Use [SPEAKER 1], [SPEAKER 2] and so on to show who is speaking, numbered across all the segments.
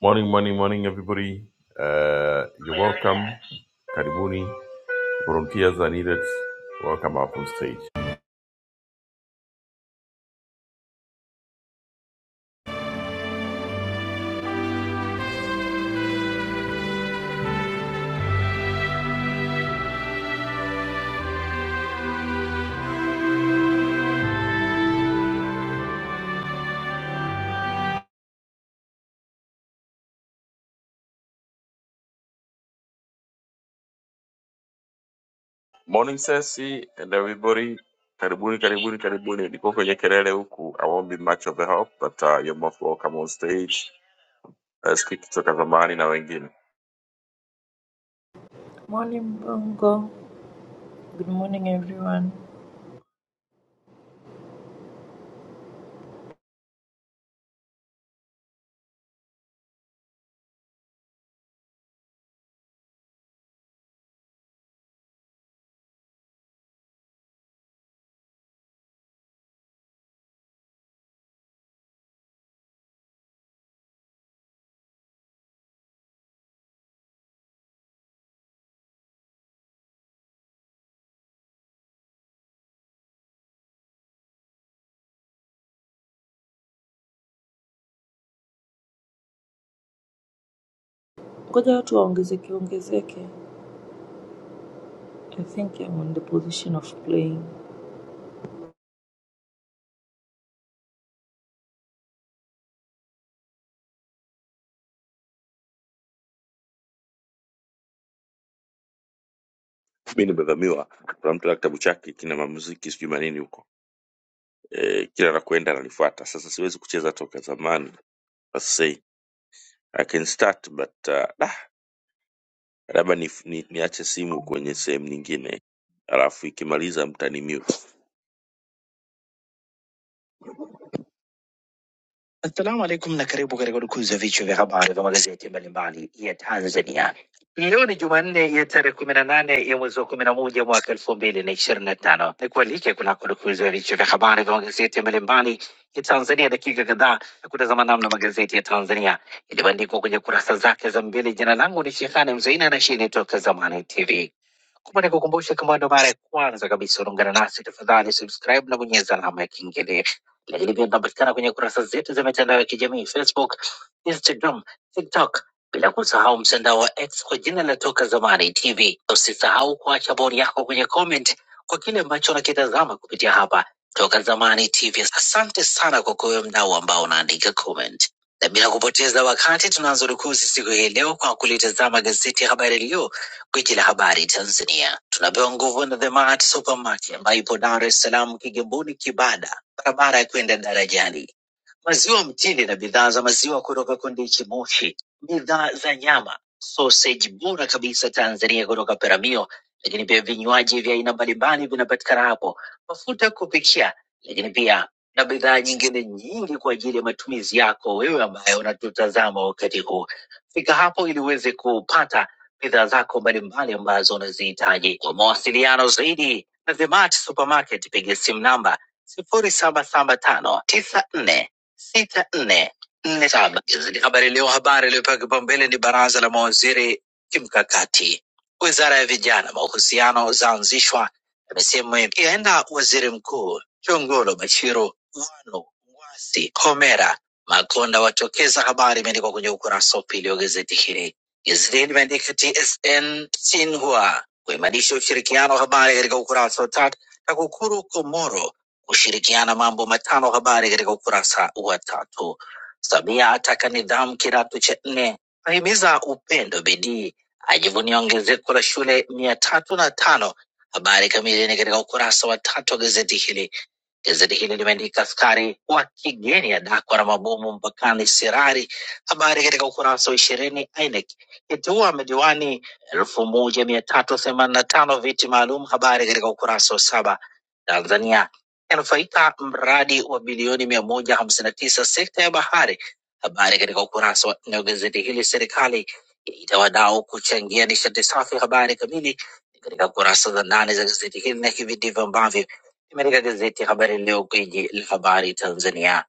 [SPEAKER 1] Morning, morning, morning, everybody. Uh, you're welcome. Karibuni. Volunteers are needed. Welcome up on stage. Morning, Sesi, and everybody. Karibuni, karibuni, karibuni. Niko kwenye kelele huku. I won't be much of a help, but uh, you're most welcome on stage. Uh, siku kutoka zamani na wengine.
[SPEAKER 2] Morning Bongo. Good morning everyone. Ngoja watu waongezeke ongezeke. I think I'm on the position of playing.
[SPEAKER 1] Mi nimevamiwa. Kuna mtu ana kitabu chake kina mamuziki sijui manini huko. Eh, kila nakwenda ananifuata. Sasa siwezi kucheza toka zamani. Let's see. I can start but uh, labda ni- ni, niache simu kwenye sehemu nyingine alafu ikimaliza mtanimute Assalamu alaikum na karibu katika dukuzi ya vichwa vya habari vya magazeti mbalimbali ya Tanzania. Leo ni Jumanne ya tarehe kumi na nane ya mwezi wa kumi na moja mwaka elfu mbili na ishirini na tano. Ni kualike kunako dukuzi ya vichwa vya habari vya magazeti mbalimbali ya Tanzania, dakika kadhaa ya kutazama namna magazeti ya Tanzania yaliyobandikwa kwenye kurasa zake za mbele. Jina langu ni Shehani Mzaina na hii ni Toka Zamani TV. Kumbuka nikukumbusha, kama ndo mara ya kwanza kabisa unaungana nasi, tafadhali subscribe na bonyeza alama ya kengele lakini pia tunapatikana kwenye kurasa zetu za mitandao ya kijamii Facebook, Instagram, TikTok, bila kusahau mtandao wa X kwa jina la Toka Zamani TV. Usisahau kuacha bodi yako kwenye comment kwa kile ambacho unakitazama kupitia hapa Toka Zamani TV. Asante sana kwa kuwe mdau ambao unaandika comment, na bila kupoteza wakati tunaanza rukuzi siku hii leo kwa kulitazama gazeti ya Habari Leo, gwiji la habari Tanzania. Tunapewa nguvu na The Mart Supermarket ambayo ipo Dar es Salaam, Kigamboni, Kibada barabara ya kwenda darajani maziwa mtindi na bidhaa za maziwa kutoka Kondiki Moshi, bidhaa za nyama, sausage bora kabisa Tanzania kutoka Peramio, lakini pia vinywaji vya aina mbalimbali vinapatikana hapo, mafuta ya kupikia, lakini pia na bidhaa nyingine nyingi kwa ajili ya matumizi yako wewe ambaye unatutazama wakati huu. Fika hapo ili uweze kupata bidhaa zako mbalimbali ambazo unazihitaji. Kwa mawasiliano zaidi na The Mart Supermarket, piga simu namba sifuri saba saba tano tisa nne sita nne nne saba. Gazeti Habari Leo, habari iliyopewa kipaumbele ni baraza la mawaziri kimkakati. Wizara ya Vijana, mahusiano zaanzishwa, amesema yaenda waziri mkuu Chongolo Bashiru, Wanu, Ngwasi, Homera, Makonda watokeza. Habari imeandikwa kwenye ukurasa wa pili wa gazeti hili. Gazeti hili limeandika TSN Sinhua kuimarisha ushirikiano, habari katika ukurasa wa tatu. TAKUKURU Komoro kushirikiana mambo matano. Habari katika ukurasa wa tatu. Samia ataka nidhamu kidato cha nne, ahimiza upendo, bidii, ajivunia ongezeko la shule mia tatu na tano. Habari kamili ni katika ukurasa wa tatu wa gazeti hili. Gazeti hili limeandika askari wa kigeni adakwa na mabomu mpakani Sirari. Habari katika ukurasa wa ishirini. INEC iteua madiwani elfu moja mia tatu themanini na tano viti maalum. Habari katika ukurasa wa saba. Tanzania yanufaika mradi wa bilioni mia moja hamsini na tisa sekta ya bahari. Habari katika ukurasa wa nne wa gazeti hili. Serikali yaita wadau kuchangia nishati safi. Habari kamili ni katika kurasa za ndani za gazeti hili, na hivi ndivyo ambavyo imeandika gazeti Habari Leo, gwiji la habari Tanzania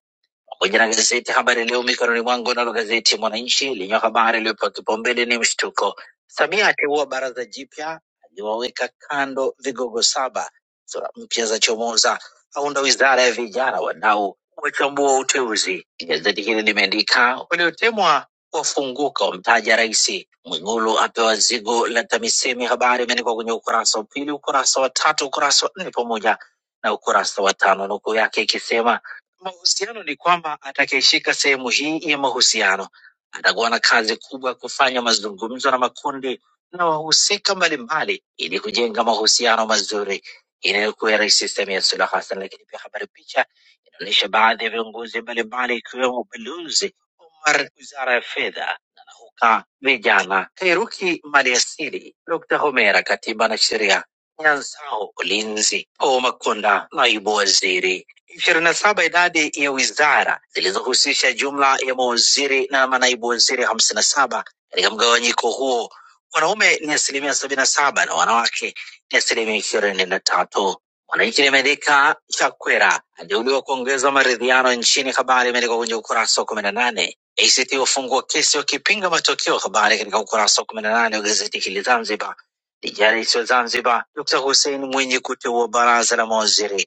[SPEAKER 1] pamoja na gazeti Habari Leo mikononi mwangu, nalo gazeti Mwananchi lenye habari iliyopewa kipaumbele ni mshtuko, Samia ateua baraza jipya, aliwaweka kando vigogo saba, sura mpya za chomoza, aunda wizara ya vijana, wadau wachambua uteuzi. Gazeti hili limeandika waliotemwa wafunguka, wamtaja rais. Mwigulu apewa zigo la TAMISEMI, habari imeandikwa kwenye ukurasa wa pili, ukurasa wa tatu, ukurasa wa nne pamoja na ukurasa wa tano, nukuu yake ikisema Mahusiano ni kwamba atakayeshika sehemu hii ya mahusiano atakuwa na kazi kubwa ya kufanya mazungumzo na makundi na wahusika mbalimbali ili kujenga mahusiano mazuri inayokuwa ya Rais Samia Suluhu Hassan. Lakini pia habari picha inaonyesha baadhi ya viongozi mbalimbali ikiwemo Balozi Omar, Wizara ya Fedha, na Nauka Vijana, Kairuki Maliasili, Dr. Homera, Katiba na Sheria Nyanzao ulinzi, Paul Makonda naibu waziri. ishirini na saba idadi ya wizara zilizohusisha jumla ya mawaziri na manaibu waziri hamsini na saba. Katika mgawanyiko huo wanaume ni asilimia sabini na saba na wanawake ni asilimia ishirini na tatu. Mwananchi limeandika Chakwera ateuliwa kuongeza maridhiano nchini, habari imeandikwa kwenye ukurasa wa kumi na nane. ACT wafungua kesi wakipinga matokeo, habari katika ukurasa wa kumi na nane wa gazeti hili Zanzibar ya rais wa Zanzibar Dr. Hussein Mwinyi kuteua baraza la mawaziri.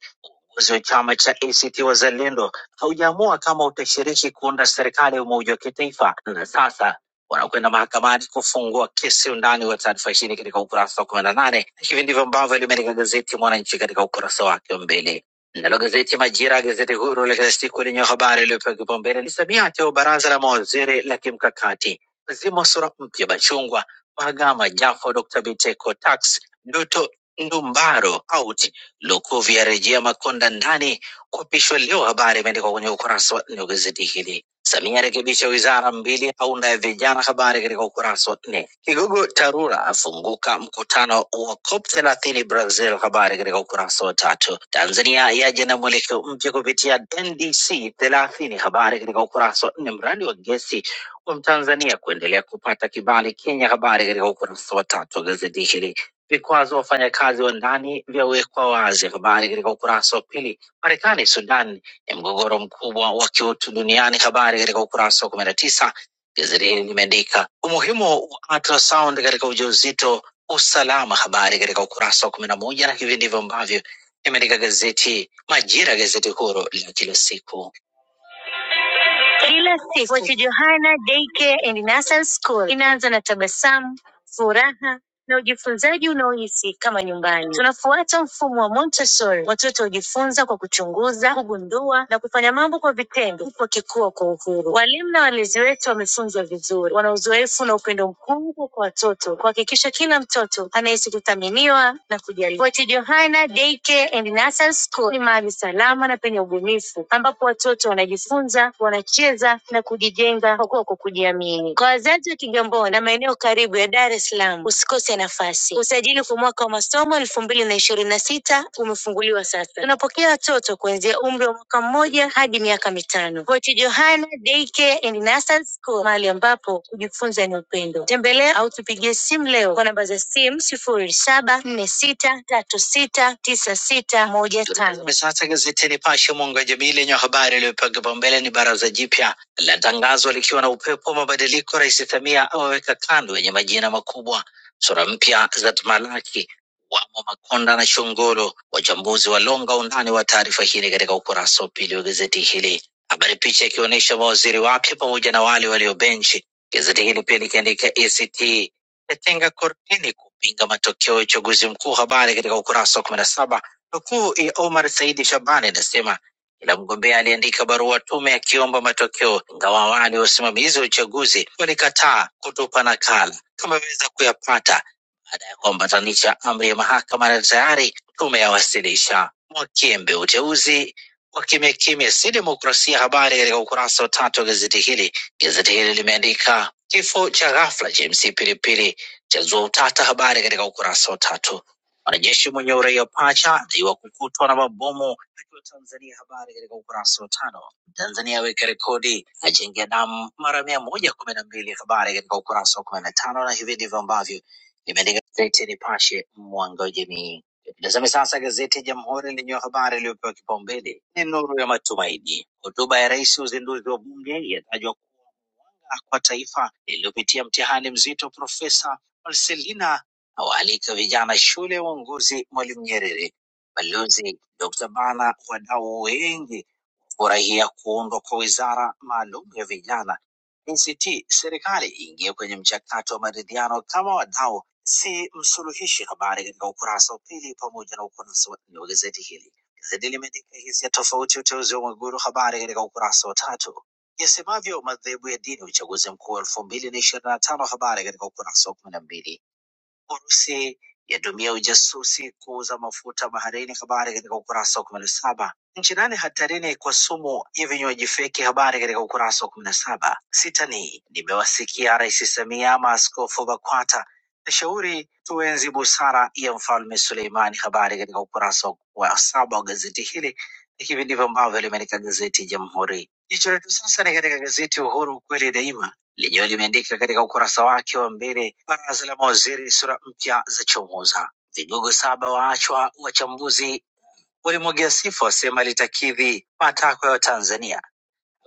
[SPEAKER 1] Uongozi wa chama cha ACT Wazalendo haujaamua kama utashiriki kuunda serikali ya umoja wa kitaifa, na sasa wanakwenda mahakamani kufungua kesi. Undani wa taarifa hii ni katika ukurasa wa kumi na nane. Hivi ndivyo ambavyo limeandika gazeti Mwananchi katika ukurasa wake wa mbele. Nalo gazeti Majira, gazeti huru la kila siku lenye habari iliyopewa kipaumbele ni Samia ateua baraza la mawaziri la kimkakati, zimo sura mpya Bachungwa Magama, Jafo, Dr. Biteko, Tax, Duto, Ndumbaro, out, Lukuvi yarejea Makonda ndani kuapishwa leo. Habari imeandikwa kwenye ukurasa wa nne wa gazeti hili. Samia arekebisha wizara mbili, aunda ya vijana. Habari katika ukurasa wa nne. Kigogo Tarura afunguka mkutano wa COP thelathini Brazil. Habari katika ukurasa wa tatu. Tanzania yaja na mwelekeo mpya kupitia NDC thelathini. Habari katika ukurasa wa nne. Mradi wa gesi wa Mtanzania kuendelea kupata kibali Kenya. Habari katika ukurasa wa tatu wa gazeti hili. Vikwazo wafanyakazi wa ndani vyawekwa wazi. Habari katika ukurasa wa pili. Marekani, Sudan ni mgogoro mkubwa wa kiutu duniani. Habari katika ukurasa wa kumi na tisa. Gazeti hili limeandika umuhimu wa ultrasound katika ujauzito, usalama. Habari katika ukurasa wa kumi na moja, na hivi ndivyo ambavyo imeandika gazeti Majira, gazeti huru la kila siku. Kila siku Fort Johanna Daycare and Nursery School inaanza na tabasamu, furaha na ujifunzaji unaohisi kama nyumbani. Tunafuata mfumo wa Montessori. Watoto hujifunza kwa kuchunguza, kugundua na kufanya mambo kwa vitendo, huku wakikua kwa uhuru. Walimu na walezi wetu wamefunzwa vizuri, wana uzoefu na upendo mkubwa kwa watoto, kuhakikisha kila mtoto anahisi kuthaminiwa na kujali. Fort Johanna Daycare and Nursery School ni mahali salama na penye ubunifu ambapo watoto wanajifunza, wanacheza na kujijenga kwa kwa kujiamini. Kwa wazazi wa Kigamboni na maeneo karibu ya Dar es Salaam, usikose nafasi. Usajili kwa mwaka wa masomo elfu mbili na ishirini na sita umefunguliwa sasa. Tunapokea watoto kuanzia umri wa mwaka mmoja hadi miaka mitano. Kochi Johana Daycare and Nursery School, mahali ambapo kujifunza ni upendo. Tembelea au tupigie simu leo kwa namba za simu sifuri saba nne sita tatu sita tisa sita moja tano. Sasa gazeti Nipashe mwanga wa jamii lenye habari iliyopewa kipaumbele ni baraza jipya la tangazo likiwa na upepo wa mabadiliko. Rais Samia awaweka kando yenye majina makubwa, sura mpya za tamalaki wamo Makonda na Shongoro. Wachambuzi walonga undani wa taarifa hii katika ukurasa wa pili wa gazeti hili. Habari picha ikionyesha mawaziri wake pamoja na wale walio benchi. Gazeti hili pia likiandika ACT yatenga kortini kupinga matokeo ya uchaguzi mkuu, habari katika ukurasa wa kumi na saba. Nukuu ya Omar Saidi Shabani inasema kila mgombea aliandika barua tume akiomba matokeo, ingawa awali wasimamizi wa uchaguzi walikataa kutupa nakala tumeweza kuyapata baada ya kuambatanisha amri ya mahakama na tayari tumeyawasilisha. Mwakiembe uteuzi kwa kimya kimya, si demokrasia. Habari katika ukurasa wa tatu wa gazeti hili. Gazeti hili limeandika kifo cha ghafla cha MC Pilipili chazua utata, habari katika ukurasa wa tatu. Mwanajeshi mwenye uraia pacha adaiwa kukutwa na mabomu akiwa Tanzania, habari katika ukurasa wa tano. Tanzania aweka rekodi ajengia damu mara mia moja kumi na mbili, habari katika ukurasa wa kumi na tano, na hivi ndivyo ambavyo limeandika gazeti ya Nipashe, mwanga wa jamii. Tazame sasa gazeti ya Jamhuri lenye habari iliyopewa kipaumbele ni nuru ya matumaini. Hotuba ya rais uzinduzi wa bunge yatajwa janga kwa taifa lililopitia mtihani mzito. Profesa Marcelina awaalika vijana shule ya uongozi Mwalimu Nyerere, Balozi Dr. Bana, wadau wengi furahia kuundwa kwa wizara maalum ya vijana ACT. Serikali iingie kwenye mchakato wa maridhiano kama wadau, si msuluhishi. Habari katika ukurasa wa pili pamoja na ukurasa wa nne wa gazeti hili. Gazeti limeandika hisia tofauti uteuzi wa Mwigulu, habari katika ukurasa wa tatu yasemavyo madhehebu ya dini uchaguzi mkuu elfu mbili na ishirini na tano habari katika ukurasa wa kumi na mbili Urusi yatumia ujasusi kuuza mafuta baharini. Habari katika ukurasa wa kumi na saba. Nchi nane hatarini kwa sumu ya vinywaji feki. Habari katika ukurasa wa kumi na saba. Sita ni nimewasikia Rais Samia, maaskofu BAKWATA nashauri tuenzi busara ya Mfalme Suleimani. Habari katika ukurasa wa saba wa gazeti hili. Hivi ndivyo ambavyo limeandika gazeti Jamhuri. Jicho letu sasa ni katika gazeti Uhuru, ukweli daima lenyewe limeandika katika ukurasa wake wa mbele, baraza la mawaziri sura mpya za chomoza, vigogo saba waachwa, wachambuzi walimwagia sifa, wasema litakidhi matakwa ya Watanzania.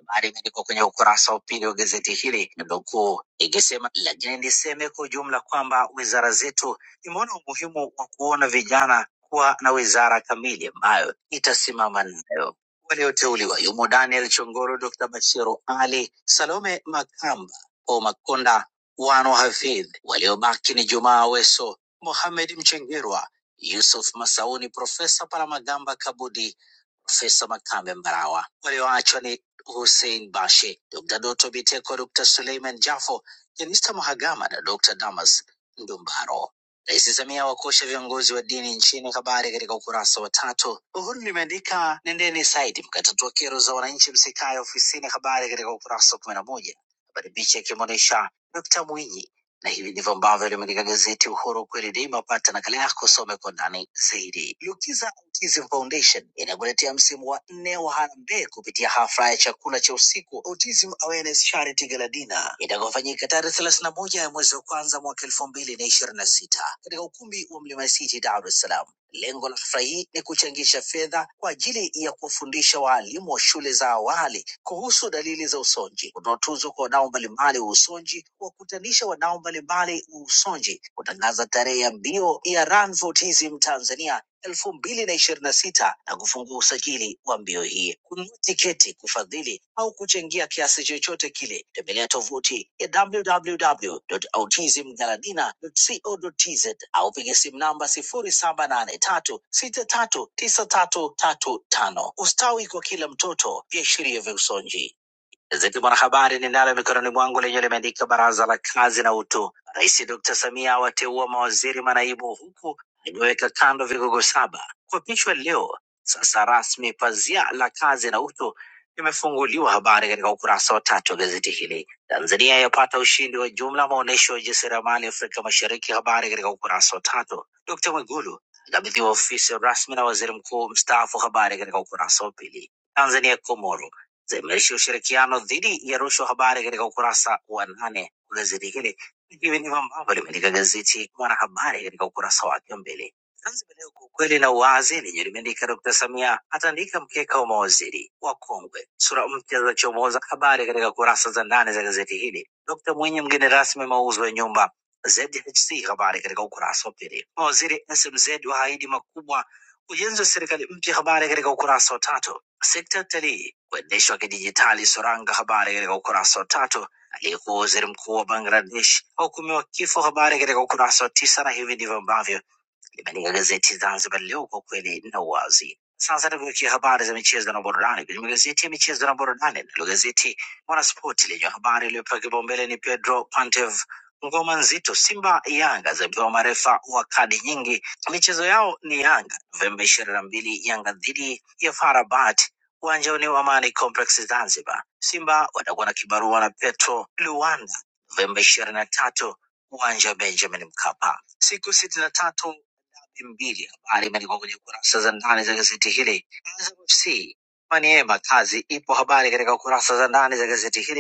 [SPEAKER 1] Habari imeandikwa kwenye ukurasa wa pili wa gazeti hili, nukuu ikisema, lakini niseme kwa ujumla kwamba wizara zetu imeona umuhimu wa kuona vijana kuwa na wizara kamili ambayo itasimama nayo. Walioteuliwa yumo Daniel Chongoro, Dr. Bashiru Ali, Salome Makamba, Paul Makonda, Wano Hafidh. Waliobaki ni Jumaa Weso, Mohamed Mchengerwa, Yusuf Masauni, Profesa Palamagamba Kabudi, Profesa Makambe Mbarawa. Walioachwa ni Hussein Bashe, Dr. Doto Biteko, Dr. Suleiman Jafo, Jenista Mahagama na Dr. Damas Ndumbaro. Rais Samia wakosha viongozi wa dini nchini, habari katika ukurasa wa tatu. Uhuru limeandika nendeni saidi mkatatua kero za wananchi, msikae ofisini, habari katika ukurasa wa kumi na moja. Habari picha ikimwonyesha Dkt. Mwinyi na hivi ndivyo ambavyo limeandika gazeti Uhuru kweli daima. Pata nakala yako, some kwa ndani zaidi. Lukiza Autism Foundation inakuletea msimu wa nne wa harambee kupitia hafla ya chakula cha usiku Autism Awareness Charity Gala Dinner itakayofanyika tarehe thelathini na moja ya mwezi wa kwanza mwaka elfu mbili na ishirini na sita katika ukumbi wa Mlima City, Dar es Salaam. Lengo la hafla hii ni kuchangisha fedha kwa ajili ya kuwafundisha waalimu wa shule za awali kuhusu dalili za usonji, kutoa tuzo kwa wadau mbalimbali wa usonji, kuwakutanisha wadau mbalimbali wa usonji, kutangaza tarehe ya mbio ya Run for Autism Tanzania elfu mbili na ishirini na sita na kufungua usajili wa mbio hii. Kununua tiketi, kufadhili au kuchangia kiasi chochote kile, tembelea tovuti ya www.autismgaladina.co.tz au piga simu namba sifuri saba nane tatu sita tatu tisa tatu tatu tano. Ustawi kwa kila mtoto, viashiria vya usonji. Gazeti Mwanahabari ninalo mikononi mwangu lenyewe limeandika baraza la kazi na utu. Rais Dr. Samia awateua mawaziri manaibu huku akiweka kando vigogo saba kuapishwa leo. Sasa rasmi pazia la kazi na utu limefunguliwa, habari katika ukurasa wa tatu wa gazeti hili. Tanzania yapata ushindi wa jumla maonyesho ya ujasiriamali Afrika Mashariki, habari katika ukurasa wa tatu. Dkt. Mwigulu akabidhiwa ofisi rasmi na waziri mkuu mstaafu, habari katika ukurasa wa pili. Tanzania Komoro za imarisha ushirikiano dhidi ya rushwa. Habari katika ukurasa wa nane wa gazeti hili, ikiwa ndivyo ambavyo limeandika gazeti Mwanahabari katika ukurasa wake wa mbele. Zanzibar Leo kwa ukweli na uwazi lenye limeandika Dkt. Samia atandika mkeka wa mawaziri wakongwe, sura mpya za chomoza. Habari katika kurasa za ndani za gazeti hili. Dkt. Mwinyi mgeni rasmi mauzo ya nyumba ZHC, habari katika ukurasa wa pili. Mawaziri SMZ waahidi makubwa ujenzi wa serikali mpya, habari katika ukurasa wa tatu. Sekta ya utalii kuendeshwa kidijitali. Soranga, habari katika ukurasa wa tatu. Aliyekuwa waziri mkuu wa Bangladesh ahukumiwa kifo, habari katika ukurasa wa tisa. Na hivi ndivyo ambavyo Limeandika gazeti Zanzibar Leo, kwa kweli na uwazi. Sasa tugeukia habari za michezo na burudani kwenye magazeti ya michezo na burudani. Nalo gazeti Mwanaspoti lenye habari iliyopewa kipaumbele ni Pedro Pantev, ngoma nzito Simba Yanga zapewa marefa wa kadi nyingi. Michezo yao ni Yanga Novemba ishirini na mbili, Yanga dhidi ya Farabat uwanjani wa Amani Complex Zanzibar. Simba watakuwa na kibarua na Petro Luanda Novemba ishirini na tatu uwanja wa Benjamin Mkapa. Siku sitini na tatu mbili. Habari imeandikwa kwenye kurasa za ndani za gazeti hili. Azam FC Maniema Kazi ipo habari katika kurasa za ndani za gazeti hili.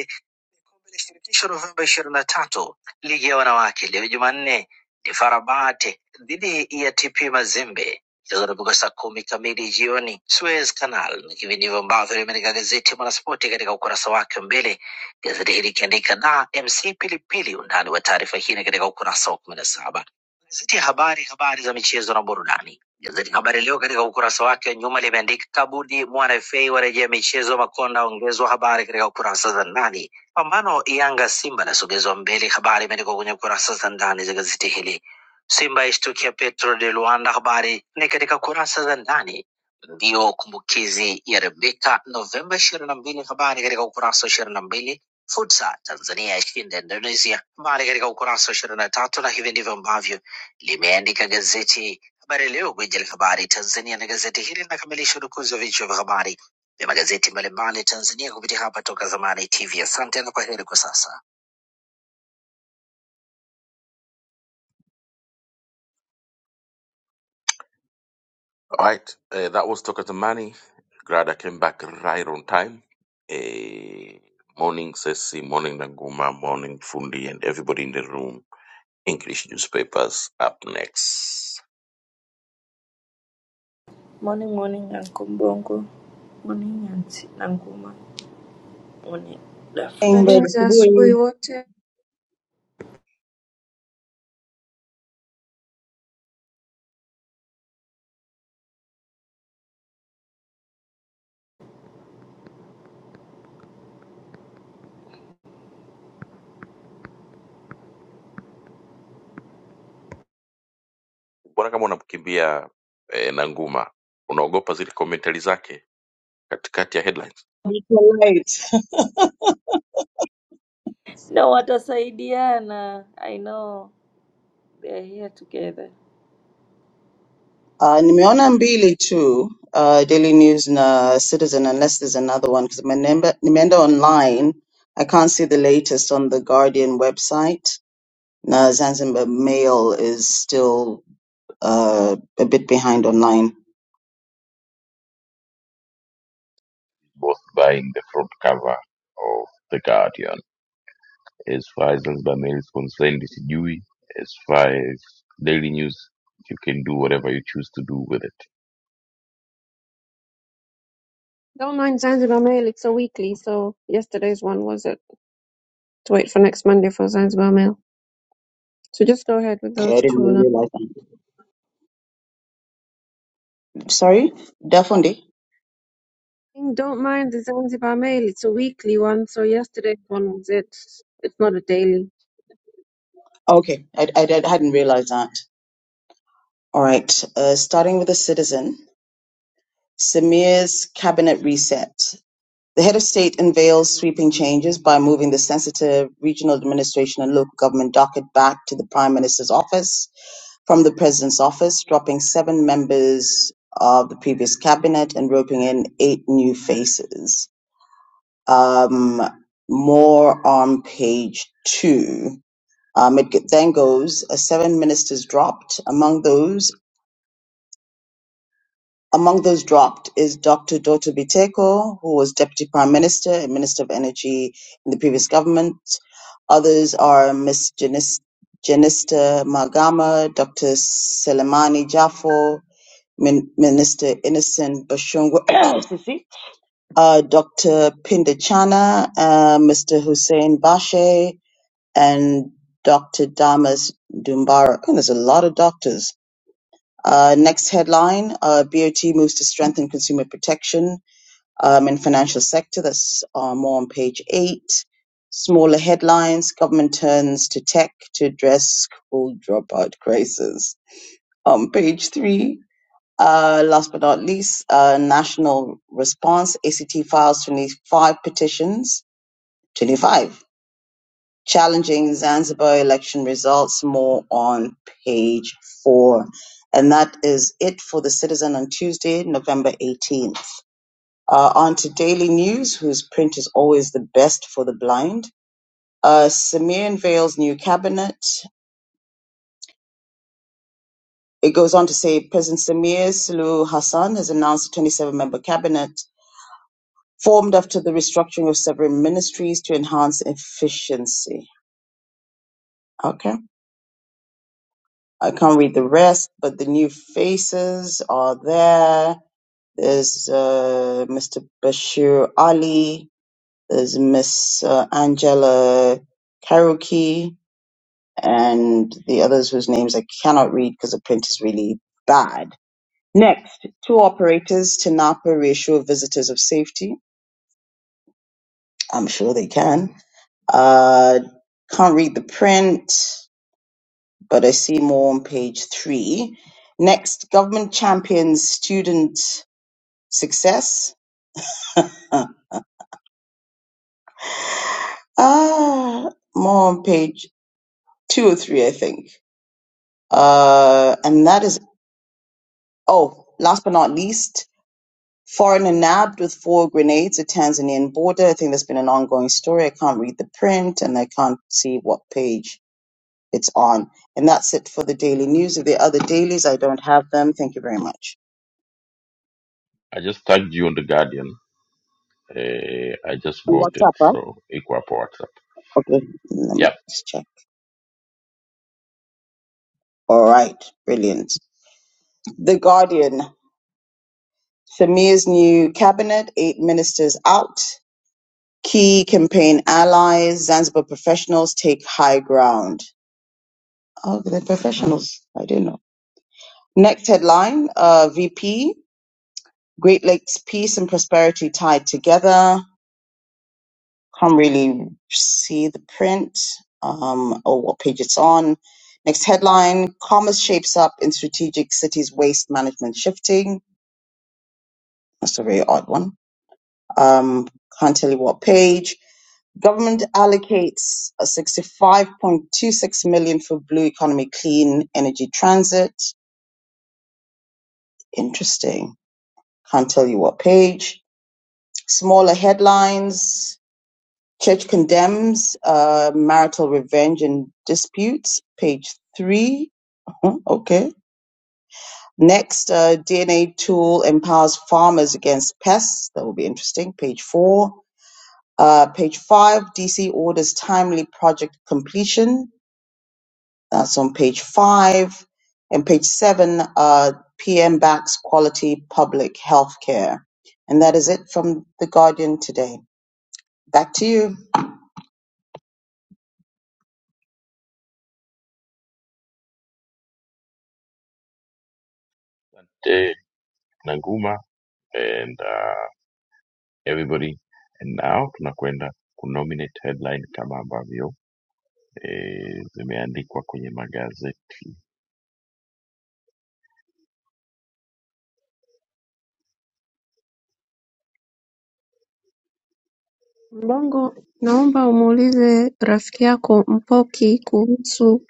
[SPEAKER 1] Kombe la Shirikisho Novemba ishirini na tatu. Ligi ya wanawake leo Jumanne ni Farabate dhidi ya TP Mazembe. Mchezo unapigwa saa kumi kamili jioni Suez Canal, na hivi ndivyo ambavyo limeandika gazeti Mwanaspoti katika ukurasa wake wa mbele, gazeti hili ikiandika na MC Pilipili. Undani wa taarifa hii ni katika ukurasa wa kumi na saba. Gazeti ya Habari, habari za michezo na burudani. Gazeti Habari Leo katika ukurasa wake wa nyuma limeandika Kabudi mwana FA warejea michezo, Makonda aongezwa, habari katika ukurasa za ndani Pambano Yanga Simba inasogezwa mbele. Habari imeandikwa kwenye kurasa za ndani za gazeti hili. Simba yaishtukia Petro de Luanda, habari ni katika kurasa za ndani. Mbio kumbukizi ya Rebeka Novemba ishirini na mbili, habari katika ukurasa wa ishirini na mbili. Futsa Tanzania yashinda Indonesia, habari katika ukurasa wa ishirini na tatu. Na hivi ndivyo ambavyo limeandika gazeti Habari Leo, gwiji la habari Tanzania, na gazeti hili linakamilisha udukuzi wa vichwa vya habari vya magazeti mbalimbali Tanzania kupitia hapa Toka Zamani TV. Asante na kwa kwa sasa. All right, uh, that was Toka Tamani. Glad I came back right on time. Uh, morning, Ceci, morning, Naguma, morning, Fundi, and everybody in the room. English newspapers up next.
[SPEAKER 2] Morning morning Uncle Bongo. Morning Auntie Nanguma. Morning
[SPEAKER 3] Amber,
[SPEAKER 2] Dafundi.
[SPEAKER 4] Habari za
[SPEAKER 3] asubuhi
[SPEAKER 1] Mbona kama unamkimbia eh, Nanguma, unaogopa zile commentary zake katikati ya headlines?
[SPEAKER 3] ilikuwa light.
[SPEAKER 2] Na watasaidiana. I know they are here together.
[SPEAKER 3] Uh, nimeona mbili tu uh, Daily News na Citizen unless there's another one because nimeenda nimeenda online I can't see the latest on the Guardian website. Na Zanzibar Mail is still uh, a bit behind online.
[SPEAKER 1] both buying the front cover of The Guardian. as far as Zanzibar Mail is concerned, sijui. As far as daily news, you can do whatever you choose to do with it.
[SPEAKER 4] Don't mind Zanzibar Mail, it's a weekly, so yesterday's one was it to wait for next Monday for Zanzibar Mail. So just go ahead with
[SPEAKER 3] Okay,
[SPEAKER 4] those
[SPEAKER 3] I
[SPEAKER 4] two
[SPEAKER 3] didn't
[SPEAKER 4] now.
[SPEAKER 3] realize that. Sorry, Dafundi?
[SPEAKER 4] Don't mind the Zanzibar Mail, it's a weekly one, so yesterday's one was it. It's not a daily.
[SPEAKER 3] Okay, I, I, I hadn't realized that. All right, uh, starting with the Citizen. Samir's cabinet reset. The head of state unveils sweeping changes by moving the sensitive regional administration and local government docket back to the prime minister's office from the president's office, dropping seven members of the previous cabinet and roping in eight new faces. Um, more on page two. Um, it then goes, uh, seven ministers dropped. Among those Among those dropped is Dr. Doto Biteko, who was Deputy Prime Minister and Minister of Energy in the previous government. Others are Ms. Janista Magama, Dr. Selemani Jaffo, Min- Minister Innocent Bashungwe, Sisi, uh, Dr. Pindachana, uh, Mr. Hussein Bashe, and Dr. Damas Dumbara. And there's a lot of doctors. Uh, next headline, uh, BOT moves to strengthen consumer protection um, in financial sector. That's uh, more on page eight. Smaller headlines, government turns to tech to address school dropout crisis. On page three, uh, last but not least, uh, national response, ACT files 25 petitions. 25 challenging Zanzibar election results more on page four. And that is it for the Citizen on Tuesday, November 18th. Uh, on to Daily News, whose print is always the best for the blind. Uh, Samir unveils new cabinet. It goes on to say President Samir Sulu Hassan has announced a 27 member cabinet formed after the restructuring of several ministries to enhance efficiency. Okay. I can't read the rest, but the new faces are there. There's uh, Mr. Bashir Ali, there's Miss uh, Angela Karaoke, and the others whose names I cannot read because the print is really bad. Next, two operators to Napa reassure visitors of safety. I'm sure they can. Uh, can't read the print. but I see more on page three. Next, government champions student success. Huh. ah, more on page two or three, I think. Uh, and that is, oh, last but not least, foreigner nabbed with four grenades at Tanzanian border. I think that's been an ongoing story. I can't read the print and I can't see what page it's on. And that's it for the daily news. If there are other dailies, I don't have them. Thank you very much.
[SPEAKER 1] I just tagged you on the Guardian. Uh, I just
[SPEAKER 3] And
[SPEAKER 1] bought
[SPEAKER 3] what's
[SPEAKER 1] it,
[SPEAKER 3] up, huh?
[SPEAKER 1] so iko hapo WhatsApp.
[SPEAKER 3] Okay, let me
[SPEAKER 1] Yep,
[SPEAKER 3] just check. All right, brilliant. The Guardian, Samir's new cabinet, eight ministers out, key campaign allies, Zanzibar professionals take high ground. Oh, they're professionals. I didn't know. Next headline, uh, VP, Great Lakes peace and prosperity tied together. Can't really see the print um, or what page it's on. Next headline, commerce shapes up in strategic cities waste management shifting. That's a very odd one um, can't tell you what page. Government allocates uh, 65.26 million for blue economy clean energy transit. Interesting. Can't tell you what page. Smaller headlines. Church condemns uh, marital revenge and disputes. Page three. Hmm, Okay. Next, uh, DNA tool empowers farmers against pests. That will be interesting. Page four Uh, page five, DC orders timely project completion. That's on page five. And page seven, uh, PM backs quality public health care. And that is it from The Guardian today. Back to you.
[SPEAKER 1] eh, Nanguma and uh, everybody. And now tunakwenda kunominate headline kama ambavyo eh, zimeandikwa kwenye magazeti.
[SPEAKER 4] Mbongo, naomba umuulize rafiki yako Mpoki kuhusu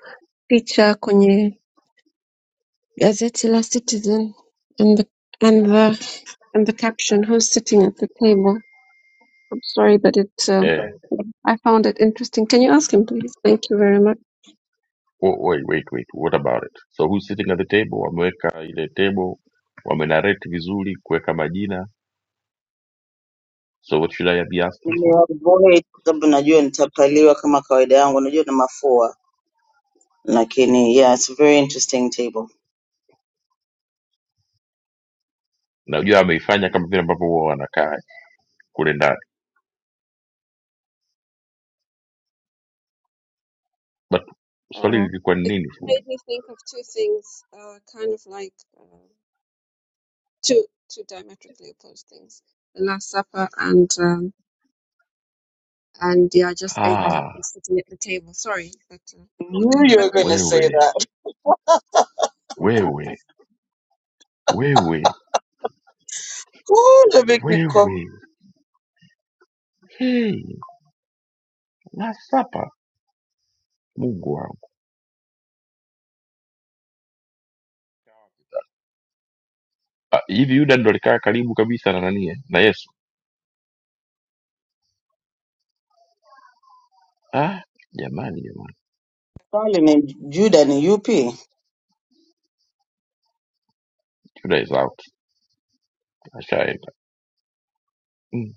[SPEAKER 4] picha kwenye gazeti la Citizen and the, and the, and the caption who's sitting at the table. I'm sorry, but it uh,
[SPEAKER 1] Eh,
[SPEAKER 4] I found it interesting. Can you ask him, please? Thank you very much.
[SPEAKER 1] Oh, wait, wait, wait. What about it? So who's sitting at the table? Wameweka ile table, wamenarrate vizuri kuweka majina. So what should I be asking for?
[SPEAKER 3] Nimewahi, sababu najua nitapaliwa kama kawaida yangu, najua na mafua. Lakini, yeah, it's a very interesting table.
[SPEAKER 1] Najua ameifanya kama vile ambavyo huwa wanakaa kule ndani, but swali
[SPEAKER 4] Uh,
[SPEAKER 1] lilikuwa ni
[SPEAKER 4] it
[SPEAKER 1] nini fundi?
[SPEAKER 4] made me think of two things, uh, kind of like uh, two two diametrically opposed things: the Last Supper and um, and yeah, just basically
[SPEAKER 1] Ah,
[SPEAKER 4] him sitting at the table. Sorry, but uh,
[SPEAKER 3] Knew
[SPEAKER 4] okay,
[SPEAKER 3] you
[SPEAKER 4] bye
[SPEAKER 3] were
[SPEAKER 4] bye.
[SPEAKER 3] going to
[SPEAKER 1] wewe
[SPEAKER 3] say that.
[SPEAKER 1] wewe wewe
[SPEAKER 3] Ooh, let me keep
[SPEAKER 1] wewe, hey, nasapa Mungu wangu. Ah, hivi Yuda ndo alikaa karibu kabisa na nani eh? na Yesu? Ah, jamani jamani,
[SPEAKER 3] calling him Judah ni UP.
[SPEAKER 1] Yuda is out, ashaenda. Mm,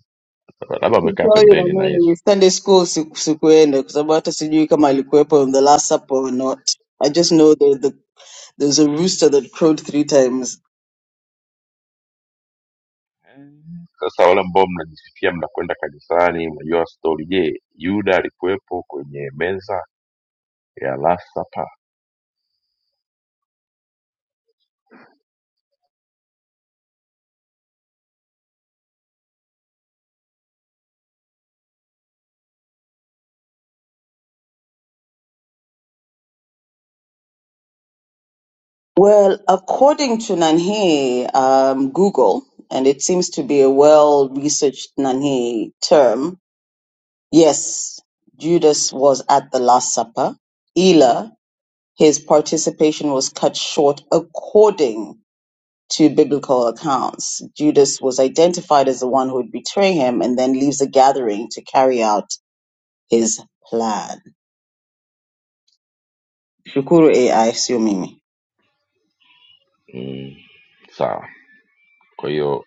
[SPEAKER 1] labda amekaa
[SPEAKER 3] Tutorial
[SPEAKER 1] pembeni
[SPEAKER 3] na
[SPEAKER 1] na Yesu.
[SPEAKER 3] mimi Sunday school siku- sikuenda kwa sababu hata sijui kama alikuwepo on the last supper or not. I just know that the, there's a rooster that crowed three times.
[SPEAKER 1] Sasa wale ambao mnajisifia mnakwenda kanisani, mnajua stori. Je, Yuda alikuwepo kwenye meza ya last supper?
[SPEAKER 3] Well, according to Nanhe, um, Google, and it seems to be a well-researched Nanhe term, yes, Judas was at the Last Supper. Ila, his participation was cut short according to biblical accounts. Judas was identified as the one who would betray him and then leaves the gathering to carry out his plan. Shukuru AI sio mimi.
[SPEAKER 1] Mm, sawa. Kwa hiyo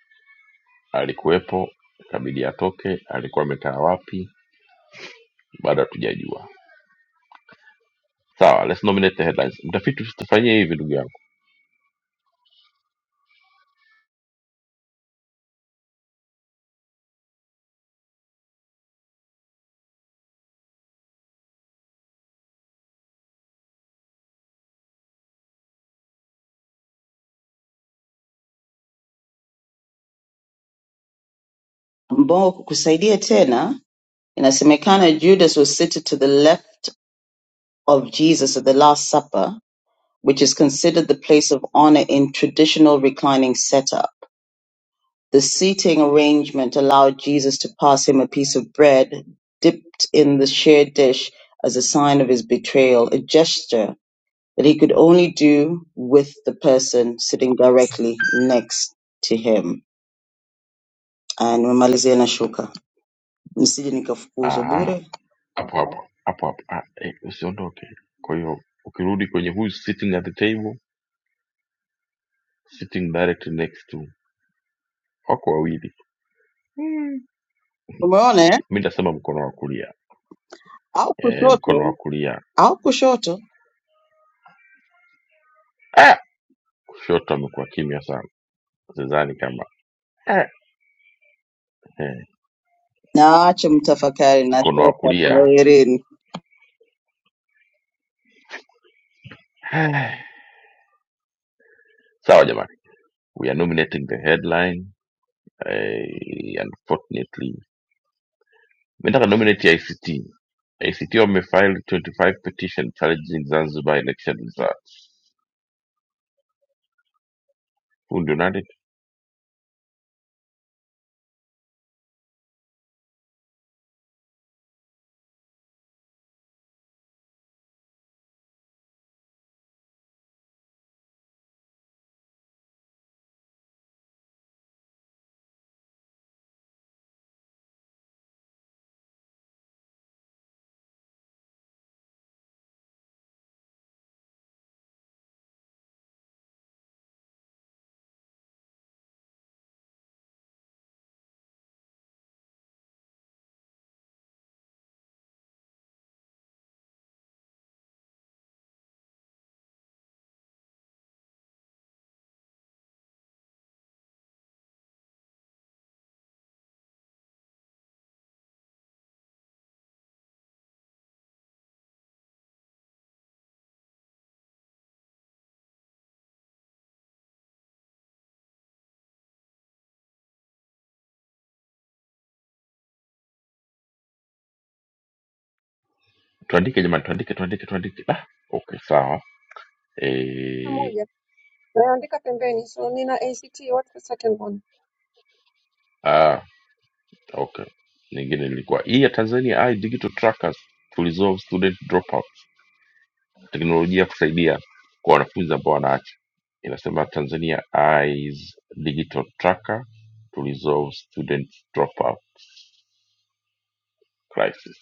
[SPEAKER 1] alikuwepo, ikabidi atoke. Alikuwa amekaa wapi? Bado hatujajua. Sawa, let's nominate the headlines. Mtafiti, usitufanyie hivi ndugu yangu.
[SPEAKER 3] Mbongo kukusaidia tena, inasemekana Judas was seated to the left of Jesus at the Last Supper, which is considered the place of honor in traditional reclining setup. The seating arrangement allowed Jesus to pass him a piece of bread dipped in the shared dish as a sign of his betrayal, a gesture that he could only do with the person sitting directly next to him. Na nimemalizia na shuka, msije nikafukuzwa
[SPEAKER 1] Aha,
[SPEAKER 3] bure.
[SPEAKER 1] hapo hapo hapo hapo. Ah, eh, usiondoke. Kwa hiyo ukirudi kwenye who is sitting at the table, sitting directly next to, wako wawili.
[SPEAKER 3] Umeona eh?
[SPEAKER 1] Mi nitasema mkono wa kulia,
[SPEAKER 3] au
[SPEAKER 1] eh, mkono
[SPEAKER 3] kushoto
[SPEAKER 1] wa kulia
[SPEAKER 3] au kushoto,
[SPEAKER 1] Ah! Kushoto amekuwa kimya sana, sidhani kama ah, eh,
[SPEAKER 3] na waache mtafakari na
[SPEAKER 1] mkono wa kulia
[SPEAKER 3] shepa
[SPEAKER 1] Ah. sawa. Jamani, we are nominating the headline eh, unfortunately mi nataka nominate ICT. ACT wamefile 25 petition challenging Zanzibar election results. Huu ndio nani? Tuandike jamani, tuandike, tuandike, tuandike. Ah, okay, sawa. Eh,
[SPEAKER 4] Pamoja. Naandika pembeni. So nina ACT. What's the second one?
[SPEAKER 1] ah, okay. Nyingine ilikuwa hii ya Tanzania Eye Digital Trackers to resolve student dropouts teknolojia kusaidia kwa wanafunzi ambao wanaacha inasema tanzania eyes digital tracker to resolve student dropout crisis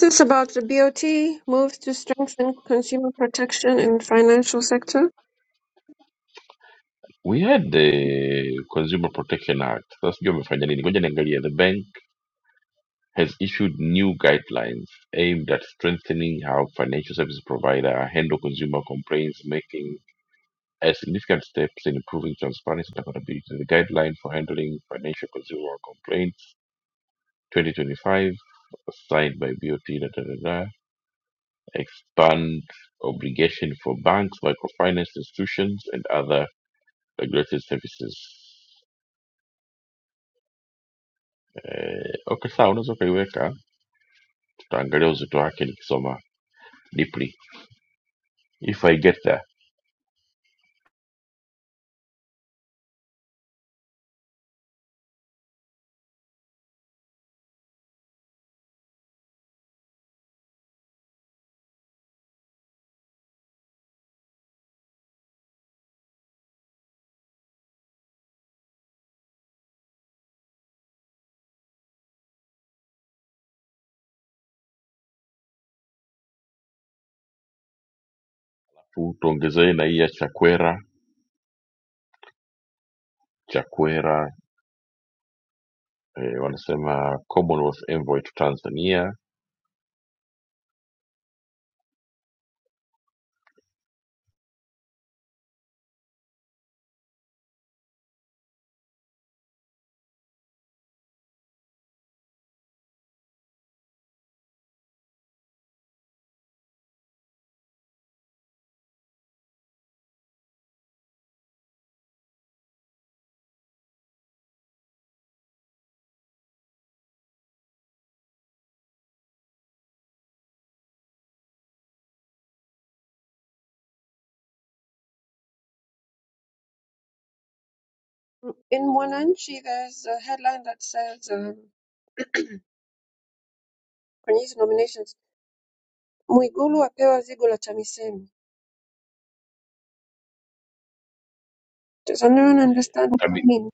[SPEAKER 4] This about the BOT moves to strengthen consumer protection in financial sector.
[SPEAKER 1] we had the consumer protection act sasa sijui wamefanya nini ngoja niangalia the bank has issued new guidelines aimed at strengthening how financial service provider handle consumer complaints making a significant steps in improving transparency and accountability the guideline for handling financial consumer complaints 2025 signed by BOT, da, da, da, da, expand obligation for banks, microfinance institutions, and other regulated services. Eh, okay, sawa, unaweza ukaiweka, tutaangalia uzito wake nikisoma deeply if I get there. Tu- Tuongezee na hii ya Chakwera. Chakwera eh, wanasema Commonwealth Envoy to Tanzania
[SPEAKER 4] In Mwananchi, there's a headline that says um, kwenye hizi nominations, Mwigulu apewa zigo la TAMISEMI. Does anyone understand what
[SPEAKER 1] Tami,
[SPEAKER 4] it means?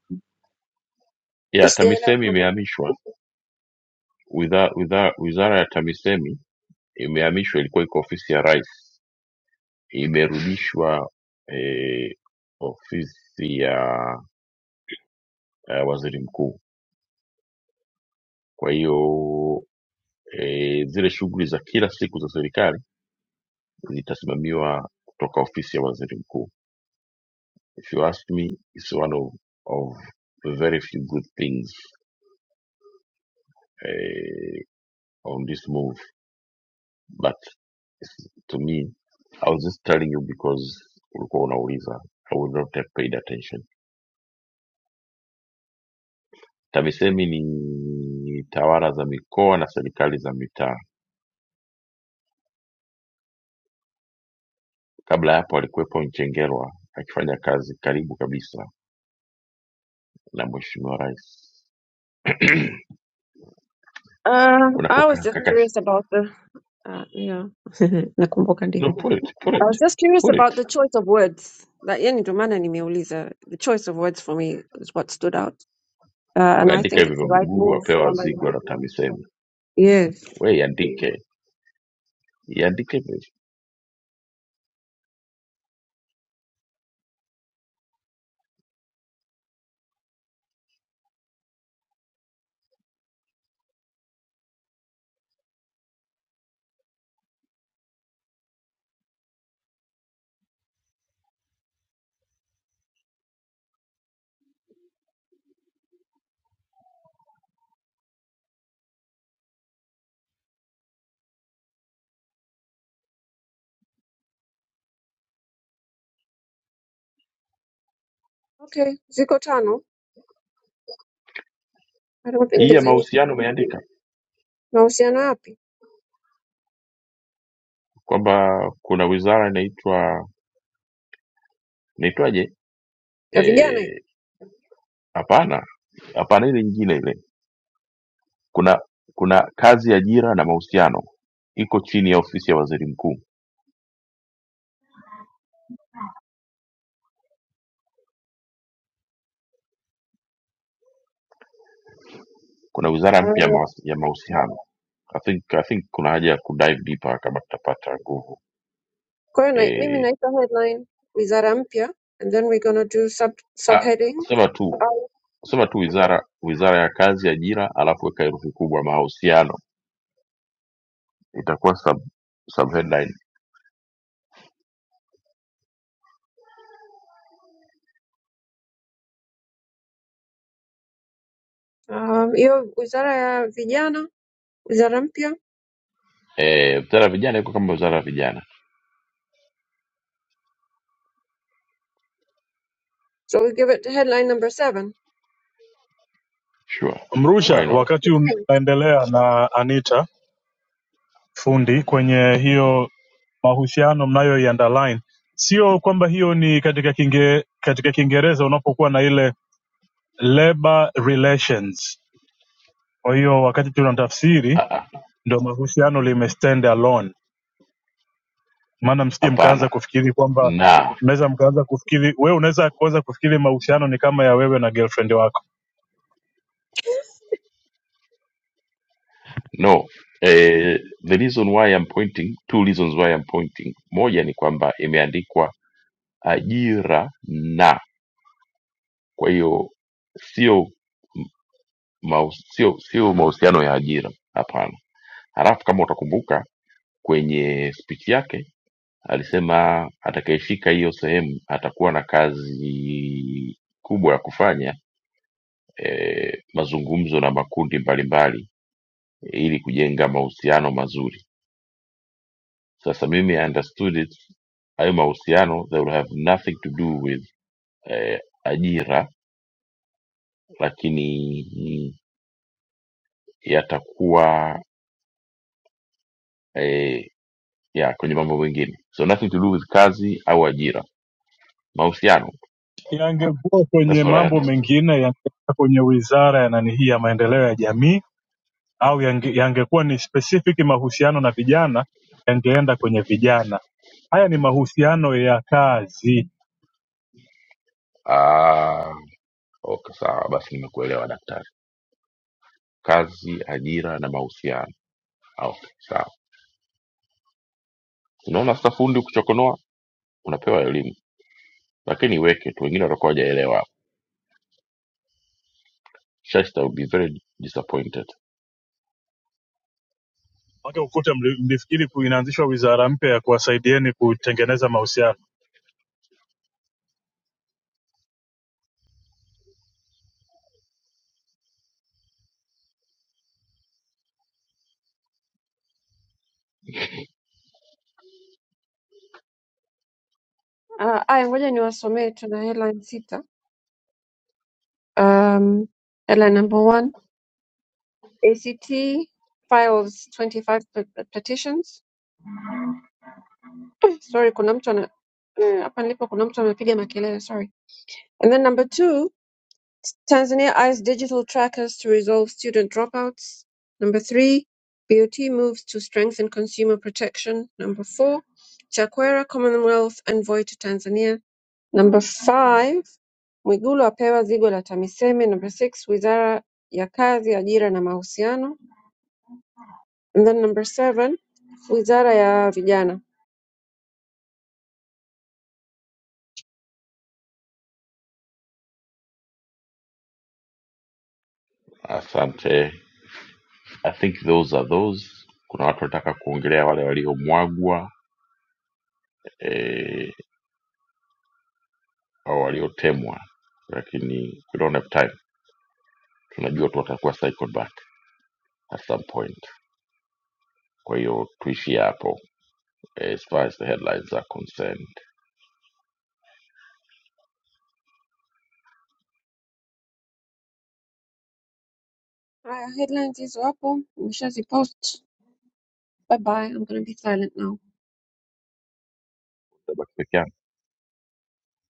[SPEAKER 4] Mi
[SPEAKER 1] yeah,
[SPEAKER 4] sijaelewa
[SPEAKER 1] TAMISEMI
[SPEAKER 4] mambo.
[SPEAKER 1] imehamishwa Wizara, wizara, wizara ya TAMISEMI imehamishwa, ilikuwa iko ofisi ya rais, imerudishwa eh, ofisi ya eh, waziri mkuu. Kwa hiyo eh, zile shughuli za kila siku za serikali zitasimamiwa kutoka ofisi ya waziri mkuu. If you ask me, it's one of, of the very few good things eh, on this move. but to me I was just telling you because ulikuwa unauliza I would not have paid attention. TAMISEMI ni tawala za mikoa na serikali za mitaa. Kabla ya hapo alikuwepo Mchengerwa akifanya kazi karibu kabisa na mheshimiwa rais.
[SPEAKER 4] Uh,
[SPEAKER 1] Kuna
[SPEAKER 4] I was
[SPEAKER 1] koka-
[SPEAKER 4] just
[SPEAKER 1] kaka
[SPEAKER 4] curious about the uh, yeah. Nakumbuka ndio.
[SPEAKER 1] no, put it, put
[SPEAKER 4] I was
[SPEAKER 1] it,
[SPEAKER 4] just curious
[SPEAKER 1] put it.
[SPEAKER 4] about the choice of words. Like yani ndio maana nimeuliza. The choice of words for me is what stood out. Uh, and I
[SPEAKER 1] Andika
[SPEAKER 4] think it's
[SPEAKER 1] hivyo
[SPEAKER 4] the right
[SPEAKER 1] Mwigulu
[SPEAKER 4] move
[SPEAKER 1] apewa
[SPEAKER 4] kwamba
[SPEAKER 1] zigo la TAMISEMI.
[SPEAKER 4] yes.
[SPEAKER 1] We iandike, iandike hivyo hivyo.
[SPEAKER 4] Okay, ziko tano. I don't think
[SPEAKER 1] Hii ya
[SPEAKER 4] there's any
[SPEAKER 1] mahusiano umeandika
[SPEAKER 4] mahusiano yapi?
[SPEAKER 1] kwamba kuna wizara inaitwa inaitwaje
[SPEAKER 4] Ya vijana hivi.
[SPEAKER 1] Eh, hapana hapana, ile nyingine ile. Kuna kuna kazi ya ajira na mahusiano iko chini ya ofisi ya waziri mkuu. Kuna wizara mpya ya
[SPEAKER 4] Uh,
[SPEAKER 1] mawas- ya mahusiano. I think, I think kuna haja ya kudive deeper kama tutapata nguvu.
[SPEAKER 4] kwa hiyo na- mimi
[SPEAKER 1] Eh,
[SPEAKER 4] naita headline wizara mpya and then we're gonna do sub
[SPEAKER 1] ah,
[SPEAKER 4] subheading.
[SPEAKER 1] sema tu
[SPEAKER 4] Au,
[SPEAKER 1] sema tu wizara wizara ya kazi, ajira, alafu weka herufi kubwa mahusiano, itakuwa sub, sub headline.
[SPEAKER 4] Um, hiyo wizara ya vijana, wizara mpya.
[SPEAKER 1] Eh, wizara ya vijana iko kama wizara ya vijana,
[SPEAKER 4] So we give it headline number seven.
[SPEAKER 1] sure,
[SPEAKER 5] Mrusha,
[SPEAKER 1] why
[SPEAKER 4] What's-
[SPEAKER 1] not?
[SPEAKER 4] what's the
[SPEAKER 5] wakati
[SPEAKER 4] point?
[SPEAKER 5] unaendelea na Anita fundi kwenye hiyo mahusiano mnayo underline, sio kwamba hiyo ni katika kinge, katika Kiingereza unapokuwa na ile labor relations. Kwa hiyo wakati tunatafsiri
[SPEAKER 1] Ah, ah,
[SPEAKER 5] ndio mahusiano lime stand alone, maana msije
[SPEAKER 1] Hapana,
[SPEAKER 5] mkaanza kufikiri kwamba
[SPEAKER 1] na
[SPEAKER 5] mnaweza mkaanza kufikiri wewe unaweza kuanza kufikiri mahusiano ni kama ya wewe na girlfriend wako.
[SPEAKER 1] No. Eh, the reason why I'm pointing, two reasons why I'm pointing. Moja ni kwamba imeandikwa ajira na, kwa hiyo sio maus- sio sio mahusiano ya ajira, hapana. Halafu kama utakumbuka kwenye speech yake alisema atakayeshika hiyo sehemu atakuwa na kazi kubwa ya kufanya eh, mazungumzo na makundi mbalimbali eh, ili kujenga mahusiano mazuri. Sasa mimi I understood it, hayo mahusiano they will have nothing to do with eh, ajira, lakini ni- yatakuwa eh, ya kwenye mambo mengine, so nothing to do with kazi au ajira, mahusiano.
[SPEAKER 5] Yangekuwa
[SPEAKER 1] That's
[SPEAKER 5] kwenye
[SPEAKER 1] what I
[SPEAKER 5] mambo
[SPEAKER 1] understood.
[SPEAKER 5] mengine, yangekuwa kwenye wizara ya nani hii ya maendeleo ya jamii au yange- yangekuwa ni specific mahusiano na vijana yangeenda kwenye vijana haya ni mahusiano ya kazi
[SPEAKER 1] Ah, okay, sawa basi, nimekuelewa daktari. Kazi, ajira na mahusiano. Ah, Okay, sawa. Unaona sasa, fundi ukichokonoa unapewa elimu, lakini iweke tu, wengine watakuwa hawajaelewa. Shasta will be very disappointed.
[SPEAKER 5] Maana ukute mli- mlifikiri ku- inaanzishwa wizara mpya ya kuwasaidieni kutengeneza mahusiano
[SPEAKER 4] Uh, aya ngoja niwasomee tuna headline sita. Um, headline number one, ACT files 25 pe- petitions. Sorry, kuna mtu ana eh, hapa nilipo kuna mtu amepiga makelele, sorry. And then number two, Tanzania eyes digital trackers to resolve student dropouts. Number three, BOT moves to strengthen consumer protection. Number four, Chakwera Commonwealth envoy to Tanzania. Number five, Mwigulu apewa zigo la TAMISEME. Number six, Wizara ya Kazi, Ajira na Mahusiano. And then number seven, wizara ya vijana.
[SPEAKER 1] Asante. I think those are those. Kuna watu wanataka kuongelea wale waliomwagwa eh, au waliotemwa, lakini we don't have time. Tunajua tu watakuwa cycled back at some point. Kwa hiyo tuishie hapo eh, as far as the headlines are concerned.
[SPEAKER 4] Haya, headlines hizo hapo nimeshazipost. Bye bye, I'm gonna be silent now.
[SPEAKER 1] Nitabaki peke yangu.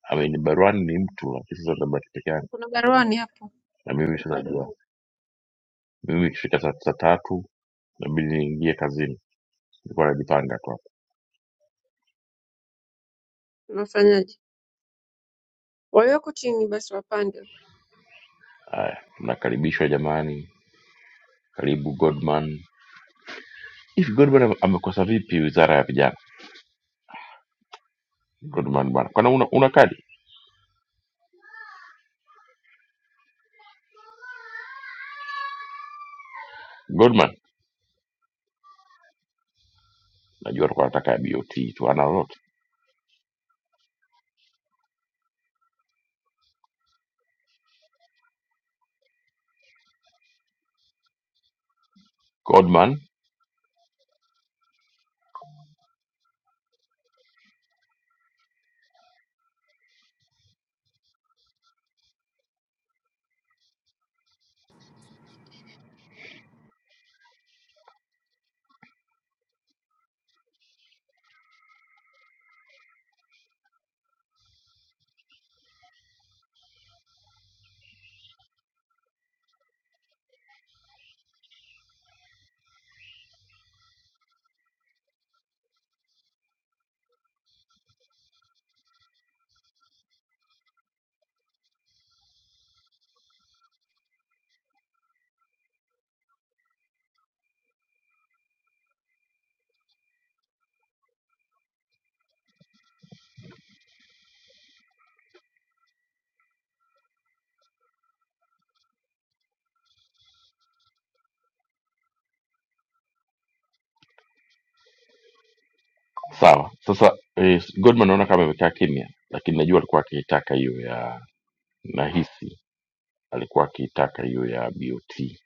[SPEAKER 1] I mean, Baruani ni mtu, lakini sasa nitabaki peke yangu
[SPEAKER 4] Kuna baruani hapo,
[SPEAKER 1] na mimi. Sasa najua mimi ikifika saa saa tatu nabidi niingie kazini, nilikuwa najipanga tu hapo.
[SPEAKER 4] unafanyaje? Walioko chini basi wapande.
[SPEAKER 1] Haya, mnakaribishwa jamani, karibu Godman. Hivi Godman am- amekosa vipi wizara ya vijana? Godman bana, kwani una, una kadi Godman? Najua alikuwa anataka ya BOT tu, ana lolote Godman. Sawa, sasa eh, Godman naona kama amekaa kimya, lakini najua alikuwa akiitaka hiyo ya, nahisi alikuwa akiitaka hiyo ya BOT.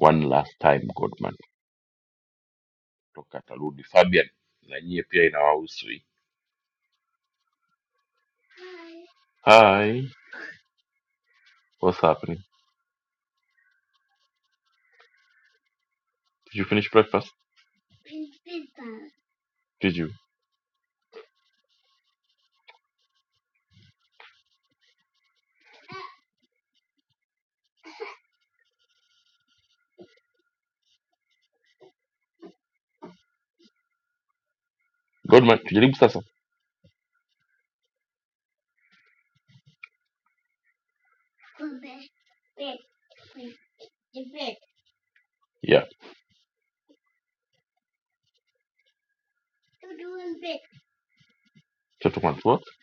[SPEAKER 1] One last time Godman toka atarudi. Fabian, na nyie pia inawahusu hii. Hi, what's happening? Did you finish breakfast? Did you Godman? Tujaribu sasa, yeah, tutakuwa tu.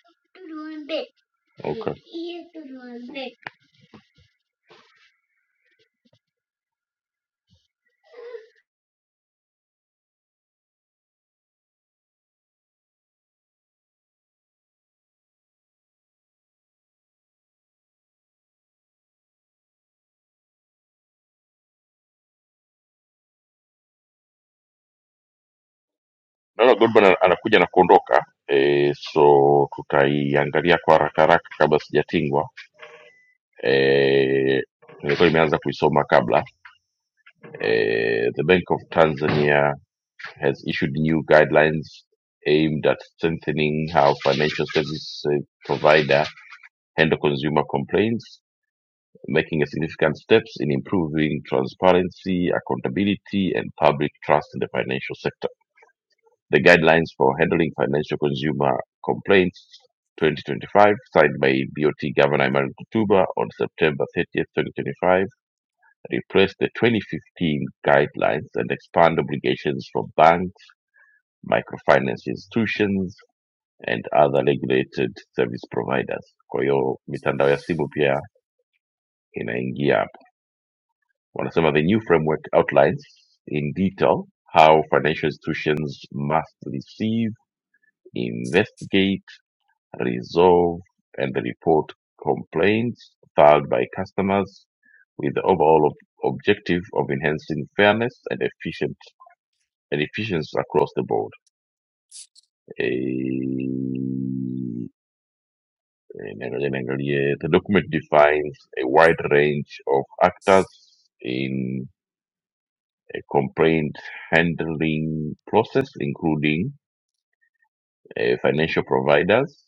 [SPEAKER 1] naona Goldman ana- anakuja na kuondoka e, so tutaiangalia kwa haraka haraka kabla sijatingwa e, nilikuwa nimeanza kuisoma kabla e, the bank of tanzania has issued new guidelines aimed at strengthening how financial service eh, provider handle consumer complaints making a significant steps in improving transparency accountability and public trust in the financial sector the guidelines for handling financial consumer complaints 2025, signed by BOT Governor Emmanuel Kutuba on September 30th, 2025, replaced the 2015 guidelines and expand obligations for banks, microfinance institutions, and other regulated service providers. Kwa hiyo mitandao ya simu pia inaingia hapo. Wanasema the new framework outlines in detail how financial institutions must receive, investigate, resolve and report complaints filed by customers with the overall ob- objective of enhancing fairness and efficient and efficiency across the board. A- the document defines a wide range of actors in a complaint handling process, including uh, financial providers,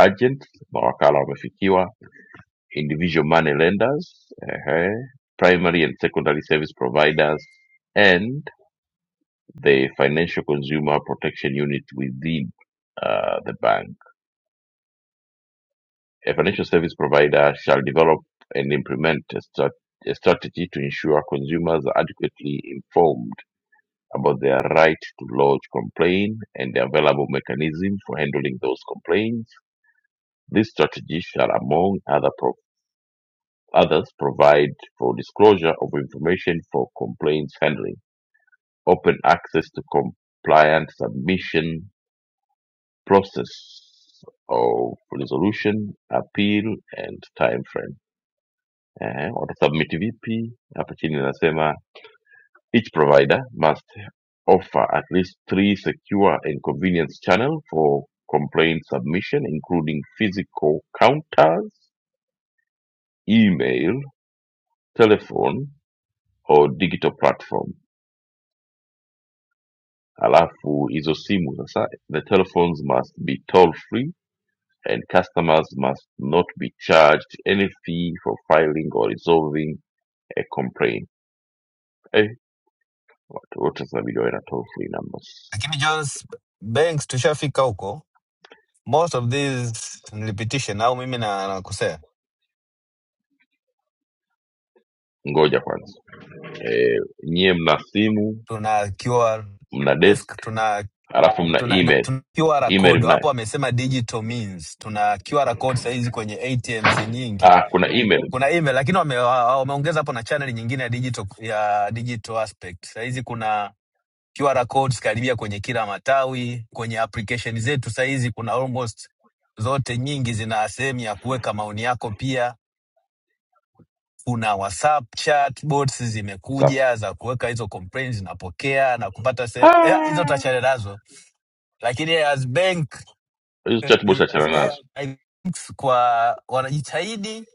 [SPEAKER 1] agents, mawakala wamefikiwa individual money lenders, uh primary and secondary service providers, and the financial consumer protection unit within uh, the bank. A financial service provider shall develop and implement a, strat- a strategy to ensure consumers are adequately informed about their right to lodge complaint and the available mechanisms for handling those complaints. This strategy shall, among other, provide Others provide for disclosure of information for complaints handling, open access to compliant submission, process of resolution, appeal and time frame. Ehe, watasubmit vipi? Hapa chini nasema. each provider must offer at least three secure and convenience channels for complaint submission, including physical counters, email, telephone, or digital platform. Alafu hizo simu sasa, the telephones must be toll free and customers must not be charged any fee for filing or resolving a complaint. Eh, watu wote zinabidi wawe na toll free numbers.
[SPEAKER 6] lakini Jones Banks tushafika huko, most of these ni repetition, au mimi na- nakosea?
[SPEAKER 1] Ngoja kwanza, eh, nyie mna simu,
[SPEAKER 6] Tuna QR
[SPEAKER 1] mna desk,
[SPEAKER 6] desk, tuna
[SPEAKER 1] alafu mna
[SPEAKER 6] tuna, na-
[SPEAKER 1] email.
[SPEAKER 6] tuna QR
[SPEAKER 1] Email
[SPEAKER 6] code
[SPEAKER 1] mnayo?
[SPEAKER 6] hapo, wamesema digital means. Tuna QR code sahizi kwenye ATMs nyingi,
[SPEAKER 1] Ah, kuna email.
[SPEAKER 6] kuna email, lakini wame- wa- wameongeza hapo na channel nyingine ya digital, ya digital aspect. Sahizi kuna QR codes karibia kwenye kila matawi, kwenye application zetu sahizi kuna almost zote nyingi zina sehemu ya kuweka maoni yako pia kuna whatsapp chat bots
[SPEAKER 1] Safi.
[SPEAKER 6] zimekuja za kuweka hizo complaints zinapokea na kupata se- eh, hizo
[SPEAKER 1] Ah,
[SPEAKER 6] tachane nazo lakini as bank
[SPEAKER 1] hizo chatbots achana nazo
[SPEAKER 6] kwa wanajitahidi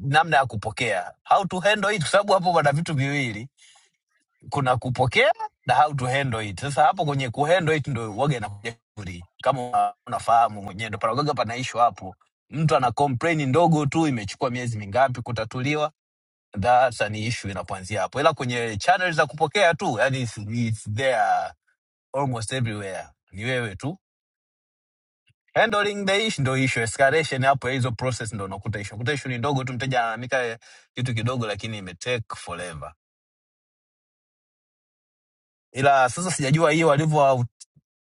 [SPEAKER 6] namna ya kupokea how to handle it kwa sababu hapo wana vitu viwili kuna kupokea na how to handle it sasa hapo kwenye ku handle it ndo waga inakuja vizuri. kama una- unafahamu mwenyewe ndo panagoga panaishwa hapo mtu ana complain ndogo tu imechukua miezi mingapi kutatuliwa that's an issue inapoanzia hapo ila kwenye channel za kupokea tu yani it's, it's there almost everywhere ni wewe tu handling the issue ndo issue escalation hapo ya hizo process ndo unakuta issue unakuta issue ni ndogo tu mteja analalamika eh, kitu kidogo lakini imetake forever ila sasa sijajua hiyo walivyo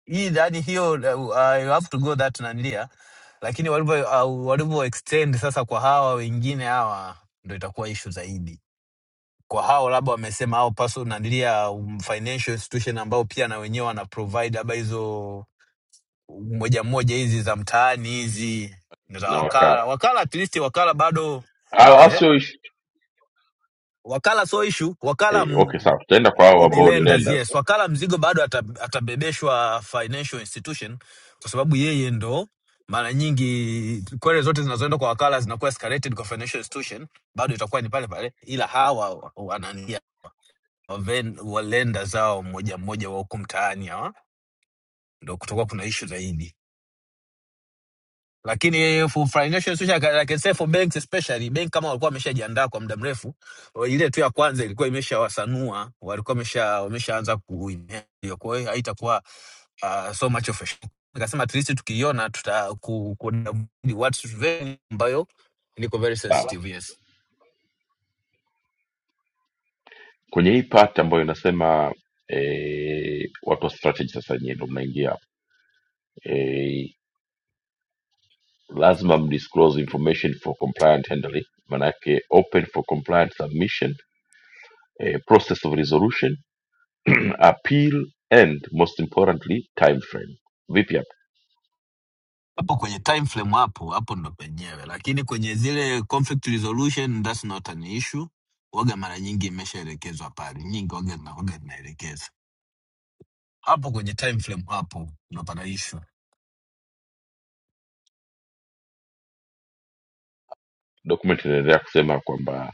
[SPEAKER 6] hii yani hiyo uh, I have to go that nanilia lakini walivyo uh, walivyo extend sasa kwa hawa wengine hawa ndo itakuwa issue zaidi kwa hao labda wamesema hao personal nandilia um, financial institution ambao pia na wenyewe wana provide labda hizo um, moja moja hizi za mtaani hizi za
[SPEAKER 1] na wakaa.
[SPEAKER 6] wakala wakala at least wakala bado
[SPEAKER 1] Ah, ah,
[SPEAKER 6] ehe,
[SPEAKER 1] sio issue.
[SPEAKER 6] wakala so issue wakala
[SPEAKER 1] Eh, okay,
[SPEAKER 6] mm,
[SPEAKER 1] sawa, tutaenda kwa hao
[SPEAKER 6] ni
[SPEAKER 1] ambao ni
[SPEAKER 6] lenders yes
[SPEAKER 1] lenders.
[SPEAKER 6] wakala mzigo bado ata, atabebeshwa financial institution kwa sababu yeye ndo mara nyingi kwere zote zinazoenda kwa wakala zinakuwa escalated kwa financial institution bado itakuwa ni pale pale ila hawa wanania waven- walenda zao mmoja mmoja wa huko mtaani hawa ndo kutokuwa kuna issue zaidi lakini for financial institution like like I can say for banks especially bank kama walikuwa wameshajiandaa kwa muda mrefu ile tu ya kwanza ilikuwa imeshawasanua walikuwa wamesha wameshaanza kuingia kwa hiyo haitakuwa uh, so much of a shock nikasema at least tukiiona tuta ku, ku, ku what is very ambayo niko very
[SPEAKER 1] sawa
[SPEAKER 6] sensitive yes
[SPEAKER 1] kwenye hii part ambayo inasema eh, watu wa strategy sasa nyie ndo mnaingia eh, lazima mdisclose information for compliant handling manake open for compliant submission eh, process of resolution appeal and most importantly time frame vipi hapa
[SPEAKER 6] hapo kwenye time frame hapo hapo ndo penyewe lakini kwenye zile conflict resolution that's not an issue waga mara nyingi imeshaelekezwa pale nyingi waga na waga zinaelekeza hapo kwenye time frame hapo ndo pana issue
[SPEAKER 1] document inaendelea kusema kwamba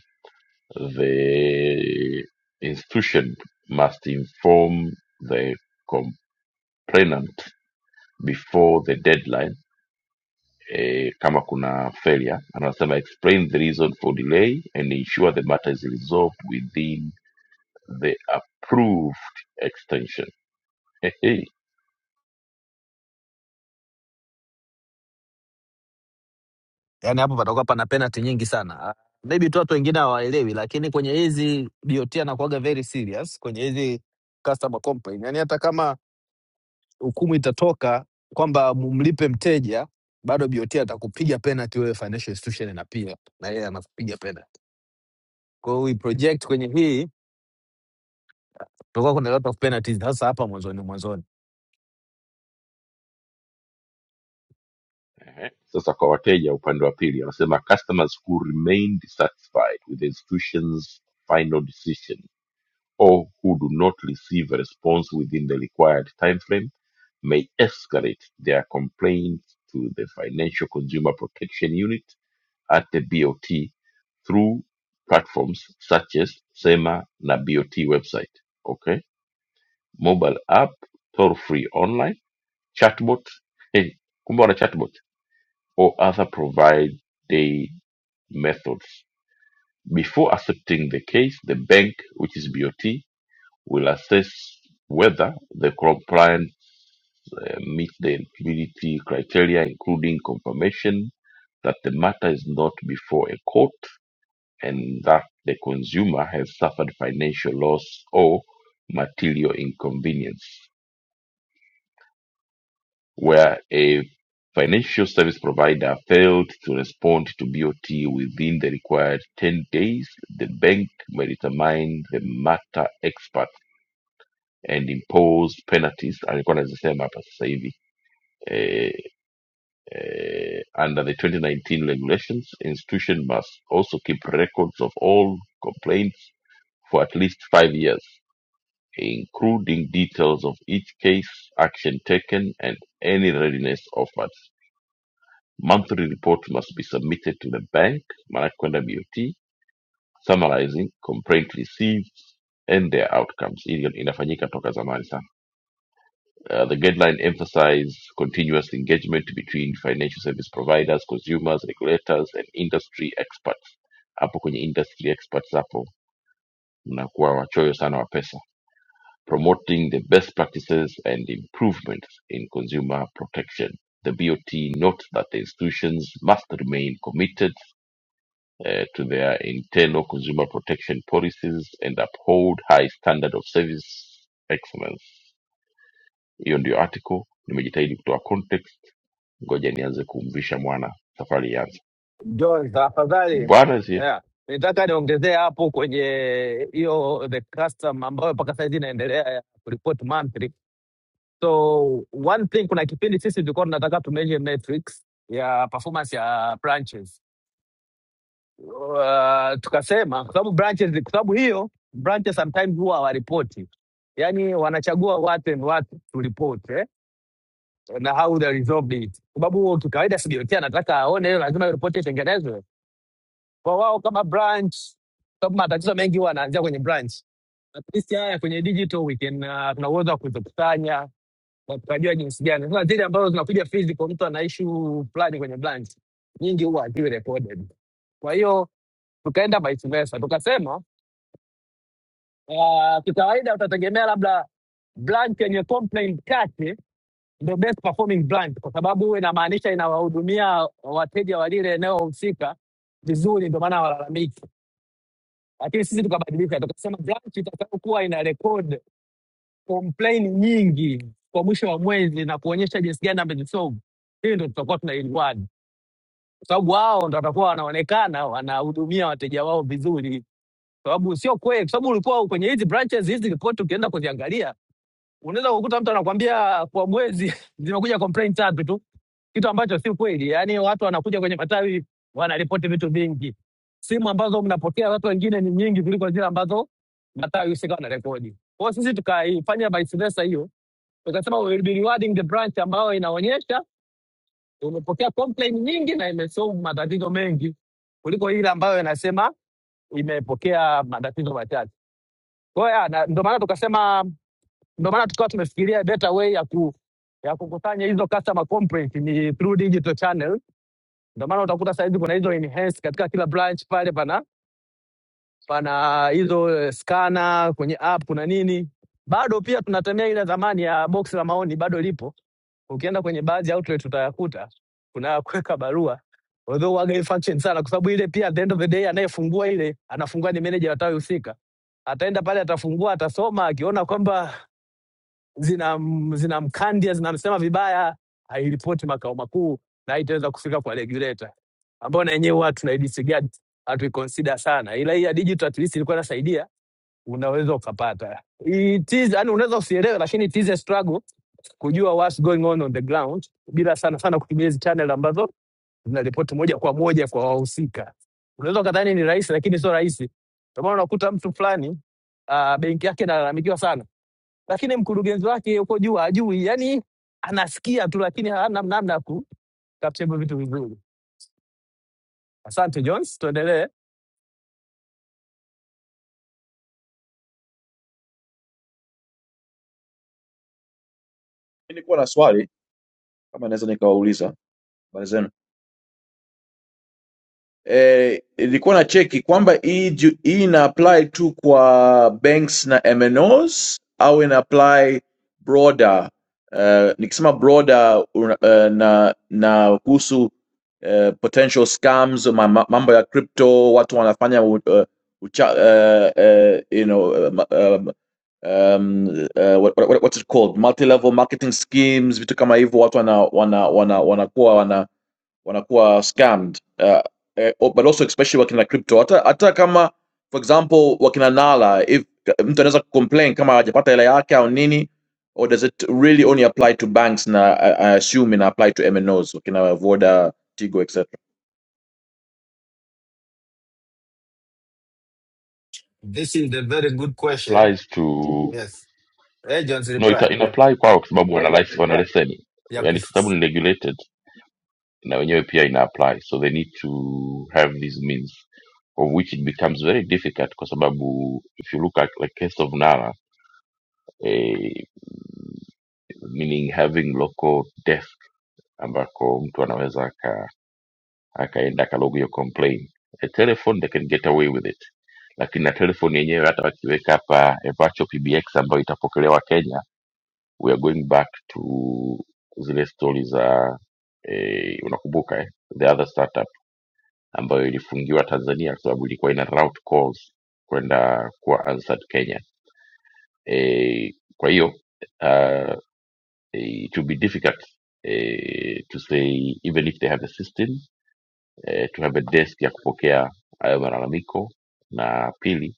[SPEAKER 1] the institution must inform the complainant before the deadline eh, kama kuna failure anasema explain the reason for delay and ensure the matter is resolved within the approved extension Hey, hey.
[SPEAKER 6] yani hapo patakuwa pana penalty nyingi sana Ah, maybe tu watu wengine hawaelewi lakini kwenye hizi DOT anakuwaga very serious kwenye hizi customer complaint yani hata kama hukumu itatoka kwamba mumlipe mteja bado BOT atakupiga penalty wewe financial institution na pia na yeye anakupiga penalty Kwa hiyo we project kwenye hii tutakuwa kuna lot of penalties hasa hapa mwanzoni mwanzoni.
[SPEAKER 1] sasa kwa wateja upande wa pili anasema customers who remained satisfied with the institution's final decision or who do not receive a response within the required timeframe may escalate their complaint to the Financial Consumer Protection Unit at the BOT through platforms such as SEMA na BOT website. Okay, mobile app, toll free online, chatbot, hey, kumbe wana chatbot or other provided methods. Before accepting the case, the bank, which is BOT, will assess whether the compliance uh, meets the eligibility criteria, including confirmation that the matter is not before a court and that the consumer has suffered financial loss or material inconvenience. Where a financial service provider failed to respond to BOT within the required 10 days, the bank may determine the matter expert and impose penalties alikuwa anazisema hapa sasa hivi eh, eh, under the 2019 regulations, institution must also keep records of all complaints for at least five years, including details of each case, action taken, and any readiness offered. Monthly reports must be submitted to the bank, Manakwenda BOT, summarizing complaint received and their outcomes. Hili inafanyika toka zamani sana. Uh, the guideline emphasized continuous engagement between financial service providers, consumers, regulators, and industry experts. Hapo kwenye industry experts hapo mnakuwa wachoyo sana wa pesa. Promoting the best practices and improvements in consumer protection. The BOT notes that the institutions must remain committed uh, to their internal consumer protection policies and uphold high standard of service excellence. Hiyo ndio article. Nimejitahidi kutoa context ngoja nianze kumvisha mwana safari ianze
[SPEAKER 6] John, tafadhali
[SPEAKER 1] bwana zi
[SPEAKER 6] yeah. Nitaka niongezee hapo kwenye hiyo the custom ambayo mpaka saizi inaendelea ya kuripoti monthly. So one thing, kuna kipindi sisi tulikuwa tunataka tu measure metrics ya performance ya branches uh, tukasema kwa sababu branches, kwa sababu hiyo branches sometimes huwa hawaripoti, yaani wanachagua what and what to report eh, na how they resolved it, kwa sababu kikawaida CBOT anataka aone hiyo, lazima hiyo report itengenezwe kwa wao kama branch, kwa sababu matatizo mengi huwa yanaanzia kwenye branch. At least haya kwenye digital we can, uh, tuna uwezo wa kuzikusanya na tukajua jinsi gani. Sasa zile ambazo zinakuja physical, mtu ana issue fulani kwenye branch, nyingi huwa haziwi recorded. Kwa hiyo tukaenda vice versa, tukasema Uh, kikawaida utategemea labda branch yenye complaint chache ndio best performing branch, kwa sababu inamaanisha inawahudumia wateja wa lile eneo husika vizuri, ndio maana walalamiki. Lakini sisi tukabadilika, tukasema branch itakayokuwa ina record complaint nyingi kwa mwisho wa mwezi na kuonyesha jinsi gani amezisolve, hii ndio tutakuwa tuna reward, kwa sababu wao ndio watakuwa wanaonekana wanahudumia wateja wao vizuri, kwa sababu sio kweli, kwa sababu ulikuwa kwenye hizi branches hizi tulikuwa tukienda kuziangalia unaweza kukuta mtu anakwambia kwa mwezi zimekuja complaint tatu tu, kitu ambacho si kweli. Yaani watu wanakuja kwenye matawi wanaripoti vitu vingi, simu ambazo mnapokea watu wengine ni nyingi kuliko zile ambazo matawi husika wanarekodi. Kwa hiyo sisi tukaifanya vice versa hiyo, tukasema we will be rewarding the branch ambayo inaonyesha umepokea complaint nyingi na imesolve matatizo mengi kuliko ile ambayo inasema imepokea matatizo machache. Kwa hiyo ya, na- ndio maana tukasema Ndio maana tukawa tumefikiria better way ya ku ya kukusanya hizo customer complaint ni through digital channel. Ndio maana utakuta saizi kuna hizo enhance katika kila branch pale, pana pana hizo eh, scanner kwenye app, kuna nini. Bado pia tunatemea ile zamani ya box la maoni, bado lipo. Ukienda kwenye baadhi ya outlet utayakuta kuna ya kuweka barua although waga function sana, kwa sababu ile pia at the end of the day anayefungua ile anafungua ni manager wa tawi husika. Ataenda pale, atafungua, atasoma, akiona kwamba zinam- zinamkandia zinamsema vibaya, hairipoti makao makuu na haitaweza kufika kwa regulator, ambao na yenyewe huwa tuna disregard hatuiconsider sana, ila hii ya digital at least ilikuwa inasaidia, unaweza ukapata. It is, yani unaweza usielewe, lakini it is a struggle kujua what's going on on the ground, bila sana sana kutumia hizi channel ambazo zinaripoti moja kwa moja kwa wahusika. Unaweza ukadhani ni rahisi, lakini sio rahisi. Ndio maana unakuta mtu fulani uh, benki yake inalalamikiwa sana lakini mkurugenzi wake yuko juu ajui, yani anasikia tu, lakini hana namna ya ku- capture vitu vizuri. Asante Jones, tuendelee.
[SPEAKER 7] Nilikuwa na swali kama naweza nikawauliza habari zenu eh, ilikuwa eh, na cheki kwamba hii ju- hii ina apply tu kwa banks na MNOs au ina apply broader. Uh, nikisema broader una- eh, na na kuhusu eh, potential scams ma- mambo ya crypto watu wanafanya u- eh, ucha, eh, eh, you know eh, um, um, eh, what, what, what's it called multi level marketing schemes vitu kama hivyo watu wana wana wana wanakuwa wana wanakuwa scammed uh, eh, oh, but also especially wakina crypto hata, hata kama for example wakina nala if mtu anaweza complain kama hajapata hela yake au nini or does it really only apply to banks na I, I assume ina apply to MNOs wakina Voda, Tigo etc.
[SPEAKER 6] This is a very good question.
[SPEAKER 1] applies to
[SPEAKER 6] Yes. Agents
[SPEAKER 1] no ita,
[SPEAKER 6] reply.
[SPEAKER 1] ina apply kwao kwa sababu wana license wana leseni
[SPEAKER 6] Ya
[SPEAKER 1] yani kwa
[SPEAKER 6] kuf...
[SPEAKER 1] sababu ni regulated na wenyewe pia ina apply so they need to have these means of which it becomes very difficult kwa sababu if you look at the case of Nala eh, meaning having local desk ambako mtu anaweza akaenda akalogio complain a telephone they can get away with it lakini na telephone yenyewe hata wakiweka hapa a virtual pbx ambayo itapokelewa kenya we are going back to zile stori za eh, unakumbuka eh? the other startup ambayo ilifungiwa tanzania kwa sababu ilikuwa ina route calls kwenda kuwa answered kenya eh, kwa hiyo uh, it will be difficult eh, to say even if they have a system e, tunabe desk ya kupokea hayo malalamiko na pili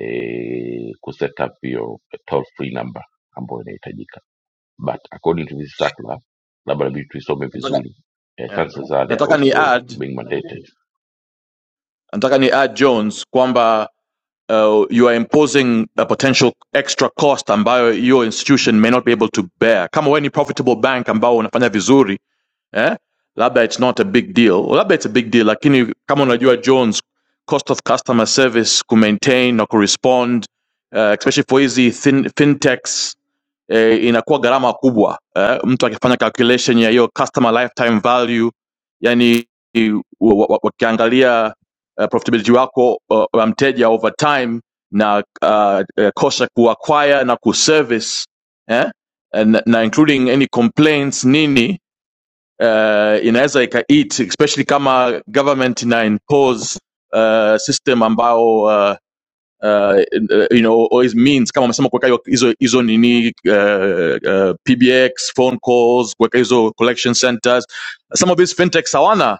[SPEAKER 1] e, kuset up hiyo toll free number ambayo inahitajika but according to this circular labda inabidi tuisome
[SPEAKER 7] Nataka,
[SPEAKER 1] vizuri e,
[SPEAKER 7] yeah.
[SPEAKER 1] chances are they are
[SPEAKER 7] nataka ni
[SPEAKER 1] also
[SPEAKER 7] add
[SPEAKER 1] being mandated
[SPEAKER 7] nataka ni add Jones kwamba uh, you are imposing a potential extra cost ambayo your institution may not be able to bear. Kama wewe ni profitable bank ambao unafanya vizuri eh? labda it's not a big deal labda it's a big deal lakini kama unajua jones cost of customer service ku maintain na kurespond uh, especially for hizi fin, fintechs eh, inakuwa gharama kubwa eh, mtu akifanya calculation ya hiyo customer lifetime value yani wakiangalia uh, profitability wako eh, wa uh, mteja over time na uh, uh, cost ya kuacquire na kuservice eh? na, na including any complaints nini uh, inaweza ikaeat especially kama government ina impose uh, system ambao uh, uh, you know always means kama wamesema kuweka hiyo- hizo hizo nini uh, uh, pbx phone calls kuweka hizo collection centers some of these fintechs hawana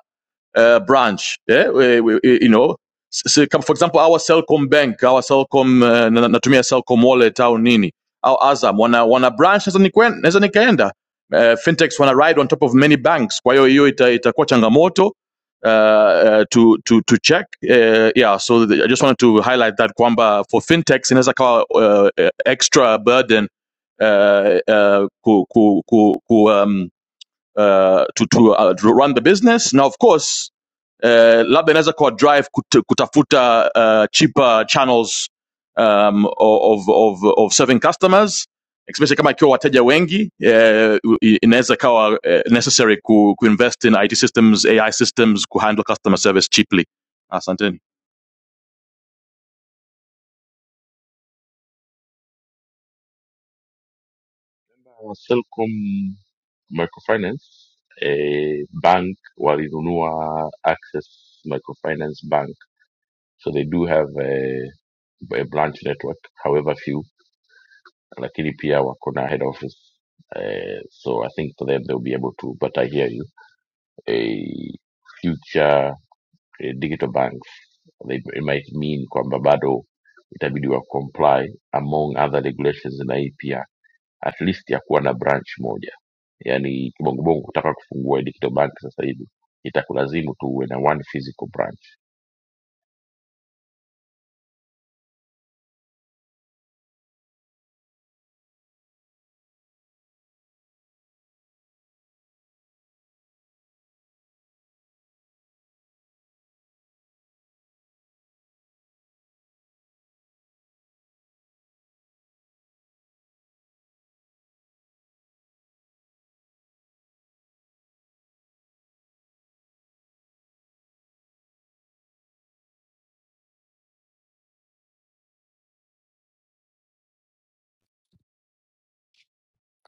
[SPEAKER 7] uh, branch. Yeah? We, we, you know, so for example our Celcom bank, our Celcom uh, na- natumia Celcom wallet au nini au Azam wana, wana branch naweza nikwen- naweza nikaenda. Uh, fintechs wana ride on top of many banks, kwa hiyo hiyo ita- itakuwa changamoto uh, uh, to to to check uh, yeah. So the, I just wanted to highlight that kwamba for fintechs inaweza kawa uh, uh, extra burden uh, uh, ku, ku, ku, um, uh, to to uh, to run the business. Now, of course, eh, labda inaweza kuwa drive kut, kutafuta uh, cheaper channels um, of, of, of serving customers especially kama ikiwa wateja wengi eh, inaweza ikawa eh, necessary ku, ku invest in IT systems, AI systems ku handle customer service cheaply. Asanteni.
[SPEAKER 1] Selcom microfinance e, bank walinunua access microfinance bank so they do have a, a branch network however few lakini pia wako na head office eh, so i think for them they'll be able to but i hear you eh, future eh, digital banks they, it might mean kwamba bado itabidi wa comply among other regulations na hii pia at least ya kuwa na branch moja yani kibongobongo kutaka kufungua digital bank sasa hivi itakulazimu tu uwe na one physical branch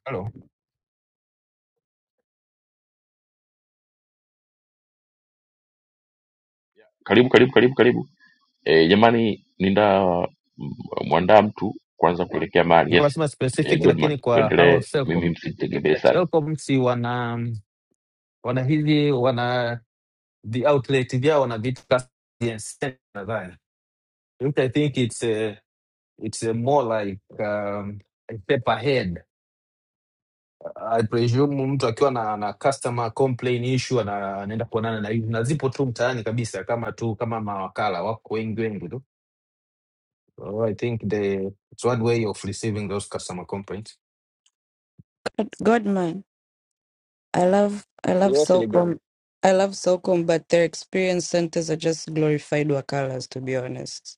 [SPEAKER 6] Hello.
[SPEAKER 1] karibu karibu karibu karibu E, jamani nina m- mwandaa mtu kwanza kuelekea mahali. Yes,
[SPEAKER 6] nilikuwa nasema
[SPEAKER 1] e,
[SPEAKER 6] specific
[SPEAKER 1] Godman,
[SPEAKER 6] lakini kwa
[SPEAKER 1] tuendelee.
[SPEAKER 6] hao Selcom.
[SPEAKER 1] Mimi msinitegemee sana.
[SPEAKER 6] Selcom si wana wana hivi wana the outlet vyao wana vitu ka- yes, nadhani. Which I think it's a, it's a more like um, a paper head I presume mtu akiwa na, na customer complain issue ana- anaenda kuonana na hivi, na zipo tu mtaani kabisa, kama tu kama mawakala wako wengi wengi tu. So I think the it's one way of receiving those customer complaints.
[SPEAKER 8] God man, I love I love
[SPEAKER 6] Yes, Ligan.
[SPEAKER 8] Socom. I love Socom, but their experience centers are just glorified wakalas to be honest.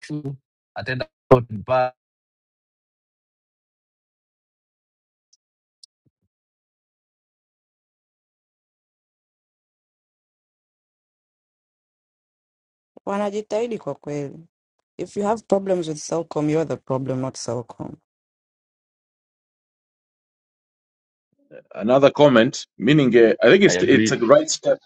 [SPEAKER 6] True. Ataenda court mpaka-
[SPEAKER 8] Wanajitahidi kwa kweli. If you have problems with Socom, you're the problem, not Socom.
[SPEAKER 7] Another comment meaning uh, I think
[SPEAKER 1] I
[SPEAKER 7] it's
[SPEAKER 1] agree.
[SPEAKER 7] it's a right step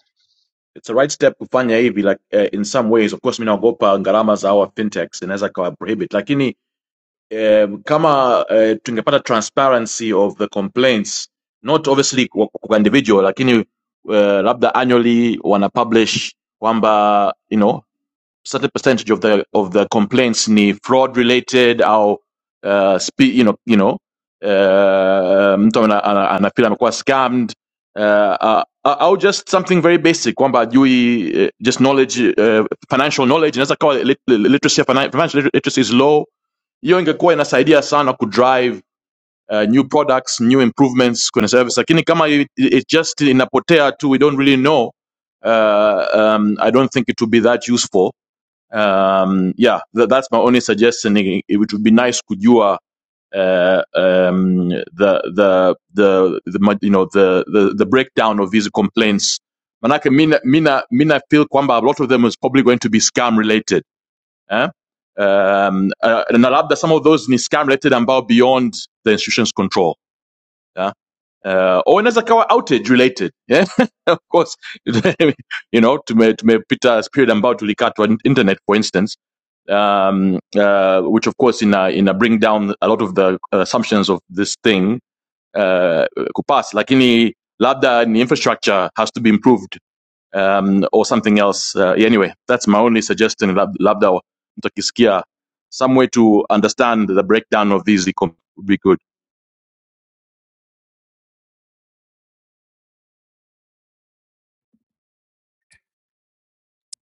[SPEAKER 7] it's a right step kufanya hivi like uh, in some ways of course mimi naogopa gharama za our fintechs inaweza kawa prohibit lakini um, kama eh, tungepata transparency of the complaints not obviously kwa kwa individual lakini uh, labda annually wana publish kwamba you know certain percentage of the of the complaints ni fraud related au uh, spe, you know you know uh, mtu ana- ana- anafeel amekuwa scammed uh, uh, uh, au just something very basic kwamba ajui uh, just knowledge uh, financial knowledge inaweza kawa lit, literacy ya finan- financial literacy is low hiyo ingekuwa inasaidia sana kudrive uh, new products new improvements kwenye service lakini kama it, it just inapotea tu we don't really know uh, um, i don't think it would be that useful um, yeah tha- that's my only suggestion it, it would be nice kujua Uh, um, the, the the the you know the the, the breakdown of these complaints manake mina mina mina feel kwamba a lot of them is probably going to be scam related eh? Um, uh, na labda some of those ni scam related ambao beyond the institution's control yeah? uh, au inaweza kawa outage related yeah? of course you know to me, to tume tumepita period ambao tulikatwa in- internet for instance um, uh, which of course in a in a bring down a lot of the assumptions of this thing uh, kupass lakini labda ni infrastructure has to be improved um, or something else. Uh, anyway, that's my only suggestion, lab- labda mtakisikia some way to understand the breakdown of these econ would be good.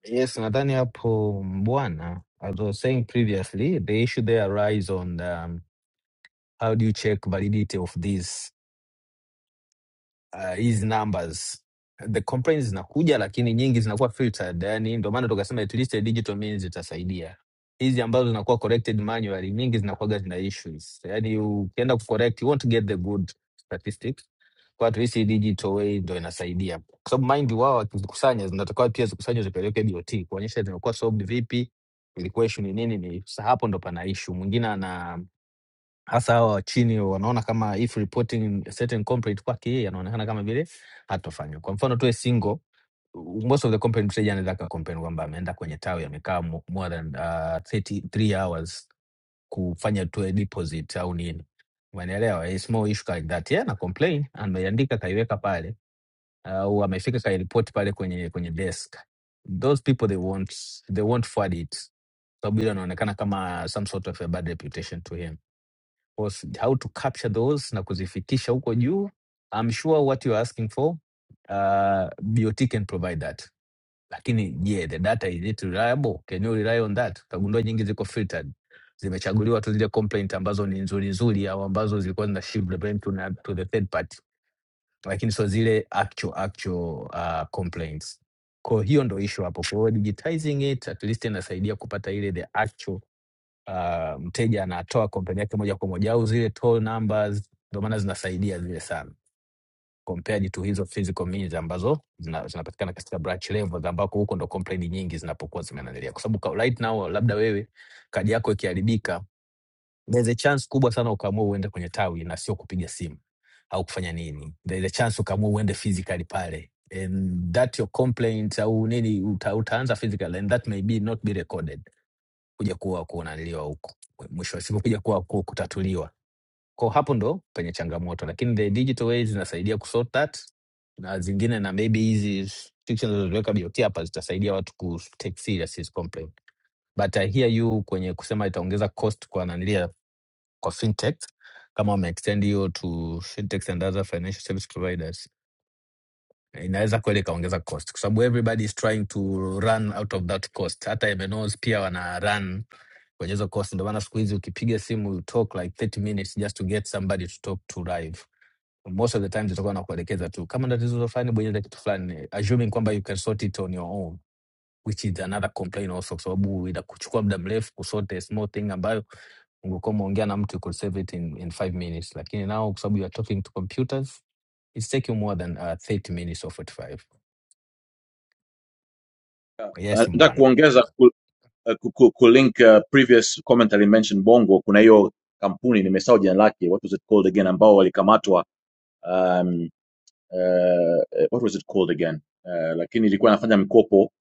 [SPEAKER 6] Yes, nadhani hapo bwana, as I was saying previously, the issue there arise on um, how do you check validity of these uh, hizi numbers the complaints zinakuja lakini nyingi zinakuwa filtered yani ndio maana tukasema at least a digital means itasaidia hizi ambazo zinakuwa corrected manually nyingi zinakuwaga zina issues yani ukienda kucorrect you won't get the good statistics kwa tuhisi digital way ndo inasaidia kwa sababu mind wao wakizikusanya zinatakiwa pia zikusanywe zipeleke BOT kuonyesha zimekuwa solved vipi ilikuwa issue ni nini ni sa- hapo ndo pana issue mwingine ana hasa hawa wa chini wanaona kama if reporting a certain complaint kwake yeye anaonekana kama vile hatofanywa. Kwa mfano tu a single, most of the complaint mteja anaweza akacomplain kwamba ameenda kwenye tawi amekaa mo- more than uh, 33 hours kufanya tu a deposit au nini, umeelewa? A small issue like that, yeah, na complain ameiandika kaiweka pale au amefika kairipoti pale kwenye kwenye desk, those people they won't they won't forward it sababu ile anaonekana kama some sort of a bad reputation to him was how to capture those na kuzifikisha huko juu I'm sure what you're asking for uh, BOT can provide that lakini je yeah, the data is it reliable can you rely on that utagundua nyingi ziko filtered zimechaguliwa tu zile complaint ambazo ni nzuri nzuri au ambazo zilikuwa zina shift the blame to, na- to the third party lakini sio zile actual actual uh, complaints kwa hiyo ndo issue hapo kwa hiyo digitizing it at least inasaidia kupata ile the actual uh, mteja anatoa kompeni yake moja kwa moja au zile toll numbers, ndio maana zinasaidia zile sana compared to hizo physical means ambazo zina- zinapatikana katika branch levels ambako huko ndo complain nyingi zinapokuwa zimeandalia, kwa sababu ka- right now labda wewe kadi yako ikiharibika, there's a chance kubwa sana ukaamua uende kwenye tawi na sio kupiga simu au kufanya nini, there's a chance ukaamua uende physically pale and that your complaint au nini uta, utaanza physical and that may be not be recorded kuja kuwa kunaliwa huko mwisho wa siku kuja kuwa ku- kutatuliwa ko hapo ndo penye changamoto lakini the digital ways zinasaidia kusort that na zingine na maybe hizi restrictions zilizoweka BOT hapa zitasaidia watu ku take serious his complaint but I hear you kwenye kusema itaongeza cost kwa nanilia kwa fintech kama wame extend hiyo to fintechs and other financial service providers inaweza kweli ikaongeza cost kwa sababu everybody is trying to run out of that cost hata MNOs pia wana run kwenye hizo course. Ndio maana siku hizi ukipiga simu you talk like 30 minutes just to get somebody to talk to live. Most of the time zitakuwa nakuelekeza tu kama ndio tatizo fulani, bonyeza kitu fulani, assuming kwamba you can sort it on your own which is another complaint also, kwa sababu inakuchukua muda mrefu kusort a small thing ambayo ungekuwa umeongea na mtu you could save it in, in five minutes, lakini now kwa sababu you are talking to computers it's taking more than uh, 30 minutes or 45.
[SPEAKER 7] Uh,
[SPEAKER 6] Yes,
[SPEAKER 7] nataka
[SPEAKER 6] mbwana.
[SPEAKER 7] kuongeza ku, uh, ku, ku, ku link uh, previous comment mentioned Bongo, kuna hiyo kampuni nimesahau jina lake, what was it called again, ambao walikamatwa um, uh, what was it called again uh, lakini ilikuwa inafanya mikopo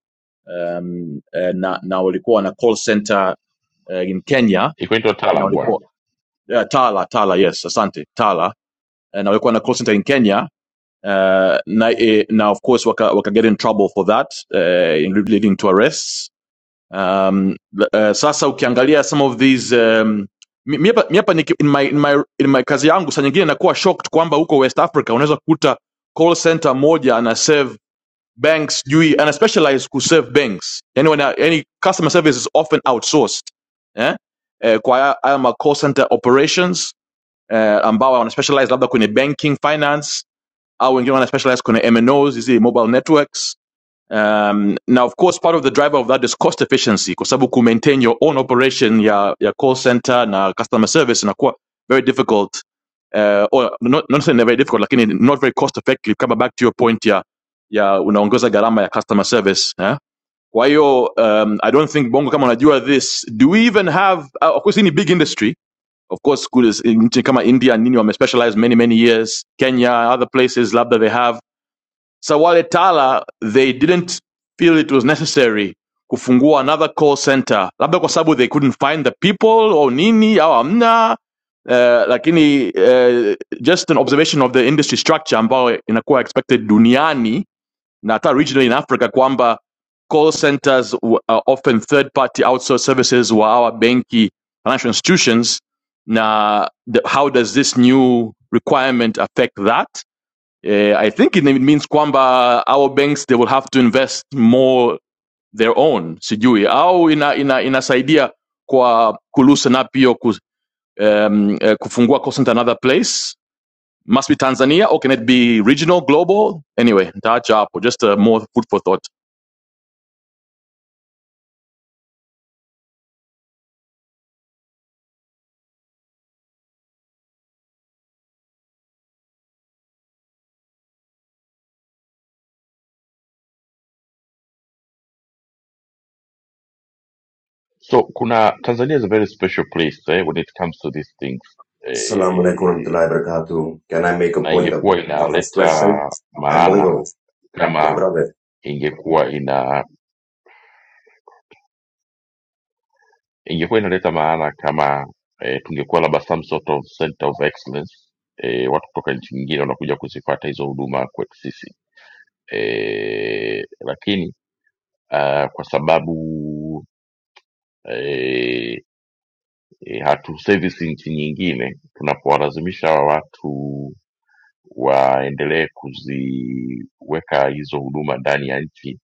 [SPEAKER 7] um, uh, na, na walikuwa wana call center uh, in Kenya
[SPEAKER 1] Iko ni
[SPEAKER 7] na
[SPEAKER 1] wataalam
[SPEAKER 7] walikuwa
[SPEAKER 1] bwana.
[SPEAKER 7] uh, Tala Tala yes asante Tala na walikuwa na call center in Kenya uh, na, eh, na of course waka, waka get in trouble for that uh, leading to arrests um, uh, sasa ukiangalia some of these um, mi mi hapa in my, in my, in my kazi yangu saa nyingine nakuwa shocked kwamba huko west africa unaweza kukuta call center moja ana serve banks sijui ana specialize ku serve banks yani, wana, yani customer service is often outsourced eh? eh, kwa haya haya call center operations eh, ambao wana specialize labda kwenye banking finance au wengine wana specialize kwenye MNOs, hizi mobile networks. Um, na of course part of the driver of that is cost efficiency kwa sababu ku maintain your own operation ya, ya call center na customer service inakuwa very difficult uh, or not, not saying very difficult lakini not very cost effective kama back to your point ya, ya unaongeza gharama ya customer service eh? kwa hiyo um, i don't think bongo kama unajua this do we even have uh, of course in ni big industry of course kule nchi kama india nini wamespecialize many many years kenya other places labda they have Sawale Tala they didn't feel it was necessary kufungua another call center labda kwa sababu they couldn't find the people or nini au amna uh, lakini uh, just an observation of the industry structure ambayo inakuwa expected duniani na hata regionally in africa kwamba call centers are often third party outsourced services wa our benki financial institutions Now, the, how does this new requirement affect that uh, I think it means kwamba our banks they will have to invest more their own, sijui au ina, ina, inasaidia kwa kuloosen up hiyo ku, um, uh, kufungua call center another place must be Tanzania or can it be regional global anyway nitaacha hapo just uh, more food for thought
[SPEAKER 1] So kuna Tanzania is a very special place eh, when it comes to these things
[SPEAKER 9] Assalamu alaikum
[SPEAKER 1] eh,
[SPEAKER 9] warahmatullahi wabarakatuh. Can I make a
[SPEAKER 1] na
[SPEAKER 9] point of,
[SPEAKER 1] ingekuwa
[SPEAKER 9] of a
[SPEAKER 1] inaleta
[SPEAKER 9] question? I'm Bongo,
[SPEAKER 1] maana
[SPEAKER 9] my
[SPEAKER 1] kama
[SPEAKER 9] brother.
[SPEAKER 1] ingekuwa ina ingekuwa inaleta maana kama eh, tungekuwa labda some sort of center of excellence eh, watu kutoka nchi nyingine wanakuja kuzipata hizo huduma kwetu sisi eh, lakini ah, kwa sababu eh, eh, hatu service nchi nyingine, tunapowalazimisha hawa watu waendelee kuziweka hizo huduma ndani ya nchi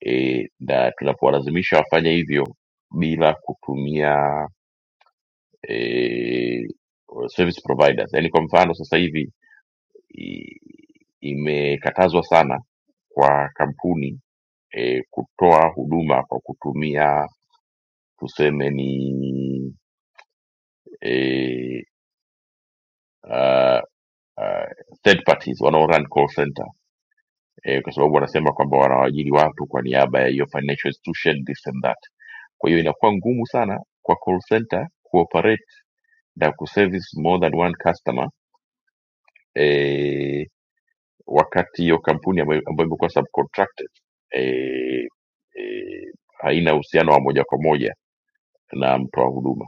[SPEAKER 1] eh, na tunapowalazimisha wafanye hivyo bila kutumia eh, service providers, yani kwa mfano sasa hivi i- imekatazwa sana kwa kampuni eh, kutoa huduma kwa kutumia tuseme ni eh, ah, ah, third parties wanaorun call center eh, kwa sababu wanasema kwamba wanawaajiri watu kwa niaba ya hiyo financial institution this and that. Kwa hiyo inakuwa ngumu sana kwa call center kuoperate na kuservice more than one customer eh, wakati hiyo kampuni ambayo ambayo imekuwa subcontracted eh, eh, haina uhusiano wa moja kwa moja na mtoa huduma